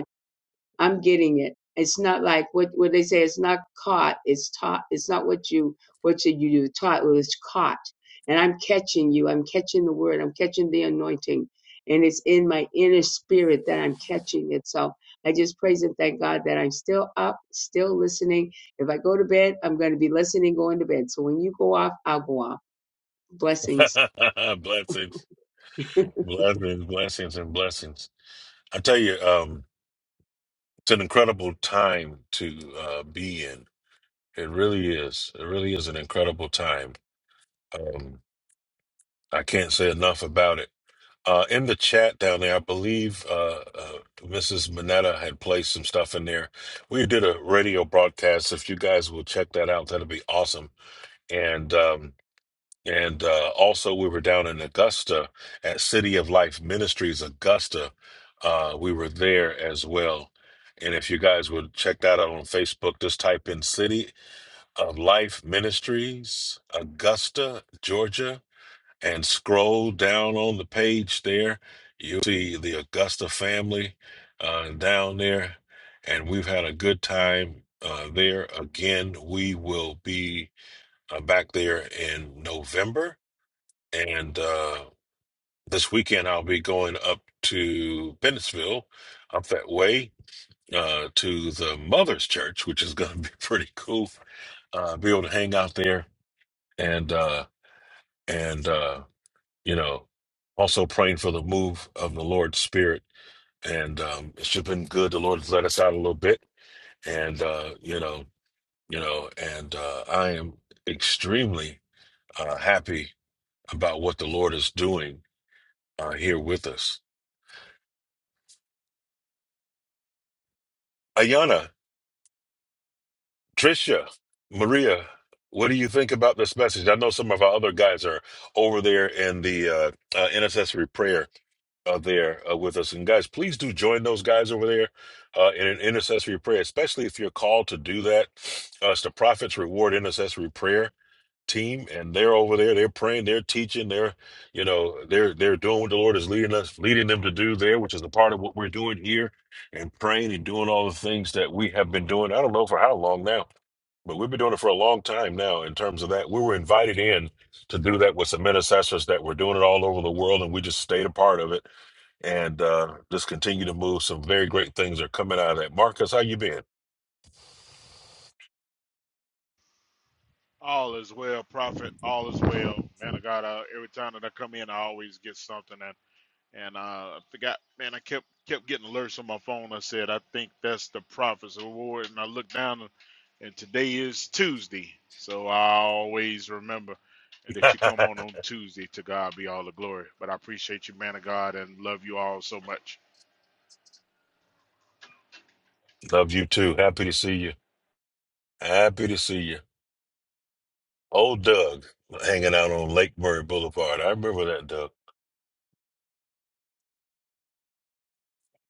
[SPEAKER 13] I'm getting it. It's not like what what they say. It's not caught. It's taught. It's not what you what you you do taught. Well, it's caught, and I'm catching you. I'm catching the word. I'm catching the anointing, and it's in my inner spirit that I'm catching it. So I just praise and thank God that I'm still up, still listening. If I go to bed, I'm going to be listening going to bed. So when you go off, I'll go off. Blessings.
[SPEAKER 2] blessings, blessings, blessings, and blessings. I tell you, um, it's an incredible time to uh, be in. It really is. It really is an incredible time. Um, I can't say enough about it. Uh, in the chat down there, I believe uh, uh, Mrs. Minetta had placed some stuff in there. We did a radio broadcast. If you guys will check that out, that'd be awesome. And um, and uh, also, we were down in Augusta at City of Life Ministries Augusta. Uh, we were there as well. And if you guys would check that out on Facebook, just type in City of Life Ministries Augusta, Georgia and scroll down on the page there, you'll see the Augusta family uh, down there. And we've had a good time uh, there. Again, we will be uh, back there in November. And uh, this weekend, I'll be going up to Pennisville, up that way. Uh, to the mother's church, which is going to be pretty cool. Uh, be able to hang out there and uh, and uh, you know, also praying for the move of the Lord's Spirit. And um, it's just been good. The Lord has let us out a little bit, and uh, you know, you know, and uh, I am extremely uh, happy about what the Lord is doing uh, here with us. Ayana, Trisha, Maria, what do you think about this message? I know some of our other guys are over there in the uh, uh, intercessory prayer uh, there uh, with us. And guys, please do join those guys over there uh, in an intercessory prayer, especially if you're called to do that. Uh, it's the Prophets Reward Intercessory Prayer team, and they're over there. They're praying, they're teaching, they're you know they're they're doing what the Lord is leading us, leading them to do there, which is a part of what we're doing here, and praying and doing all the things that we have been doing. I don't know for how long now. But we've been doing it for a long time now in terms of that. We were invited in to do that with some intercessors that were doing it all over the world, and we just stayed a part of it and uh, just continue to move. Some very great things are coming out of that. Marcus, how you been?
[SPEAKER 10] All is well, prophet. All is well, man of God. Uh, every time that I come in, I always get something, and and uh, I forgot. Man, I kept kept getting alerts on my phone. I said, I think that's the Prophet's Award, and I looked down, and today is Tuesday. So I always remember that you come on on Tuesday. To God be all the glory. But I appreciate you, man of God, and love you all so much.
[SPEAKER 2] Love you too. Happy to see you. Happy to see you. Old Doug hanging out on Lake Murray Boulevard. I remember that, Doug.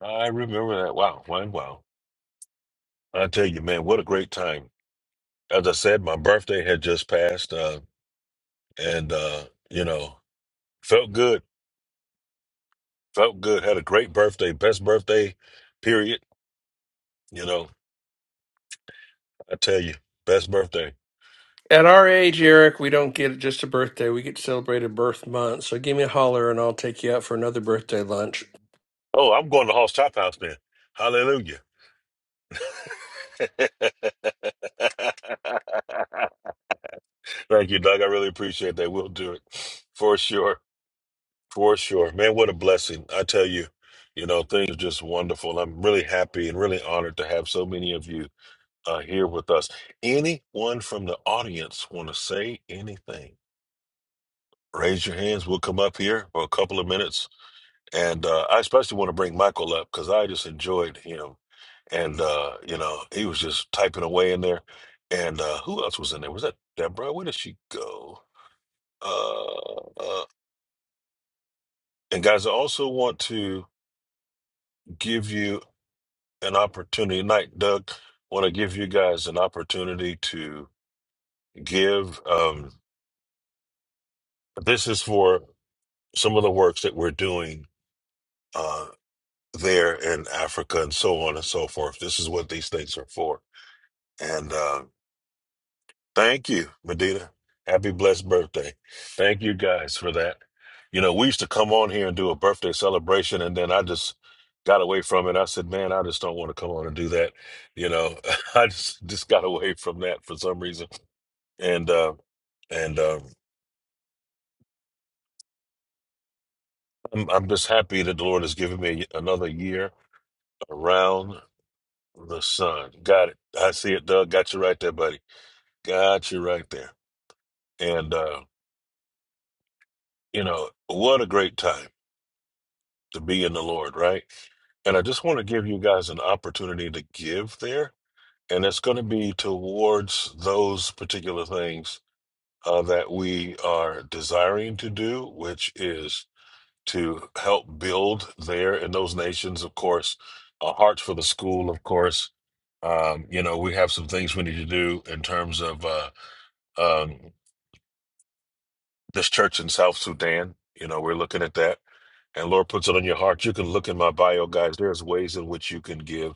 [SPEAKER 2] I remember that. Wow, wow, wow. I tell you, man, what a great time. As I said, my birthday had just passed, uh, and uh, you know, felt good. Felt good. Had a great birthday. Best birthday, period. You know, I tell you, best birthday.
[SPEAKER 8] At our age, Eric, we don't get just a birthday. We get to celebrate a birth month. So give me a holler and I'll take you out for another birthday lunch.
[SPEAKER 2] Oh, I'm going to Hoss Chop House then. Hallelujah. Thank you, Doug. I really appreciate that. We'll do it for sure. For sure. Man, what a blessing. I tell you, you know, things are just wonderful. I'm really happy and really honored to have so many of you uh, here with us. Anyone from the audience want to say anything? Raise your hands. We'll come up here for a couple of minutes And uh, I especially want to bring Michael up because I just enjoyed him. And, uh, you know, he was just typing away in there. And uh, who else was in there? Was that Deborah? Where did she go? Uh, uh, and guys, I also want to give you an opportunity Night, Doug. Want to give you guys an opportunity to give. Um, this is for some of the works that we're doing uh, there in Africa and so on and so forth. This is what these things are for. And uh, Thank you, Medina. Happy blessed birthday. Thank you guys for that. You know, we used to come on here and do a birthday celebration, and then I just got away from it. I said, man, I just don't want to come on and do that. You know, I just just got away from that for some reason, and uh, and uh, I'm, I'm just happy that the Lord has given me another year around the sun. Got it. I see it, Doug. Got you right there, buddy. Got you right there. And uh, you know, what a great time to be in the Lord, right? And I just want to give you guys an opportunity to give there. And it's going to be towards those particular things uh, that we are desiring to do, which is to help build there in those nations, of course, a heart for the school, of course. Um, you know, we have some things we need to do in terms of uh, um, this church in South Sudan. You know, we're looking at that and Lord puts it on your heart, you can look in my bio, guys. There's ways in which you can give.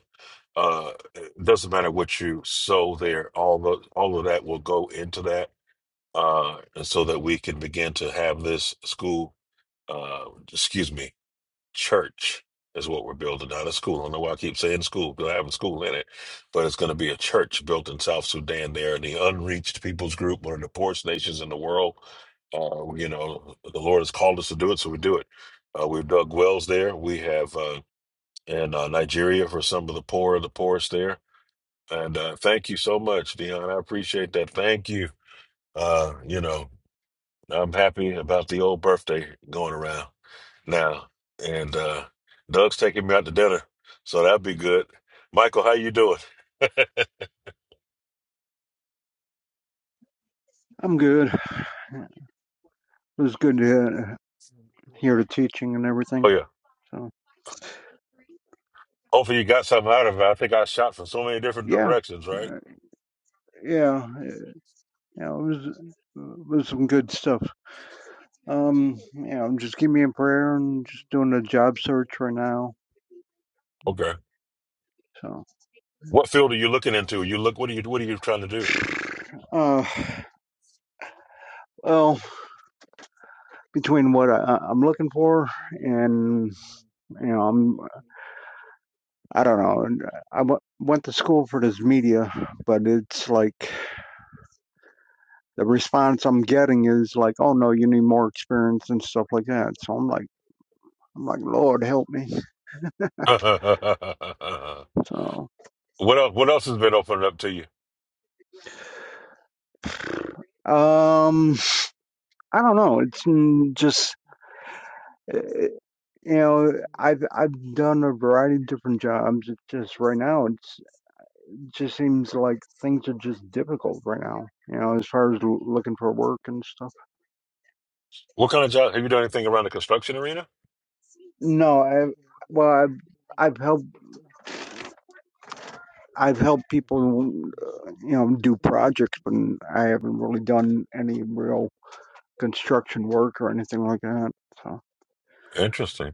[SPEAKER 2] Uh, it doesn't matter what you sow there. All the all of that will go into that, uh, and so that we can begin to have this school. Uh, excuse me church is what we're building, not a school. I don't know why I keep saying school because I have a school in it, but it's going to be a church built in South Sudan. There, the unreached peoples group, one of the poorest nations in the world. Uh, you know, the Lord has called us to do it, so we do it. Uh, we've dug wells there. We have uh, in uh, Nigeria for some of the poor, the poorest there. And uh, thank you so much, Dion. I appreciate that. Thank you. Uh, you know, I'm happy about the old birthday going around now, and uh, Doug's taking me out to dinner, so that'll be good. Michael, how you doing?
[SPEAKER 14] I'm good. It was good to he- hear the teaching and
[SPEAKER 2] Oh
[SPEAKER 14] everything.
[SPEAKER 2] yeah.
[SPEAKER 14] So
[SPEAKER 2] Hopefully you got something out of it. I think I shot from so many different
[SPEAKER 14] yeah,
[SPEAKER 2] directions, right?
[SPEAKER 14] uh, yeah, uh, yeah. It was it was some good stuff. Um, yeah, I'm just keep me in prayer and just doing a job search right now.
[SPEAKER 2] Okay.
[SPEAKER 14] So,
[SPEAKER 2] What field are you looking into? You look. What are you? What are you trying to do?
[SPEAKER 14] uh, well, between what I, I- I'm looking for and you know, I'm I don't know. and I w- went to school for this media, but it's like the response I'm getting is like, "Oh no, you need more experience and stuff like that." So I'm like. I'm like, Lord, help me. So,
[SPEAKER 2] what else? What else has been opened up to you?
[SPEAKER 14] um, I don't know. It's mm, just, uh, you know, I've I've done a variety of different jobs. It's just right now, it's, it just seems like things are just difficult right now. You know, as far as l- looking for work and stuff.
[SPEAKER 2] What kind of job have you done? Anything around the construction arena?
[SPEAKER 14] No, I, well, I've I've helped I've helped people, uh, you know, do projects, but I haven't really done any real construction work or anything like that. So.
[SPEAKER 2] Interesting.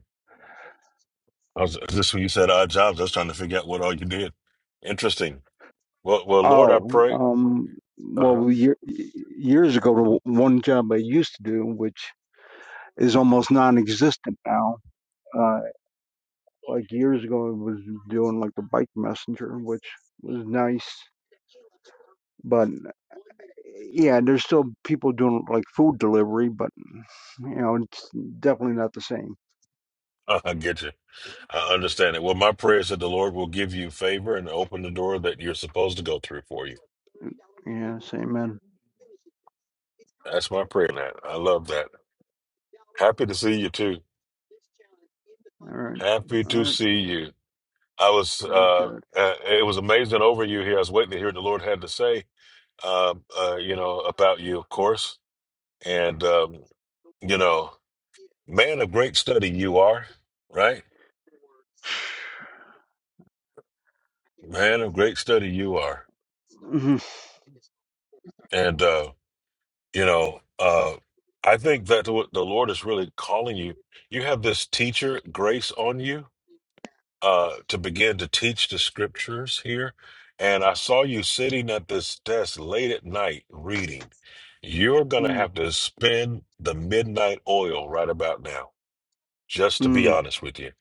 [SPEAKER 2] I was, this when you said odd jobs. I was trying to figure out what all you did. Interesting. Well, well, Lord, I
[SPEAKER 14] Oh,
[SPEAKER 2] pray.
[SPEAKER 14] um,
[SPEAKER 2] Uh-huh.
[SPEAKER 14] well, year, years ago, the one job I used to do, which is almost non-existent now, uh, like years ago, I was doing like the bike messenger, which was nice. But yeah, there's still people doing like food delivery, but you know, it's definitely not the same.
[SPEAKER 2] I get you. I understand it. Well, my prayer is that the Lord will give you favor and open the door that you're supposed to go through for you.
[SPEAKER 14] Yeah, same man.
[SPEAKER 2] That's my prayer, Nat. I love that. Happy to see you too.
[SPEAKER 14] All right,
[SPEAKER 2] Happy
[SPEAKER 14] all
[SPEAKER 2] to
[SPEAKER 14] right,
[SPEAKER 2] see you. I was.
[SPEAKER 14] praise
[SPEAKER 2] Uh,
[SPEAKER 14] God.
[SPEAKER 2] uh, it was amazing over you here. I was waiting to hear what the Lord had to say. Um, uh, you know about you, of course, and um, you know, man of great study you are, right? Man of great study you are,
[SPEAKER 14] Mm-hmm.
[SPEAKER 2] and. uh, You know, uh, I think that what the Lord is really calling you, you have this teacher grace on you uh, to begin to teach the scriptures here. And I saw you sitting at this desk late at night reading. You're going to
[SPEAKER 14] hmm
[SPEAKER 2] have to spend the midnight oil right about now, just to be honest with you.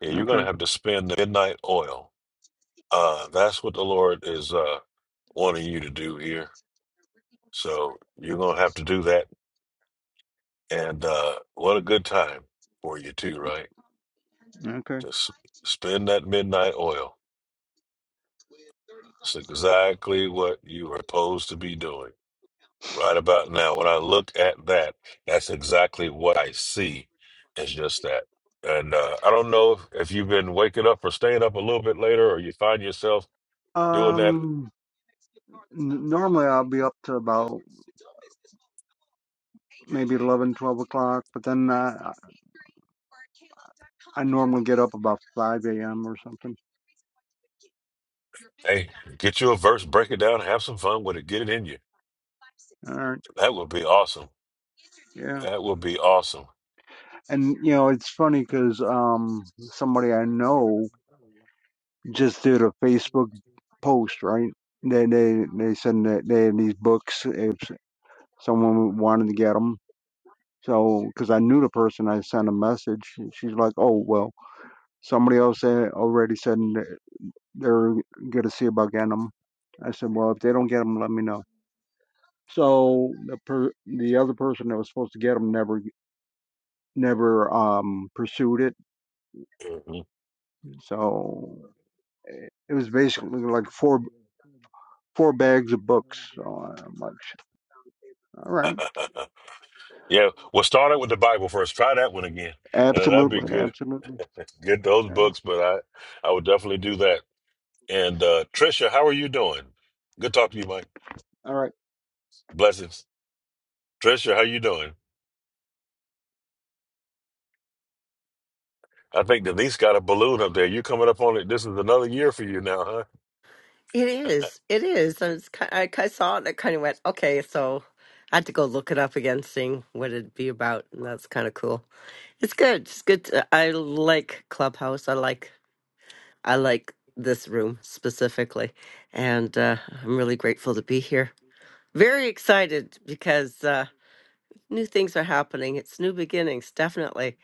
[SPEAKER 2] Yeah, you're
[SPEAKER 14] Okay.
[SPEAKER 2] going to have to spend the midnight oil. Uh, that's what the Lord is uh, wanting you to do here. So you're going to have to do that And uh, what a good time for you too, right?
[SPEAKER 14] Okay.
[SPEAKER 2] Just spend that midnight oil. It's exactly what you were supposed to be doing right about now. When I look at that, that's exactly what I see. It's just that. And uh, I don't know if, if you've been waking up or staying up a little bit later, or you find yourself doing that.
[SPEAKER 14] Um, n- normally I'll be up to about maybe 11, 12 o'clock, but then I, I normally get up about 5 a.m. or something.
[SPEAKER 2] Hey, get you a verse, break it down, have some fun with it, get it in you.
[SPEAKER 14] All right.
[SPEAKER 2] That would be awesome.
[SPEAKER 14] Yeah.
[SPEAKER 2] That would be awesome.
[SPEAKER 14] And, you know, it's funny because um, somebody I know just did a Facebook post, right? They, they, they said that they had these books if someone wanted to get 'em. So, because I knew the person, I sent a message. She's like, "Oh, well, somebody else a- already said n- they're gonna see about getting them." I said, "Well, if they don't get them, let me know." So the per- the other person that was supposed to get them never never um pursued it.
[SPEAKER 2] Mhm.
[SPEAKER 14] So it was basically like four four bags of books. So I'm like, "All right,
[SPEAKER 2] Yeah, well, start out with the Bible first. Try that one again. Uh, that'd be
[SPEAKER 14] absolutely,
[SPEAKER 2] good.
[SPEAKER 14] absolutely,
[SPEAKER 2] Get those
[SPEAKER 14] yeah,
[SPEAKER 2] books, but I, I would definitely do that. And uh, Trisha, how are you doing? Good talk to you, Mike.
[SPEAKER 14] all right."
[SPEAKER 2] Blessings. Trisha, how you doing? I think Denise got a balloon up there. You coming up on it. This is another year for you now, huh?
[SPEAKER 11] It is. It is. I, was, ki- I ki- saw it and I kind of went, okay, so I had to go look it up again, seeing what it'd be about. And that's kind of cool. It's good. It's good. To, I like Clubhouse. I like I like this room specifically, and uh, I'm really grateful to be here. Very excited because uh, new things are happening. It's new beginnings, definitely.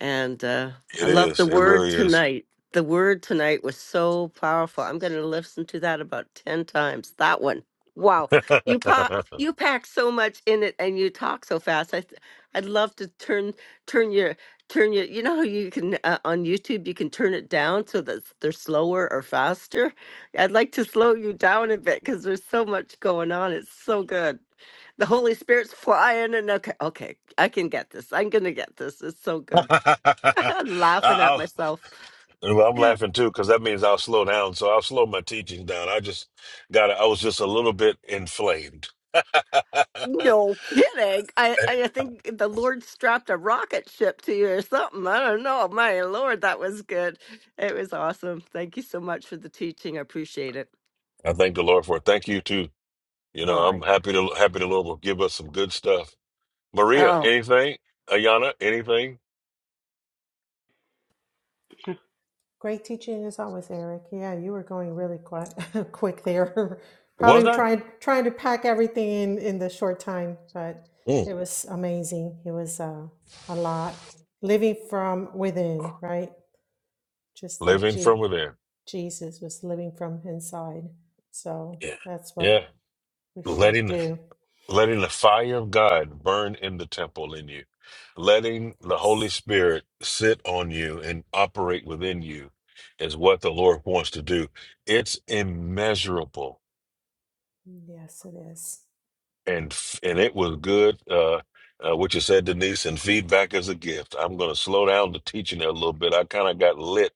[SPEAKER 11] And uh, I
[SPEAKER 2] It
[SPEAKER 11] love the
[SPEAKER 2] is. It
[SPEAKER 11] word
[SPEAKER 2] really is.
[SPEAKER 11] tonight. The word tonight was so powerful. I'm going to listen to that about 10 times. That one. Wow. You pa-
[SPEAKER 2] I,
[SPEAKER 11] you pack so much in it and you talk so fast. I th- I'd love to turn turn your turn your you know how you can uh, on YouTube you can turn it down so that they're slower or faster. I'd like to slow you down a bit cuz there's so much going on. It's so good. The Holy Spirit's flying and okay, okay. I can get this. I'm going to get this. It's so good. laughing at
[SPEAKER 2] I'll,
[SPEAKER 11] myself.
[SPEAKER 2] well, I'm
[SPEAKER 11] Yeah.
[SPEAKER 2] laughing too because that means I'll slow down. So I'll slow my teaching down. I just got. I was just a little bit inflamed.
[SPEAKER 11] No kidding. I, I think the Lord strapped a rocket ship to you or something. I don't know. My Lord, that was good. It was awesome. Thank you so much for the teaching. I appreciate it.
[SPEAKER 2] I thank the Lord for it. Thank you too. You
[SPEAKER 11] All
[SPEAKER 2] know, I'm
[SPEAKER 11] right.
[SPEAKER 2] happy to happy the Lord will give us some good stuff. Maria,
[SPEAKER 11] oh.
[SPEAKER 2] anything? Ayana, anything?
[SPEAKER 6] Great teaching as always, Eric. Yeah, you were going really quite quick there.
[SPEAKER 2] Was
[SPEAKER 6] Probably
[SPEAKER 2] I?
[SPEAKER 6] trying trying to pack everything in in the short time, but
[SPEAKER 2] Mm.
[SPEAKER 6] it was amazing. It was uh, a lot. Living from within, right? Just like
[SPEAKER 2] Living
[SPEAKER 6] Je-
[SPEAKER 2] from within.
[SPEAKER 6] Jesus was living from inside. So
[SPEAKER 2] Yeah.
[SPEAKER 6] that's what
[SPEAKER 2] Yeah.
[SPEAKER 6] we should
[SPEAKER 2] Letting the
[SPEAKER 6] do.
[SPEAKER 2] letting the fire of God burn in the temple in you. Letting the Holy
[SPEAKER 6] Yes,
[SPEAKER 2] Spirit sit on you and operate within you is what the Lord wants to do. It's immeasurable
[SPEAKER 6] yes, it is.
[SPEAKER 2] and and it was good. Uh, uh, what you said, Denise, and feedback is a gift. I'm going to slow down the teaching a little bit. I kind of got lit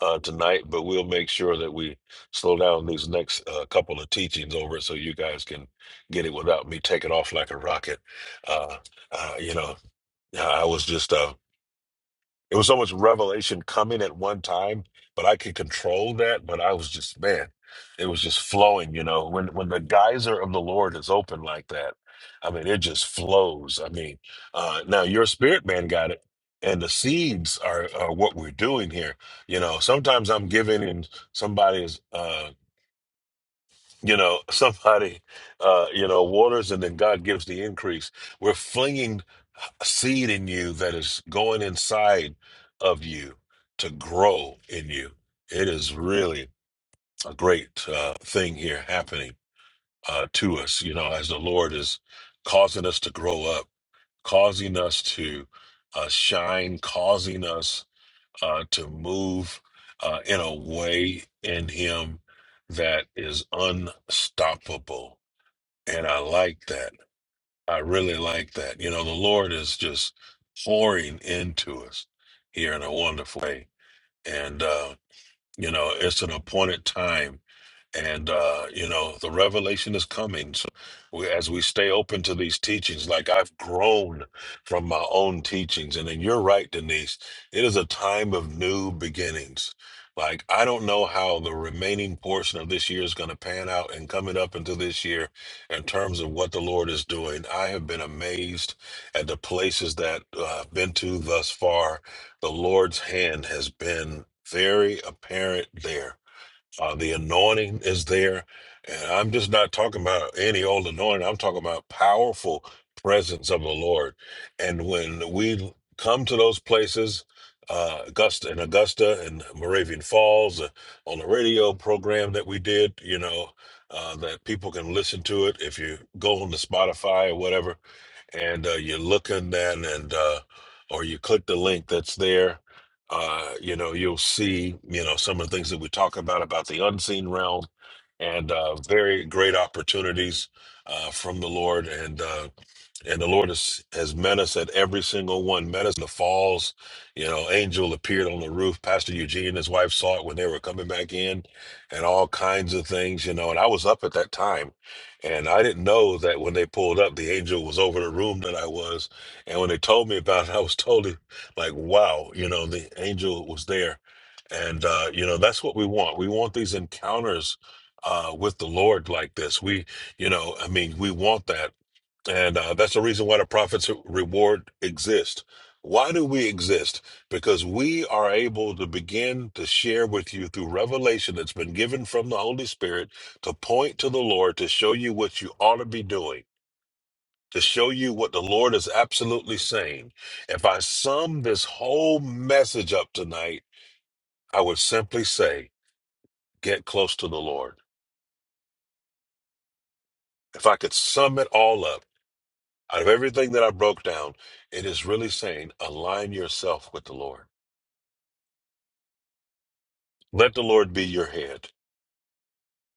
[SPEAKER 2] uh, tonight, but we'll make sure that we slow down these next uh, couple of teachings over so you guys can get it without me taking off like a rocket. Uh, uh, you know, I was just. uh, it was so much revelation coming at one time, but I could control that. But I was just, man, it was just flowing, you know. When when the geyser of the Lord is open like that, I mean, it just flows. I mean, uh now your spirit man got it. And the seeds are, are what we're doing here. You know, sometimes I'm giving and somebody is uh, you know somebody uh you know waters and then god gives the increase we're flinging seed in you that is going inside of you to grow in you it is really a great uh thing here happening uh to us you know as the lord is causing us to grow up causing us to uh shine causing us uh to move uh in a way in him that is unstoppable and I like that. I really like that. You know, the Lord is just pouring into us here in a wonderful way. And, uh, you know, it's an appointed time and uh, you know the revelation is coming so we, as we stay open to these teachings like i've grown from my own teachings and then you're right denise it is a time of new beginnings like i don't know how the remaining portion of this year is going to pan out and coming up into this year in terms of what the lord is doing i have been amazed at the places that uh, i've been to thus far the lord's hand has been very apparent there uh, the anointing is there. And I'm just not talking about any old anointing. I'm talking about powerful presence of the Lord. And when we come to those places, uh, Augusta and Augusta and Moravian Falls uh, on the radio program that we did, you know, uh, that people can listen to it. If you go on the Spotify or whatever, and uh, you look in then and uh, or you click the link that's there uh, you know you'll see you know some of the things that we talk about about the unseen realm and uh, very great opportunities uh, from the lord and uh, and the Lord has, has met us at every single one, met us in the falls. You know, angel appeared on the roof. Pastor Eugene and his wife saw it when they were coming back in and all kinds of things, you know. And I was up at that time and I didn't know that when they pulled up, the angel was over the room that I was. And when they told me about it, I was totally like, wow, you know, the angel was there. And, uh, you know, that's what we want. We want these encounters uh, with the Lord like this. We, you know, I mean, we want that and uh, that's the reason why the prophet's reward exists. Why do we exist? Because we are able to begin to share with you through revelation that's been given from the Holy Spirit to point to the Lord, to show you what you ought to be doing, to show you what the Lord is absolutely saying. If I sum this whole message up tonight, I would simply say, get close to the Lord. If I could sum it all up, Out of everything that I broke down, it is really saying align yourself with the Lord. Let the Lord be your head,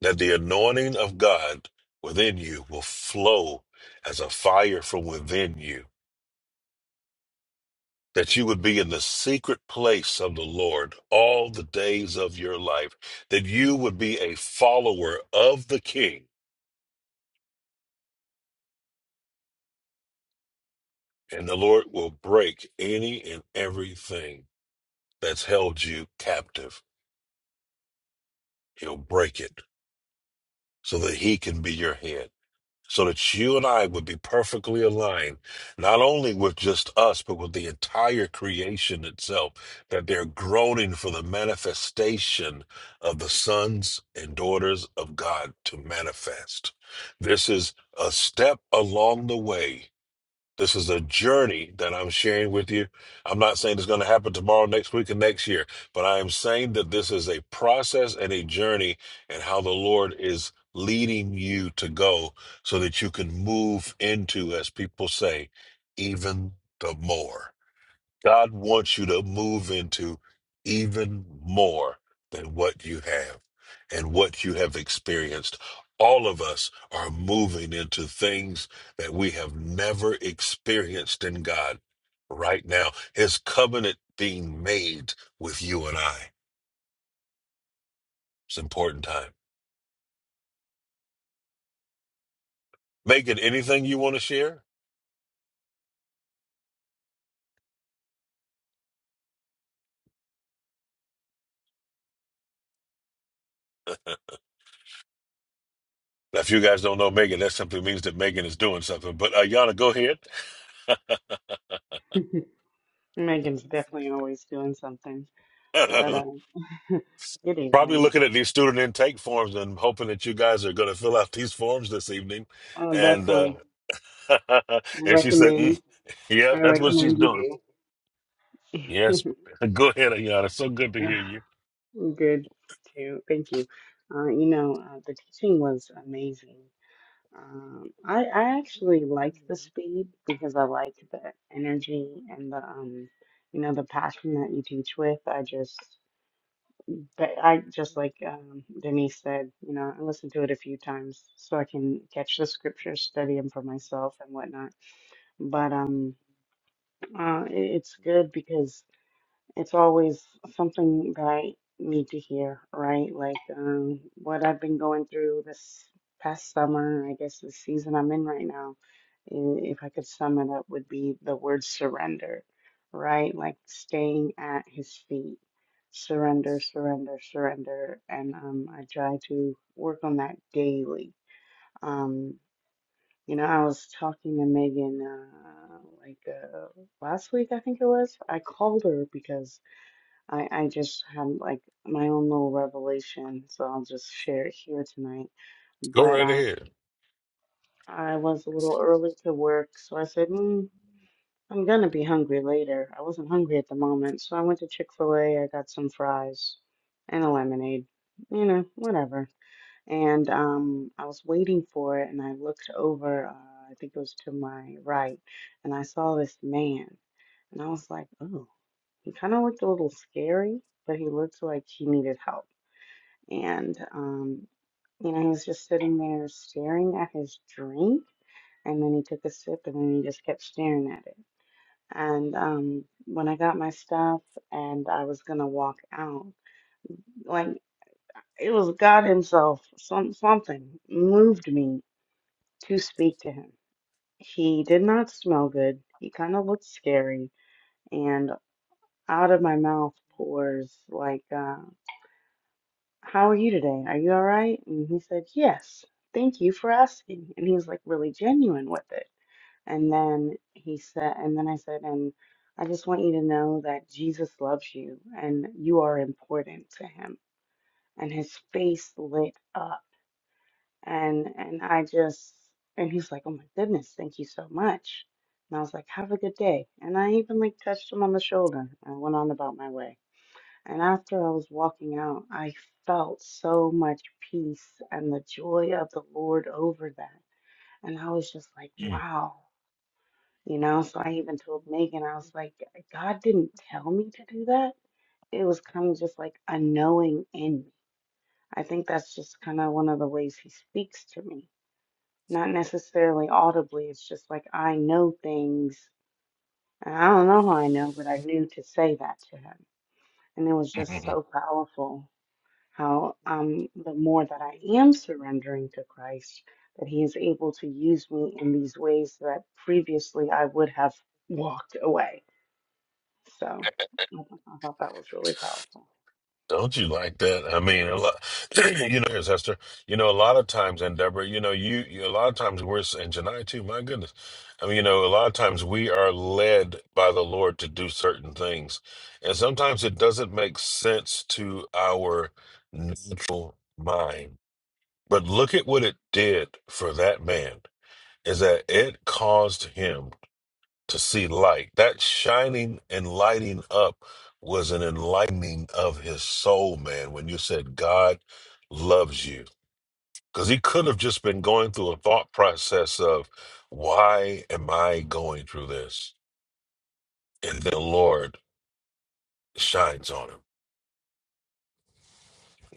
[SPEAKER 2] that the anointing of God within you will flow as a fire from within you, that you would be in the secret place of the Lord all the days of your life, that you would be a follower of the King, and the Lord will break any and everything that's held you captive. He'll break it so that He can be your head. so that you and I would be perfectly aligned, not only with just us, but with the entire creation itself, that they're groaning for the manifestation of the sons and daughters of God to manifest. This is a step along the way this is a journey that I'm sharing with you. I'm not saying it's going to happen tomorrow, next week, and next year, but I am saying that this is a process and a journey and how the Lord is leading you to go so that you can move into, as people say, even the more. God wants you to move into even more than what you have and what you have experienced. All of us are moving into things that we have never experienced in God right now. His covenant being made with you and I. It's an important time. Megan, anything you want to share? Now, If you guys don't know Megan, that simply means that Megan is doing something. But uh, Yana, go ahead.
[SPEAKER 15] Megan's definitely always doing something. But um, good
[SPEAKER 2] Probably
[SPEAKER 15] evening.
[SPEAKER 2] looking at these student intake forms and hoping that you guys are going to fill out these forms this evening.
[SPEAKER 15] Oh,
[SPEAKER 2] And
[SPEAKER 15] definitely
[SPEAKER 2] uh,
[SPEAKER 15] I
[SPEAKER 2] and she said,
[SPEAKER 15] recommend
[SPEAKER 2] mm, "Yeah,
[SPEAKER 15] I
[SPEAKER 2] that's what she's
[SPEAKER 15] recommend
[SPEAKER 2] doing."
[SPEAKER 15] you
[SPEAKER 2] Yes,
[SPEAKER 15] do.
[SPEAKER 2] go ahead, Ayana. So good to hear you.
[SPEAKER 15] good too. Thank you. Uh, you know, uh, the teaching was amazing. Um, I I actually like the speed because I like the energy and the um, you know, the passion that you teach with. I just But I just like um, Denise said, you know, I listen to it a few times so I can catch the scriptures, study them for myself and whatnot. But um, uh, it- it's good because it's always something that I need to hear, right? Like um, what I've been going through this past summer, I guess the season I'm in right now, i- if I could sum it up, would be the word surrender, right? Like staying at his feet, surrender, surrender, surrender. And um, I try to work on that daily. Um, you know, I was talking to Megan uh, like uh, last week, I think it was. I called her because I I just had like my own little revelation, so I'll just share it here tonight.
[SPEAKER 2] Go
[SPEAKER 15] But
[SPEAKER 2] right
[SPEAKER 15] um,
[SPEAKER 2] ahead.
[SPEAKER 15] I was a little early to work, so I said, mm, I'm gonna be hungry later. I wasn't hungry at the moment, so I went to Chick-fil-A. I got some fries and a lemonade, you know, whatever. And um, I was waiting for it, and I looked over. Uh, I think it was to my right, and I saw this man, and I was like, oh. He kind of looked a little scary, but he looked like he needed help. And, um, you know, he was just sitting there staring at his drink. And then he took a sip and then he just kept staring at it. And um, when I got my stuff and I was going to walk out, like it was God Himself, some, something moved me to speak to him. He did not smell good. He kind of looked scary. And out of my mouth pours like uh, How are you today? Are you all right? And he said, Yes, thank you for asking. And he was like really genuine with it. And then he said, and then I said, and I just want you to know that Jesus loves you and you are important to him. And his face lit up. And and I just and he's like, Oh my goodness, thank you so much. And I was like, Have a good day. And I even like touched him on the shoulder and went on about my way. And after I was walking out, I felt so much peace and the joy of the Lord over that. And I was just like,
[SPEAKER 2] Mm.
[SPEAKER 15] wow. You know, so I even told Megan, I was like, God didn't tell me to do that. It was kind of just like a knowing in me. I think that's just kind of one of the ways He speaks to me. Not necessarily audibly, it's just like I know things. And I don't know how I know, but I knew to say that to Him. And it was
[SPEAKER 2] mm, mm,
[SPEAKER 15] just
[SPEAKER 2] mm.
[SPEAKER 15] so powerful. how um, the more that I am surrendering to Christ, that He is able to use me in these ways that previously I would have walked away. So I thought I thought that was really powerful.
[SPEAKER 2] Don't you like that? I mean, a lot, you know, here's Hester. You know, a lot of times, and Deborah, you know, you, you a lot of times we're and Janai too. My goodness, I mean, you know, a lot of times we are led by the Lord to do certain things, and sometimes it doesn't make sense to our natural mind. But look at what it did for that man. Is that it caused him to see light. That shining and lighting up was an enlightening of his soul, man, when you said God loves you. Because he could have just been going through a thought process of, why am I going through this? And the Lord shines on him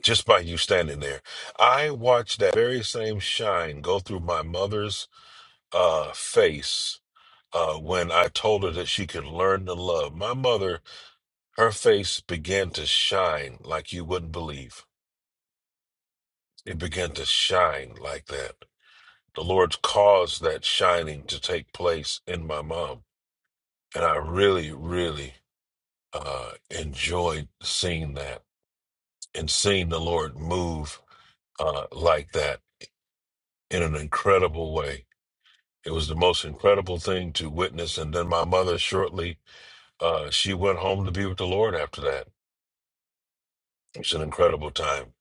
[SPEAKER 2] just by you standing there. I watched that very same shine go through my mother's uh, face uh, when I told her that she could learn to love. My mother Her face began to shine like you wouldn't believe. It began to shine like that. The Lord caused that shining to take place in my mom. And I really, really uh, enjoyed seeing that and seeing the Lord move uh, like that in an incredible way. It was the most incredible thing to witness. And then my mother, shortly, uh, she went home to be with the Lord after that. It's an incredible time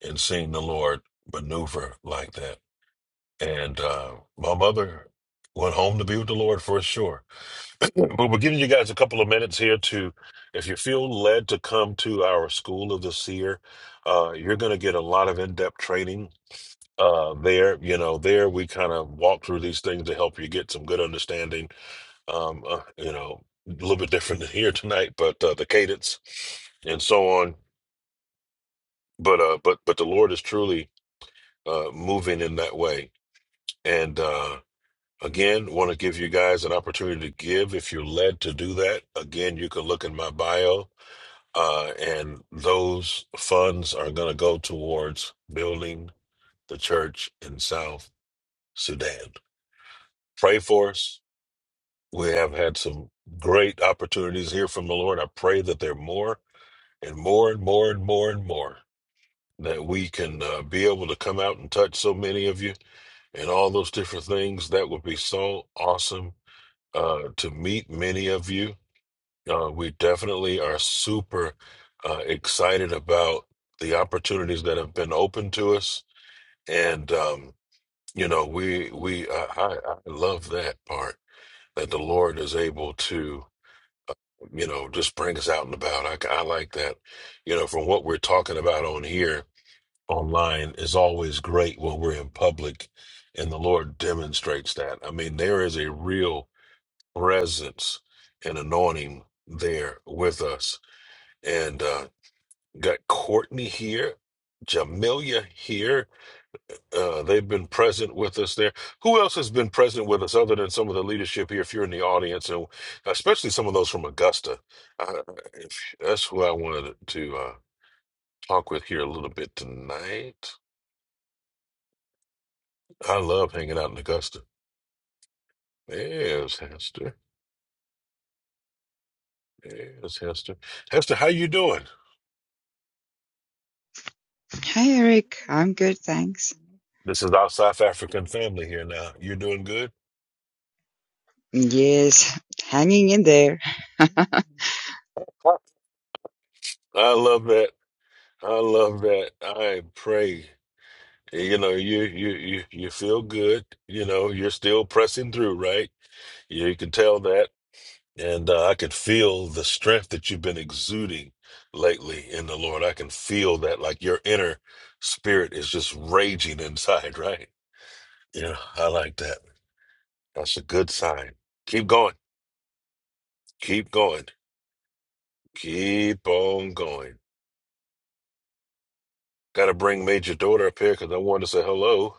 [SPEAKER 2] in seeing the Lord maneuver like that. And uh, my mother went home to be with the Lord for sure. but we're giving you guys a couple of minutes here to, if you feel led to come to our School of the Seer, uh, you're going to get a lot of in depth training. Uh, there, you know, there we kind of walk through these things to help you get some good understanding. Um, uh, you know, a little bit different than here tonight, but uh, the cadence and so on. But uh, but but the Lord is truly uh, moving in that way, and uh, Again, want to give you guys an opportunity to give if you're led to do that. Again, you can look in my bio, uh, and those funds are going to go towards building the church in South Sudan. Pray for us. We have had some great opportunities here from the Lord. I pray that there are more and more and more and more and more that we can uh, be able to come out and touch so many of you and all those different things. That would be so awesome uh, to meet many of you Uh, we definitely are super uh, excited about the opportunities that have been open to us, and um, you know, we we I, I I love that part that the Lord is able to uh, you know just bring us out and about. I, I like that. You know, from what we're talking about on here online is always great when we're in public, and the Lord demonstrates that. I mean, there is a real presence and anointing there with us and uh, got Courtney here, Jamelia here. Uh, they've been present with us there. Who else has been present with us other than some of the leadership here? If you're in the audience, and especially some of those from Augusta, uh, if- that's who I wanted to uh, talk with here a little bit tonight. I love hanging out in Augusta. Yes, Hester. Yes, Hester. Hester, how you doing?
[SPEAKER 16] Hi Eric, I'm good, thanks.
[SPEAKER 2] This is our South African family here now. You're doing good.
[SPEAKER 16] Yes, hanging in there.
[SPEAKER 2] I love that. I love that. I pray. You know, you you you you feel good. You know, you're still pressing through, right? You, can tell that, and uh, I could feel the strength that you've been exuding lately in the Lord. I can feel that, like your inner spirit is just raging inside, right? Yeah, I like that. That's a good sign. Keep going. Keep going. Keep on going. Got to bring Major Daughter up here because I wanted to say hello.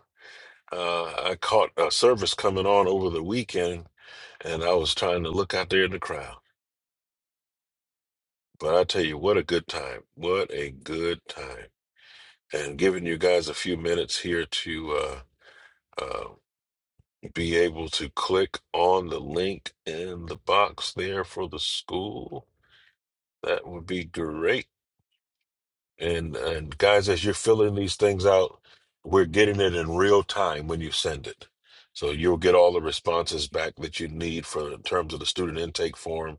[SPEAKER 2] Uh, I caught a service coming on over the weekend, and I was trying to look out there in the crowd. But I tell you, what a good time! What a good time! And giving you guys a few minutes here to uh, uh, be able to click on the link in the box there for the school, that would be great. And and guys, as you're filling these things out, we're getting it in real time when you send it. So you'll get all the responses back that you need for in terms of the student intake form,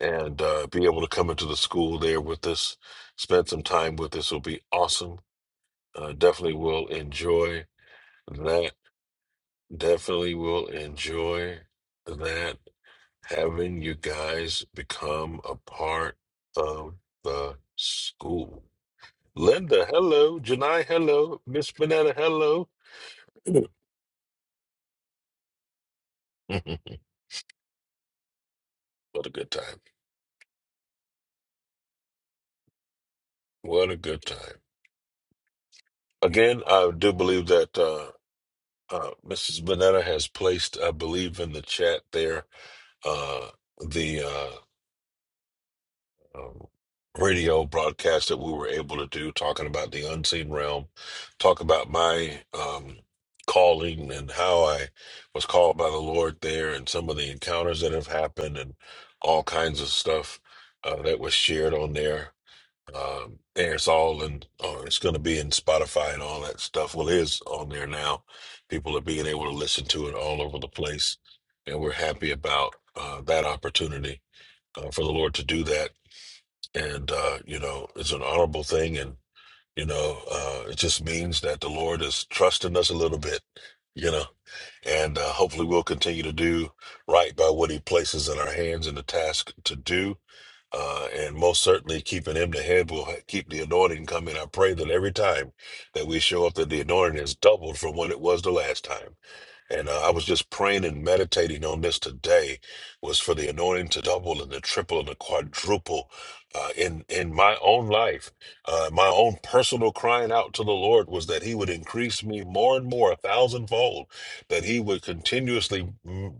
[SPEAKER 2] and uh, be able to come into the school there with us, spend some time with us. Will be awesome. Uh, definitely will enjoy that. Definitely will enjoy that. Having you guys become a part of the school. Linda, hello. Janai, hello. Miss Banana, hello. what a good time. What a good time. Again, I do believe that uh, uh, Mrs. Banana has placed, I believe, in the chat there, uh, the uh, um, radio broadcast that we were able to do, talking about the unseen realm, talk about my um, calling and how I was called by the Lord there, and some of the encounters that have happened, and all kinds of stuff uh, that was shared on there. Um, and it's all in, or it's going to be in Spotify and all that stuff. Well, it is on there now. People are being able to listen to it all over the place, and we're happy about uh, that opportunity uh, for the Lord to do that and uh, you know it's an honorable thing, and you know uh, it just means that the Lord is trusting us a little bit, you know, and uh, hopefully we'll continue to do right by what He places in our hands and the task to do, uh, and most certainly keeping Him the head will ha- keep the anointing coming. I pray that every time that we show up, that the anointing is doubled from what it was the last time. And uh, I was just praying and meditating on this today was for the anointing to double and the triple and the quadruple uh, in in my own life. Uh, my own personal crying out to the Lord was that He would increase me more and more, a thousandfold, that He would continuously. mm,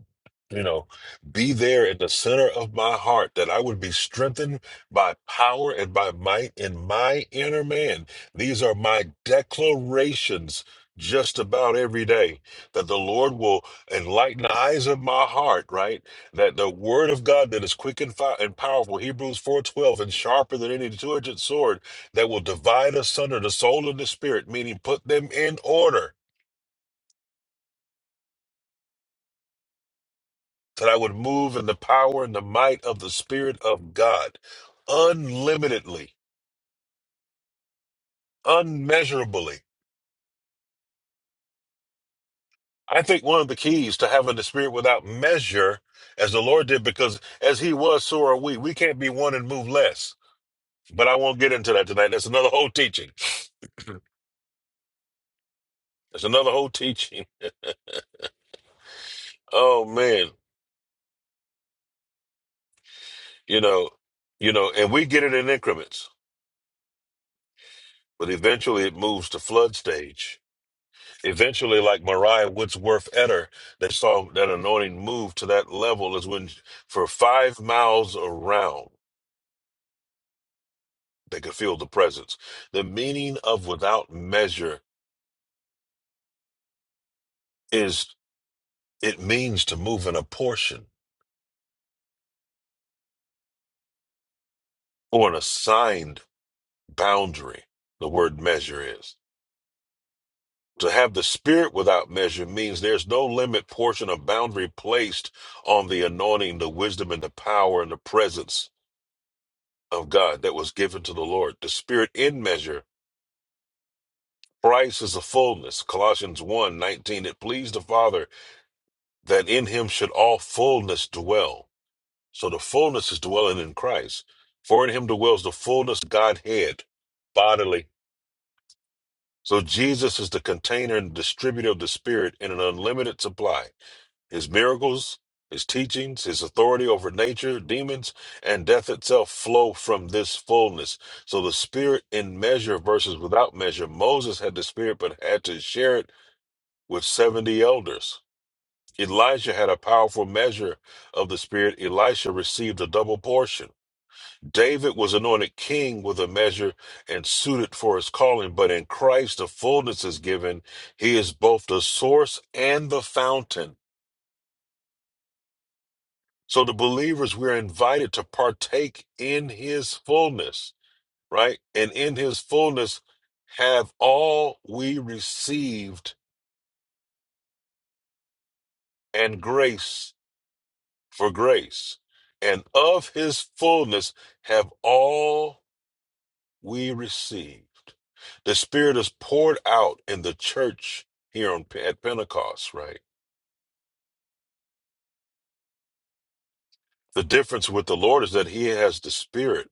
[SPEAKER 2] You know, be there in the center of my heart, that I would be strengthened by power and by might in my inner man. These are my declarations just about every day that the Lord will enlighten the eyes of my heart, right? That the word of God that is quick and, fi- and powerful, Hebrews 4.12, and sharper than any two-edged sword, that will divide asunder the soul and the spirit, meaning put them in order, so that I would move in the power and the might of the Spirit of God, unlimitedly, unmeasurably. I think one of the keys to having the spirit without measure, as the Lord did, because as he was, so are we. We can't be one and move less But I won't get into that tonight. That's another whole teaching. That's another whole teaching. oh man, you know, you know, and we get it in increments, but eventually it moves to flood stage. Eventually, like Mariah Woodsworth Eder, that saw that anointing move to that level is when for five miles around they could feel the presence. The meaning of without measure is it means to move in a portion or an assigned boundary. The word measure is. To have the Spirit without measure means there's no limit, portion, or boundary placed on the anointing, the wisdom, and the power and the presence of God that was given to the Lord. The Spirit in measure, Christ is the fullness. Colossians one nineteen. It pleased the Father that in him should all fullness dwell. So the fullness is dwelling in Christ. For in him dwells the fullness of Godhead bodily. So Jesus is the container and distributor of the Spirit in an unlimited supply. His miracles, his teachings, his authority over nature, demons, and death itself flow from this fullness. So the spirit in measure versus without measure. Moses had the spirit but had to share it with 70 elders. Elijah had a powerful measure of the spirit. Elisha received a double portion. David was anointed king with a measure and suited for his calling, but in Christ the fullness is given. He is both the source and the fountain. So the believers, we're invited to partake in his fullness, right? And in his fullness have all we received and grace for grace. And of his fullness have all we received. The Spirit is poured out in the church here on, at Pentecost, right? The difference with the Lord is that he has the Spirit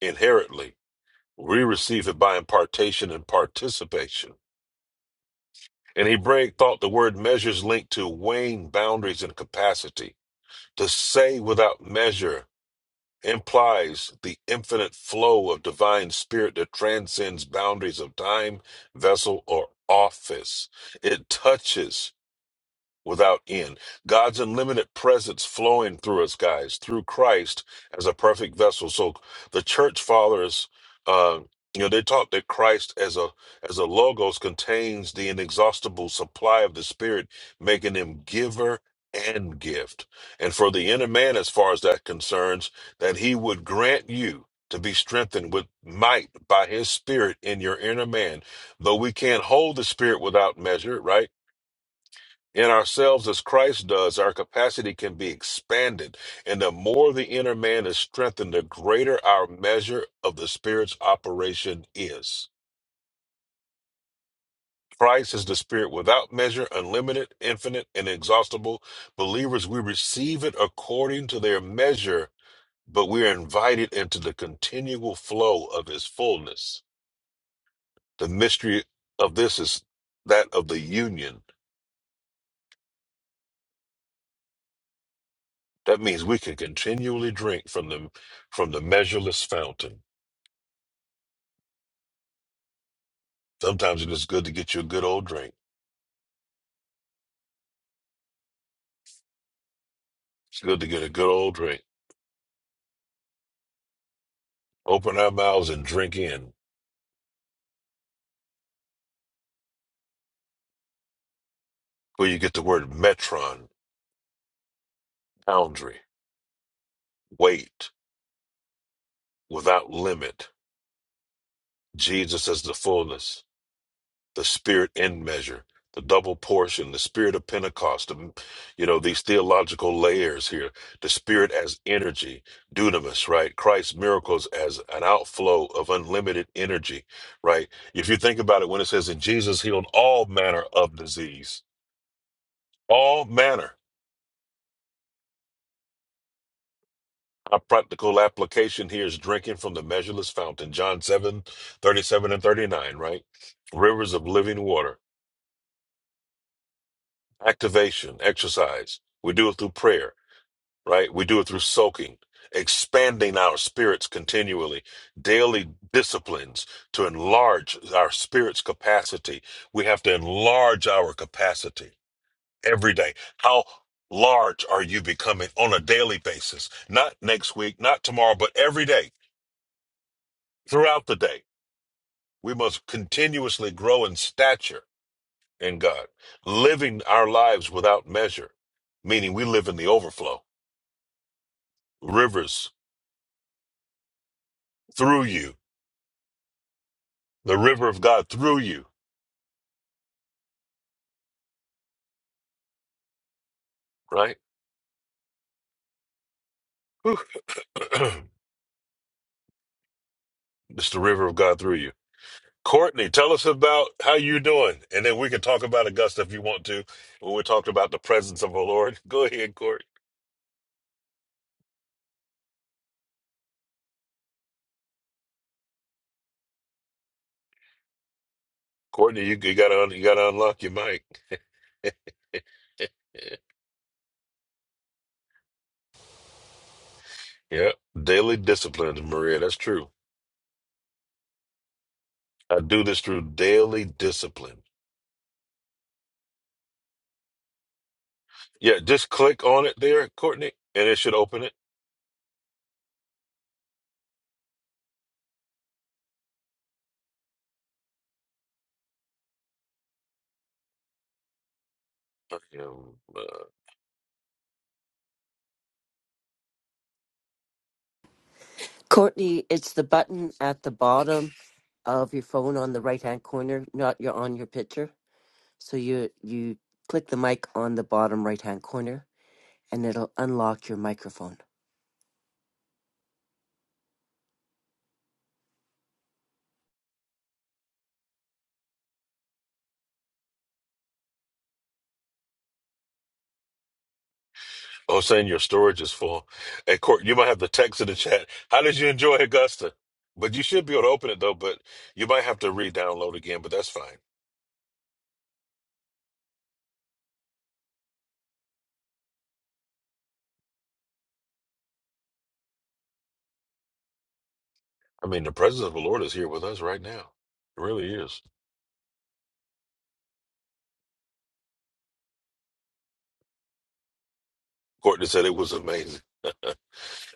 [SPEAKER 2] inherently. We receive it by impartation and participation In Hebraic thought, the word measures linked to weighing boundaries and capacity. To say without measure implies the infinite flow of divine spirit that transcends boundaries of time, vessel, or office. It touches without end. God's unlimited presence flowing through us, guys, through Christ as a perfect vessel. So the church fathers, uh, you know, they taught that Christ as a as a logos contains the inexhaustible supply of the Spirit, making him giver and gift. And for the inner man, as far as that concerns, that he would grant you to be strengthened with might by his spirit in your inner man though we can't hold the spirit without measure right in ourselves as Christ does, our capacity can be expanded. And the more the inner man is strengthened, the greater our measure of the Spirit's operation is. Christ is the Spirit without measure, unlimited, infinite, and exhaustible. Believers, we receive it according to their measure, but we are invited into the continual flow of His fullness. The mystery of this is that of the union. That means we can continually drink from the, from the measureless fountain. Sometimes it's just good to get you a good old drink. It's good to get a good old drink. Open our mouths and drink in, where you get the word metron, boundary, weight, without limit. Jesus as the fullness, the spirit in measure, the double portion, the spirit of Pentecost, the- you know, these theological layers here, the spirit as energy, dunamis, right? Christ's miracles as an outflow of unlimited energy, right? If you think about it, when it says, and Jesus healed all manner of disease, All manner. Our practical application here is drinking from the measureless fountain. John 7, 37 and 39, right? Rivers of living water. Activation, exercise. We do it through prayer, right? We do it through soaking, expanding our spirits continually, daily disciplines to enlarge our spirit's capacity. We have to enlarge our capacity every day. How large are you becoming on a daily basis? Not next week, not tomorrow, but every day throughout the day. We must continuously grow in stature in God, living our lives without measure, meaning we live in the overflow, rivers through you, the river of God through you, right? Whew. it's the river of God through you. Courtney, tell us about how you doing, and then we can talk about Augusta if you want to. When we talked about the presence of the Lord, go ahead, Courtney. Courtney, you, you gotta un- you gotta unlock your mic. Yeah, daily disciplines, Maria. That's true. I do this through daily discipline. Yeah, just click on it there, Courtney, and it should open it. Um, uh,
[SPEAKER 11] Courtney, it's the button at the bottom of your phone on the right hand corner, not your on your picture. So you you click the mic on the bottom right hand corner and it'll unlock your microphone.
[SPEAKER 2] oh, saying your storage is full. Hey, Court, you might have to text in the chat. How did you enjoy Augusta? But you should be able to open it though. But you might have to re-download again. But that's fine. I mean, the presence of the Lord is here with us right now. It really is. Courtney said it was amazing.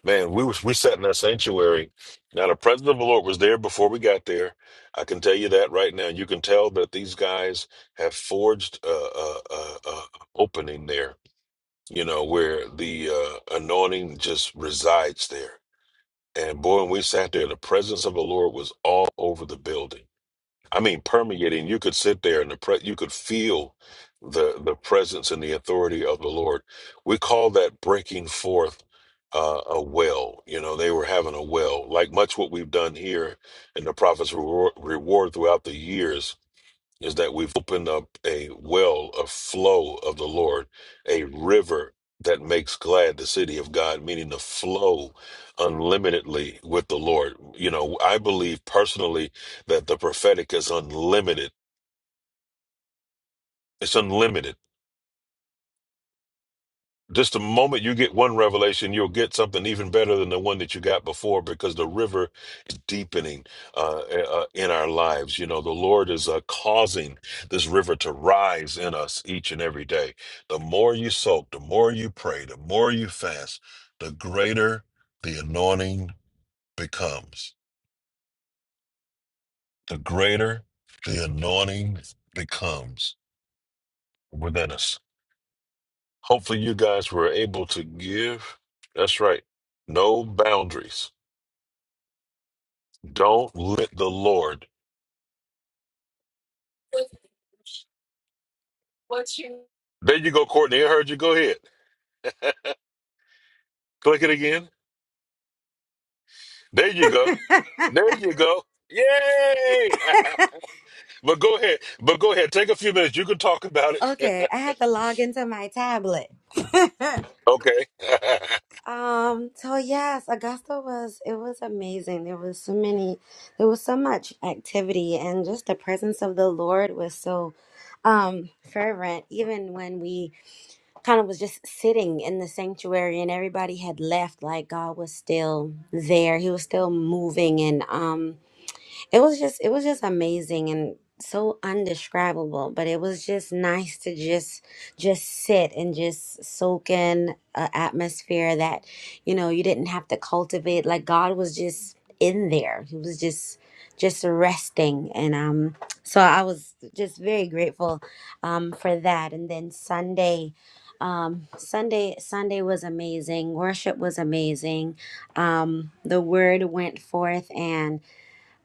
[SPEAKER 2] Man, we was we sat in our sanctuary. Now the presence of the Lord was there before we got there. I can tell you that right now. You can tell that these guys have forged a, a, a, a opening there. You know where the uh, anointing just resides there. And boy, when we sat there, the presence of the Lord was all over the building. I mean, permeating. You could sit there and the pre- you could feel the the presence and the authority of the Lord. We call that breaking forth uh, a well. You know, they were having a well, like much what we've done here in the prophets' reward, reward throughout the years is that we've opened up a well, a flow of the Lord, a river that makes glad the city of God, meaning to flow unlimitedly with the Lord. You know, I believe personally that the prophetic is unlimited. It's unlimited Just the moment you get one revelation, you'll get something even better than the one that you got before because the river is deepening uh, uh, in our lives. You know, the Lord is uh, causing this river to rise in us each and every day. The more you soak, the more you pray, the more you fast, the greater the anointing becomes. The greater the anointing becomes within us. Hopefully, you guys were able to give. That's right. No boundaries Don't let the Lord. There you go, Courtney. I heard you. Go ahead. Click it again. There you go. There you go. Yay! but go ahead. But go ahead. Take a few minutes. You can talk about it.
[SPEAKER 17] Okay, I had to log into my tablet.
[SPEAKER 2] okay.
[SPEAKER 17] um, so yes, Augusta was it was amazing. There was so many there was so much activity and just the presence of the Lord was so um fervent even when we kind of was just sitting in the sanctuary and everybody had left like God was still there. He was still moving and um it was just it was just amazing and so undescribable but it was just nice to just just sit and just soak in an atmosphere that you know you didn't have to cultivate like god was just in there he was just just resting and um so i was just very grateful um for that and then sunday um sunday sunday was amazing worship was amazing um the word went forth and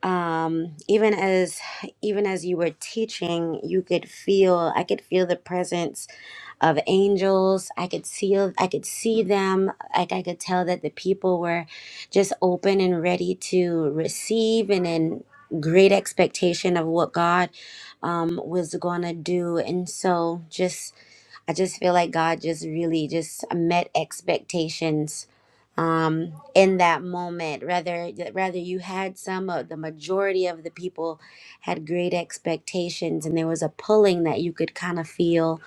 [SPEAKER 17] um even as even as you were teaching you could feel i could feel the presence of angels i could see i could see them like i could tell that the people were just open and ready to receive and in great expectation of what god um was gonna do and so just i just feel like god just really just met expectations um, in that moment. Rather, rather you had some of the majority of the people had great expectations, and there was a pulling that you could kind of feel,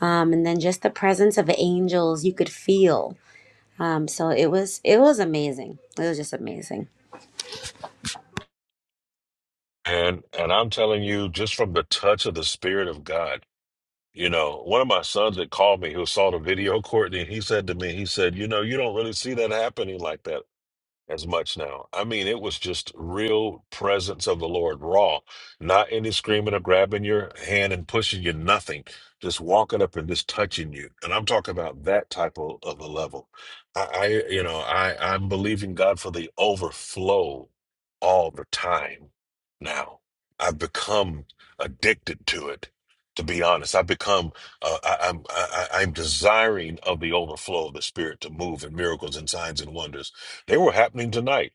[SPEAKER 17] um, and then just the presence of angels you could feel. Um, so it was it was amazing. It was just amazing.
[SPEAKER 2] and and I'm telling you, just from the touch of the Spirit of God, you know, one of my sons that called me who saw the video, Courtney, he said to me, he said, you know, you don't really see that happening like that. as much now. I mean, it was just real presence of the Lord, raw, not any screaming or grabbing your hand and pushing you, nothing, just walking up and just touching you. And I'm talking about that type of, of a level. I, I, you know, I, I'm believing God for the overflow all the time now. I've become addicted to it. To be honest, I've become, uh, I, I'm, I, I- I'm desiring of the overflow of the Spirit to move in miracles and signs and wonders they were happening tonight.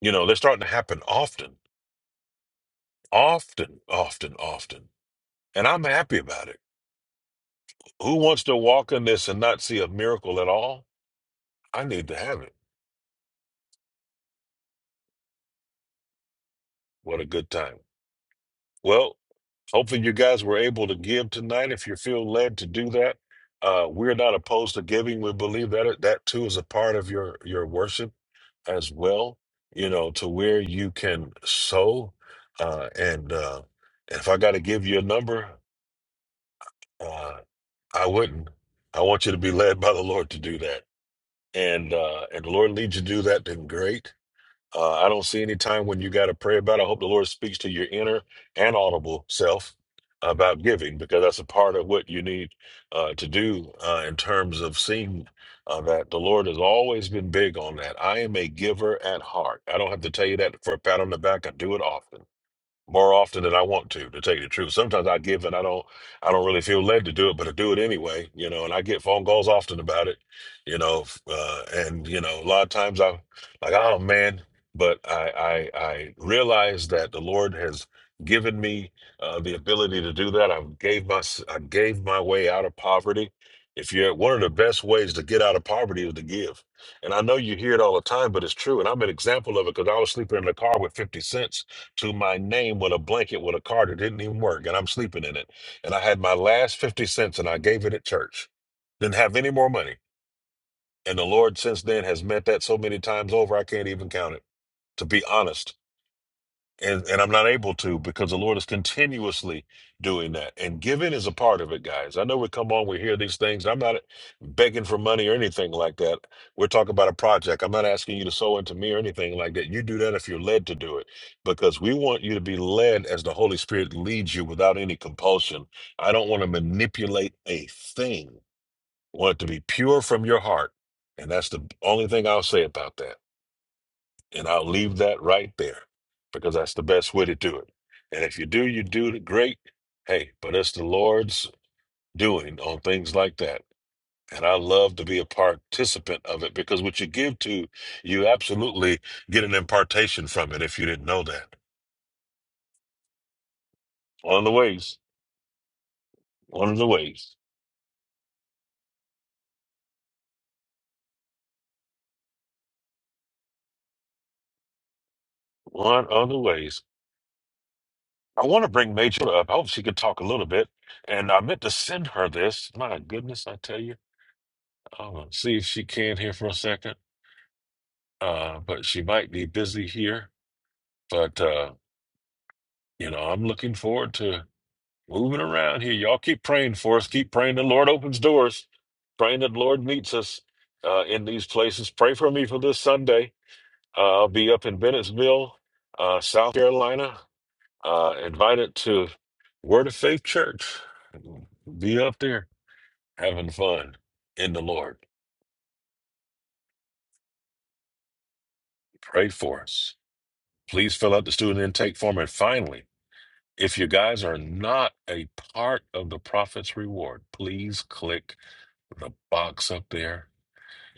[SPEAKER 2] You know, they're starting to happen often, often, often, often. And I'm happy about it. Who wants to walk in this and not see a miracle at all? I need to have it. What a good time. Well, hopefully you guys were able to give tonight if you feel led to do that. Uh, we're not opposed to giving. We believe that that too is a part of your your worship as well. You know, to where you can sow, uh, and uh, if I got to give you a number, uh, I wouldn't. I want you to be led by the Lord to do that. And uh and the Lord leads you to do that, then great. Uh I don't see any time when you gotta pray about it. I hope the Lord speaks to your inner and audible self about giving because that's a part of what you need uh to do uh in terms of seeing uh, that the Lord has always been big on that. I am a giver at heart. I don't have to tell you that for a pat on the back. I do it often more often than I want to, to tell you the truth. Sometimes I give and I don't I don't really feel led to do it, but I do it anyway, you know, and I get phone calls often about it, you know, f- uh, and you know, a lot of times I'm like, oh man, but I I, I realize that the Lord has given me uh, the ability to do that. I gave my s- I gave my way out of poverty. If you're one of the best ways to get out of poverty is to give. And I know you hear it all the time, but it's true. And I'm an example of it because I was sleeping in the car with 50 cents to my name with a blanket with a card that didn't even work, and I'm sleeping in it. And I had my last 50 cents and I gave it at church. Didn't have any more money. And the Lord since then has met that so many times over, I can't even count it, to be honest and and I'm not able to because the Lord is continuously doing that. And giving is a part of it, guys. I know we come on, we hear these things. I'm not begging for money or anything like that. We're talking about a project. I'm not asking you to sow into me or anything like that. You do that if you're led to do it, because we want you to be led as the Holy Spirit leads you without any compulsion. I don't want to manipulate a thing. I want it to be pure from your heart, and that's the only thing I'll say about that. And I'll leave that right there because that's the best way to do it. And if you do, you do it great. Hey, but it's the Lord's doing on things like that. And I love to be a participant of it because what you give to, you absolutely get an impartation from it if you didn't know that. One of the ways, one of the ways, one of the ways. I want to bring Major up. I hope she could talk a little bit. And I meant to send her this. My goodness, I tell you. I'm to see if she can here for a second. uh, but she might be busy here. But uh, you know, I'm looking forward to moving around here. Y'all keep praying for us. Keep praying the Lord opens doors. Praying that the Lord meets us uh, in these places. Pray for me for this Sunday. Uh, I'll be up in Bennettsville, uh, South Carolina. Uh, invited to Word of Faith Church. Be up there having fun in the Lord. Pray for us. Please fill out the student intake form. And finally. If you guys are not a part of the Prophet's Reward, please click the box up there.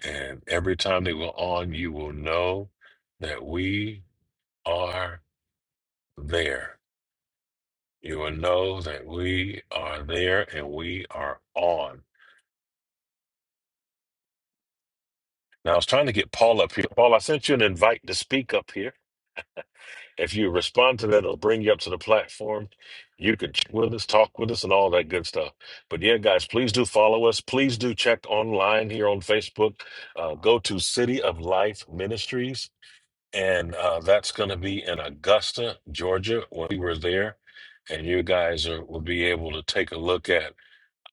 [SPEAKER 2] And every time they go on, you will know that we are there. You will know that we are there and we are on. Now, I was trying to get Paul up here. Paul, I sent you an invite to speak up here. If you respond to that, it'll bring you up to the platform. You could chat with us, talk with us, and all that good stuff. But yeah, guys, please do follow us. Please do check online here on Facebook. Uh, go to City of Life Ministries, and uh, that's going to be in Augusta, Georgia, when we were there. And you guys are, will be able to take a look at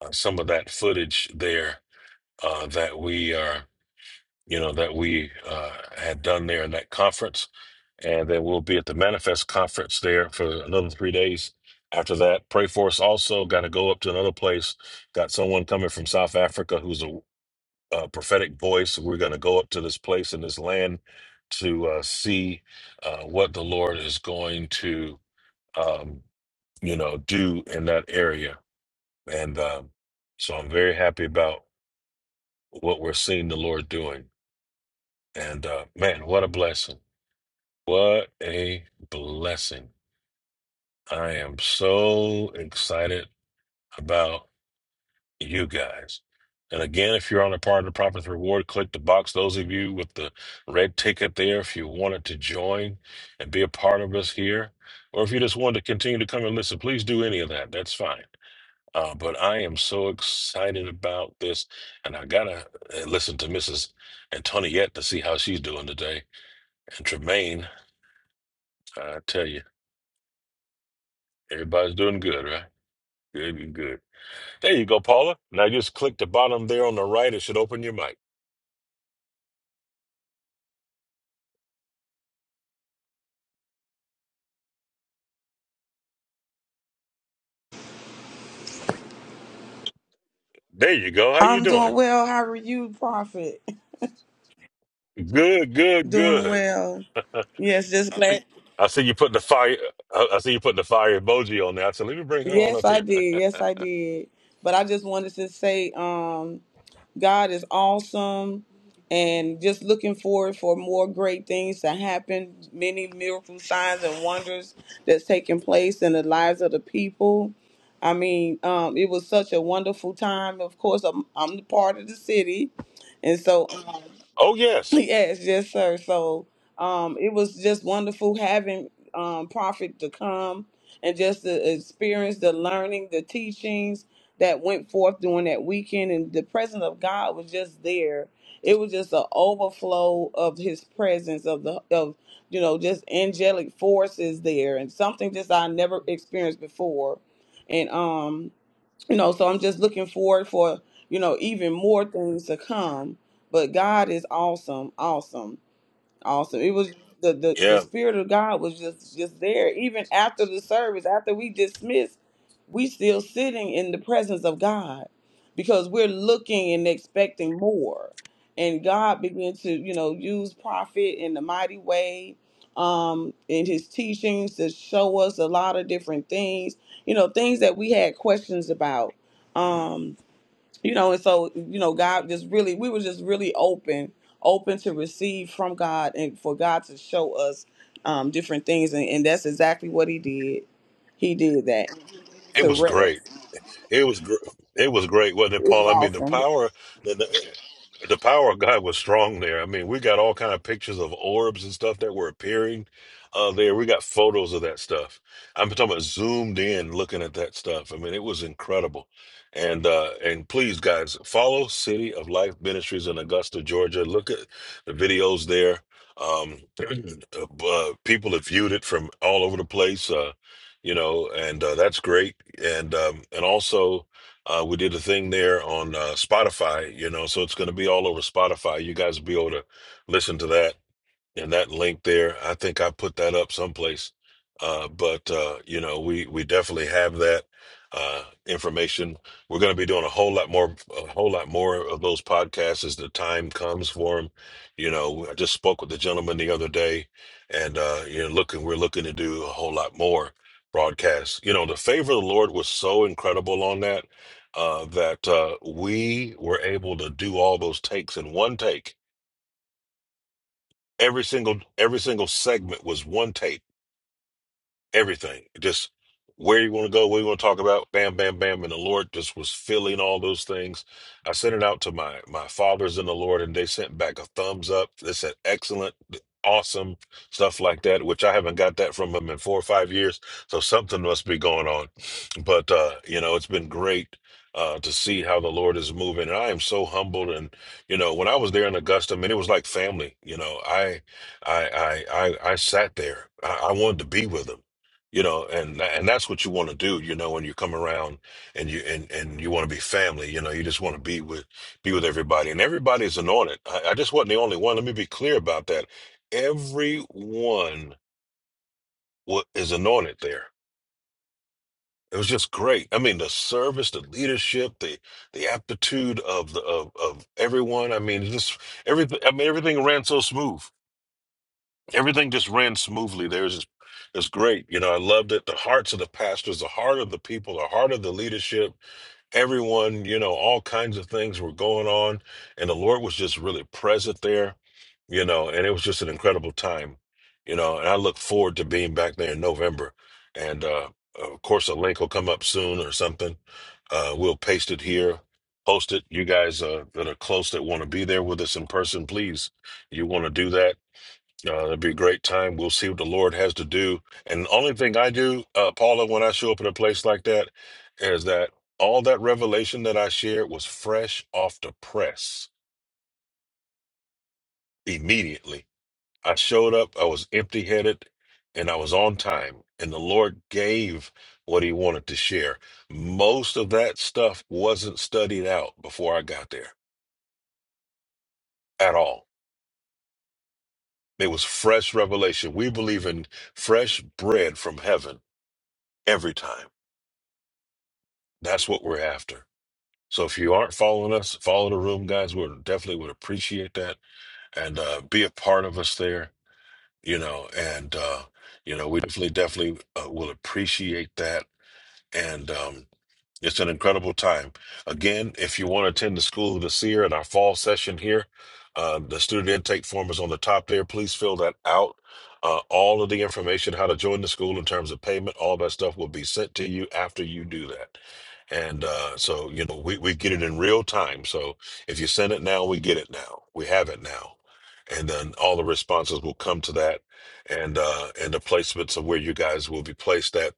[SPEAKER 2] uh, some of that footage there uh, that we are, you know, that we uh, had done there in that conference and then we'll be at the Manifest Conference there for another three days. After that, pray for us. Also, got to go up to another place. Got someone coming from South Africa who's a, a prophetic voice. We're going to go up to this place in this land to uh, see uh, what the Lord is going to, um, you know, do in that area. And um, so, I'm very happy about what we're seeing the Lord doing. And uh, man, what a blessing! What a blessing! I am so excited about you guys. And again, if you're on a part of the Profits Reward, click the box. Those of you with the red ticket there, if you wanted to join and be a part of us here, or if you just wanted to continue to come and listen, please do any of that. That's fine. Uh, but I am so excited about this. And I got to listen to Mrs. Antoniette to see how she's doing today. And Tremaine, I tell you, everybody's doing good, right? Good, good. good. There you go, Paula. Now just click the bottom there on the right. It should open your mic. There you go. How you
[SPEAKER 18] I'm doing
[SPEAKER 2] doing?
[SPEAKER 18] well. How are you, Prophet?
[SPEAKER 2] Good, good,
[SPEAKER 18] Doing
[SPEAKER 2] good.
[SPEAKER 18] well. Yes, just glad.
[SPEAKER 2] I see you putting the fire. I I see you putting the fire emoji on there. I said, let me bring her on
[SPEAKER 18] Yes,
[SPEAKER 2] up
[SPEAKER 18] I
[SPEAKER 2] here.
[SPEAKER 18] did. Yes, I did. But I just wanted to say, um, God is awesome, and just looking forward for more great things to happen. Many miracle signs and wonders that's taking place in the lives of the people. I mean, um, it was such a wonderful time. Of course, I'm, I'm the part of the city, and so. um,
[SPEAKER 2] Oh yes,
[SPEAKER 18] Yes, yes, sir. So um, it was just wonderful having um, Prophet to come and just the experience, the learning, the teachings that went forth during that weekend, and the presence of God was just there. It was just an overflow of His presence, of the of you know just angelic forces there, and something just I never experienced before. And um, you know so i'm just looking forward for you know even more things to come but god is awesome awesome Awesome. It was the, the, the
[SPEAKER 2] yeah.
[SPEAKER 18] spirit of God was just just there. Even after the service, after we dismissed, we still sitting in the presence of God because we're looking and expecting more. And God began to, you know, use prophet in the mighty way, um, in his teachings to show us a lot of different things, you know, things that we had questions about. Um, you know and so you know god just really we were just really open open to receive from god and for god to show us um different things and, and that's exactly what he did he did that
[SPEAKER 2] It
[SPEAKER 18] to
[SPEAKER 2] was great.
[SPEAKER 18] rest
[SPEAKER 2] It was gr- it was great, wasn't
[SPEAKER 18] it
[SPEAKER 2] it,
[SPEAKER 18] was
[SPEAKER 2] Paul? I mean, the
[SPEAKER 18] awesome
[SPEAKER 2] power the, the the power of God was strong there. I mean, we got all kind of pictures of orbs and stuff that were appearing uh, there. We got photos of that stuff. I'm talking about zoomed in, looking at that stuff. I mean, it was incredible. And uh, and please, guys, follow City of Life Ministries in Augusta, Georgia. Look at the videos there. Um, uh, people have viewed it from all over the place. Uh you know, and uh, that's great. And um, and also, uh, we did a thing there on uh, Spotify, you know, so it's going to be all over Spotify. You guys will be able to listen to that and that link there i think i put that up someplace uh, but uh, you know we we definitely have that uh, information we're going to be doing a whole lot more a whole lot more of those podcasts as the time comes for them you know i just spoke with the gentleman the other day and uh, you know looking we're looking to do a whole lot more broadcasts you know the favor of the lord was so incredible on that uh, that uh, we were able to do all those takes in one take Every single every single segment was one tape everything. Just where you want to go, what you want to talk about, bam, bam, bam. And the Lord just was filling all those things. I sent it out to my my fathers in the Lord, and they sent back a thumbs up. They said excellent, awesome stuff like that, which I haven't got that from them in four or five years. So something must be going on. But uh, you know, it's been great. Uh, to see how the Lord is moving, and I am so humbled. And you know, when I was there in Augusta, man, it was like family. You know, I, I, I, I, I sat there. I, I wanted to be with them you know and and that's what you want to do you know when you come around and you and and you want to be family you know you just want to be with be with everybody and everybody's anointed I, I just wasn't the only one let me be clear about that everyone wa- is anointed there it was just great i mean the service the leadership the the aptitude of the of, of everyone i mean just everything i mean everything ran so smooth everything just ran smoothly. There's, it's great. You know, I loved it. The hearts of the pastors, the heart of the people, the heart of the leadership, everyone, you know, all kinds of things were going on. And the Lord was just really present there, you know, and it was just an incredible time, you know, and I look forward to being back there in November. And, uh, of course, a link will come up soon or something. Uh, we'll paste it here, post it. You guys uh, that are close that want to be there with us in person, please, you want to do that uh, it'll be a great time. We'll see what the Lord has to do. And the only thing I do, uh, Paula, when I show up at a place like that, is that all that revelation that I shared was fresh off the press immediately. I showed up, I was empty headed, and I was on time. And the Lord gave what He wanted to share. Most of that stuff wasn't studied out before I got there at all. It was fresh revelation. We believe in fresh bread from heaven every time. That's what we're after. So if you aren't following us, follow the room, guys. We definitely would appreciate that and uh, be a part of us there. You know, and uh, you know, we definitely, definitely uh, will appreciate that. And um, it's an incredible time. Again, if you want to attend the School of the Seer in our fall session here, uh, the student intake form is on the top there. Please fill that out. Uh, all of the information, how to join the school in terms of payment, all that stuff will be sent to you after you do that. And uh, so, you know, we, we get it in real time. So if you send it now, we get it now. We have it now. And then all the responses will come to that and uh, and the placements of where you guys will be placed at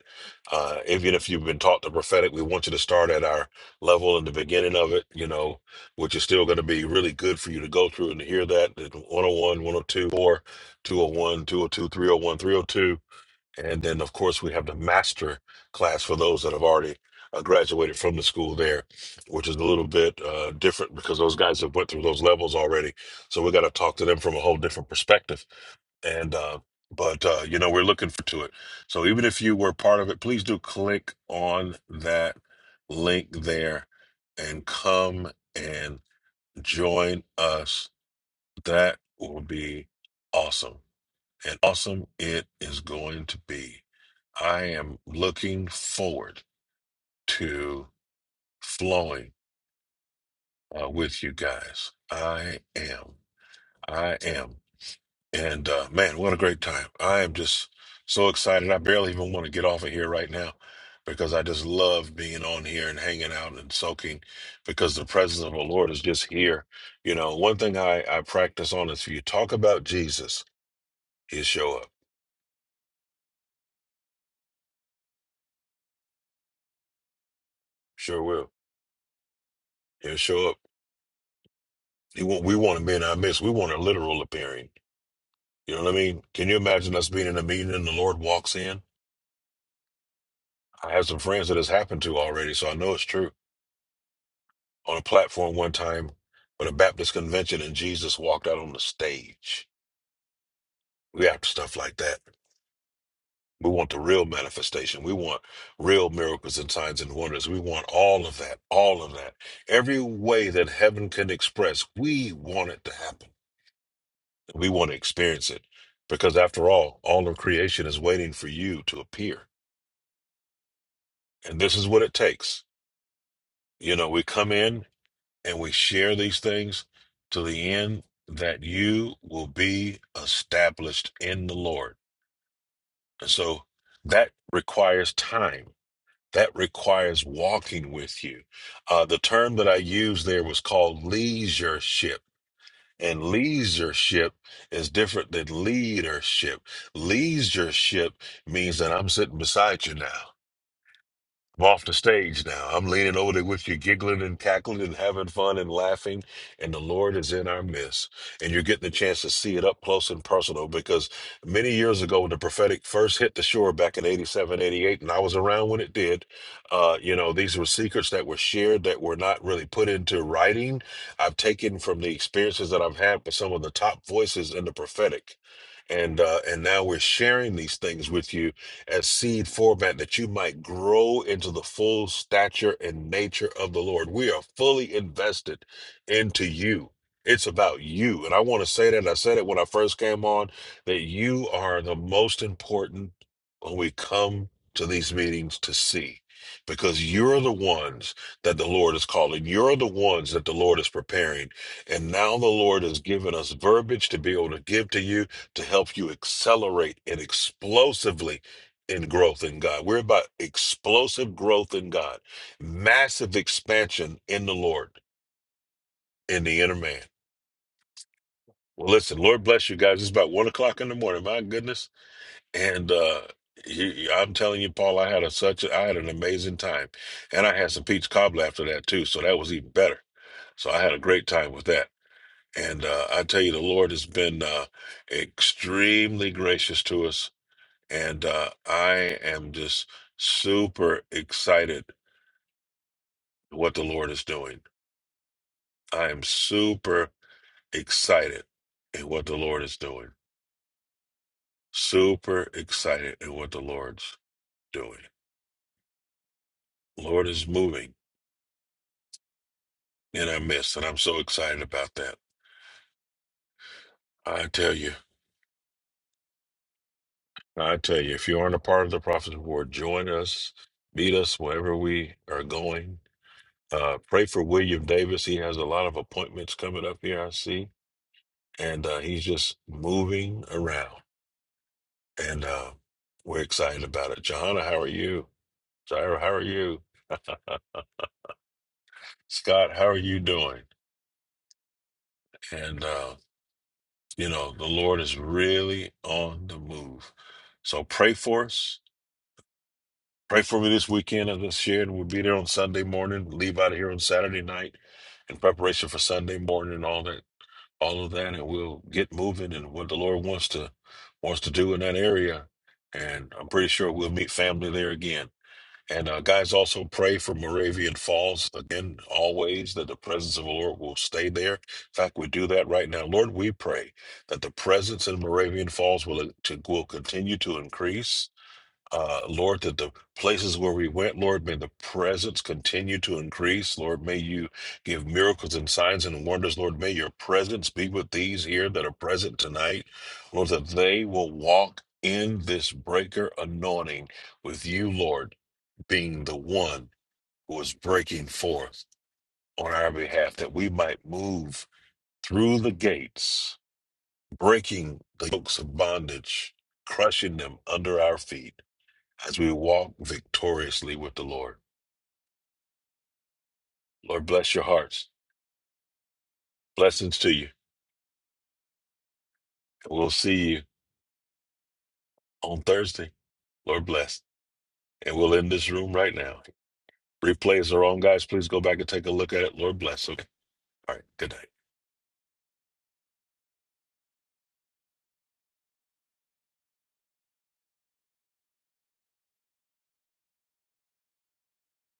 [SPEAKER 2] uh, even if you've been taught the prophetic, we want you to start at our level in the beginning of it, you know, which is still going to be really good for you to go through and to hear that. It's 101, 102, 4, 201, 202, 301, 302. And then, of course, we have the master class for those that have already uh, graduated from the school there, which is a little bit uh, different because those guys have went through those levels already. So we got to talk to them from a whole different perspective and uh, but uh, you know we're looking for to it. So even if you were part of it, please do click on that link there and come and join us. That will be awesome, and awesome it is going to be. I am looking forward to flowing uh, with you guys. I am. I am. And uh, man, what a great time. I am just so excited. I barely even want to get off of here right now because I just love being on here and hanging out and soaking because the presence of the Lord is just here. You know, one thing I, I practice on is if you talk about Jesus, he'll show up. Sure will. He'll show up. He want, we want to be in our midst. We want a literal appearing. You know what I mean? Can you imagine us being in a meeting and the Lord walks in? I have some friends that has happened to already, so I know it's true on a platform one time for the Baptist convention, and Jesus walked out on the stage. We after stuff like that. We want the real manifestation. We want real miracles and signs and wonders. We want all of that, all of that. Every way that heaven can express, we want it to happen. We want to experience it because, after all, all of creation is waiting for you to appear. And this is what it takes. You know, we come in and we share these things to the end that you will be established in the Lord. And so that requires time. That requires walking with you. Uh, the term that I used there was called leasureship. And leasureship is different than leadership. Leadership means that I'm sitting beside you now. I'm off the stage now. I'm leaning over there with you, giggling and cackling and having fun and laughing. And the Lord is in our midst. And you're getting the chance to see it up close and personal because many years ago, when the prophetic first hit the shore back in 87, 88, and I was around when it did, uh, you know, these were secrets that were shared that were not really put into writing. I've taken from the experiences that I've had with some of the top voices in the prophetic. And, uh, and now we're sharing these things with you as seed format that you might grow into the full stature and nature of the Lord. We are fully invested into you. It's about you. And I want to say that I said it when I first came on that you are the most important when we come to these meetings to see because you're the ones that the Lord is calling. You're the ones that the Lord is preparing. And now the Lord has given us verbiage to be able to give to you to help you accelerate and explosively in growth in God. We're about explosive growth in God, massive expansion in the Lord, in the inner man. Well, listen, Lord bless you guys. It's about one o'clock in the morning. My goodness, and uh, you, you- I'm telling you, Paul, I had a such a, I had an amazing time, and I had some peach cobbler after that too, so that was even better. So I had a great time with that. And uh, I tell you, the Lord has been uh, extremely gracious to us, and uh, I am just super excited what the Lord is doing. I am super excited at what the Lord is doing. Super excited at what the Lord's doing. Lord is moving in our midst, and I'm so excited about that. I tell you, I tell you, if you aren't a part of the Prophet's Board, join us, meet us wherever we are going. Uh, pray for William Davis. He has a lot of appointments coming up here, I see, and uh, he's just moving around, and uh, we're excited about it. Johanna, how are you? Jairo, how are you? Scott, how are you doing? And, uh, you know, the Lord is really on the move. So pray for us. Pray for me this weekend, as I shared. We'll be there on Sunday morning, leave out of here on Saturday night in preparation for Sunday morning and all that, all of that. And we'll get moving and what the Lord wants to, wants to do in that area. And I'm pretty sure we'll meet family there again. And uh, guys, also pray for Moravian Falls again, always that the presence of the Lord will stay there. In fact, we do that right now. Lord, we pray that the presence in Moravian Falls will, uh, to, will continue to increase. Uh, Lord, that the places where we went, Lord, may the presence continue to increase. Lord, may you give miracles and signs and wonders. Lord, may your presence be with these here that are present tonight. Lord, that they will walk in this breaker anointing with you, Lord being the one who is breaking forth on our behalf, that we might move through the gates, breaking the yokes of bondage, crushing them under our feet as we walk victoriously with the Lord. Lord, bless your hearts. Blessings to you. We'll see you on Thursday. Lord bless. And we'll end this room right now. Replays are on, guys. Please go back and take a look at it. Lord bless. Okay. All right. Good night.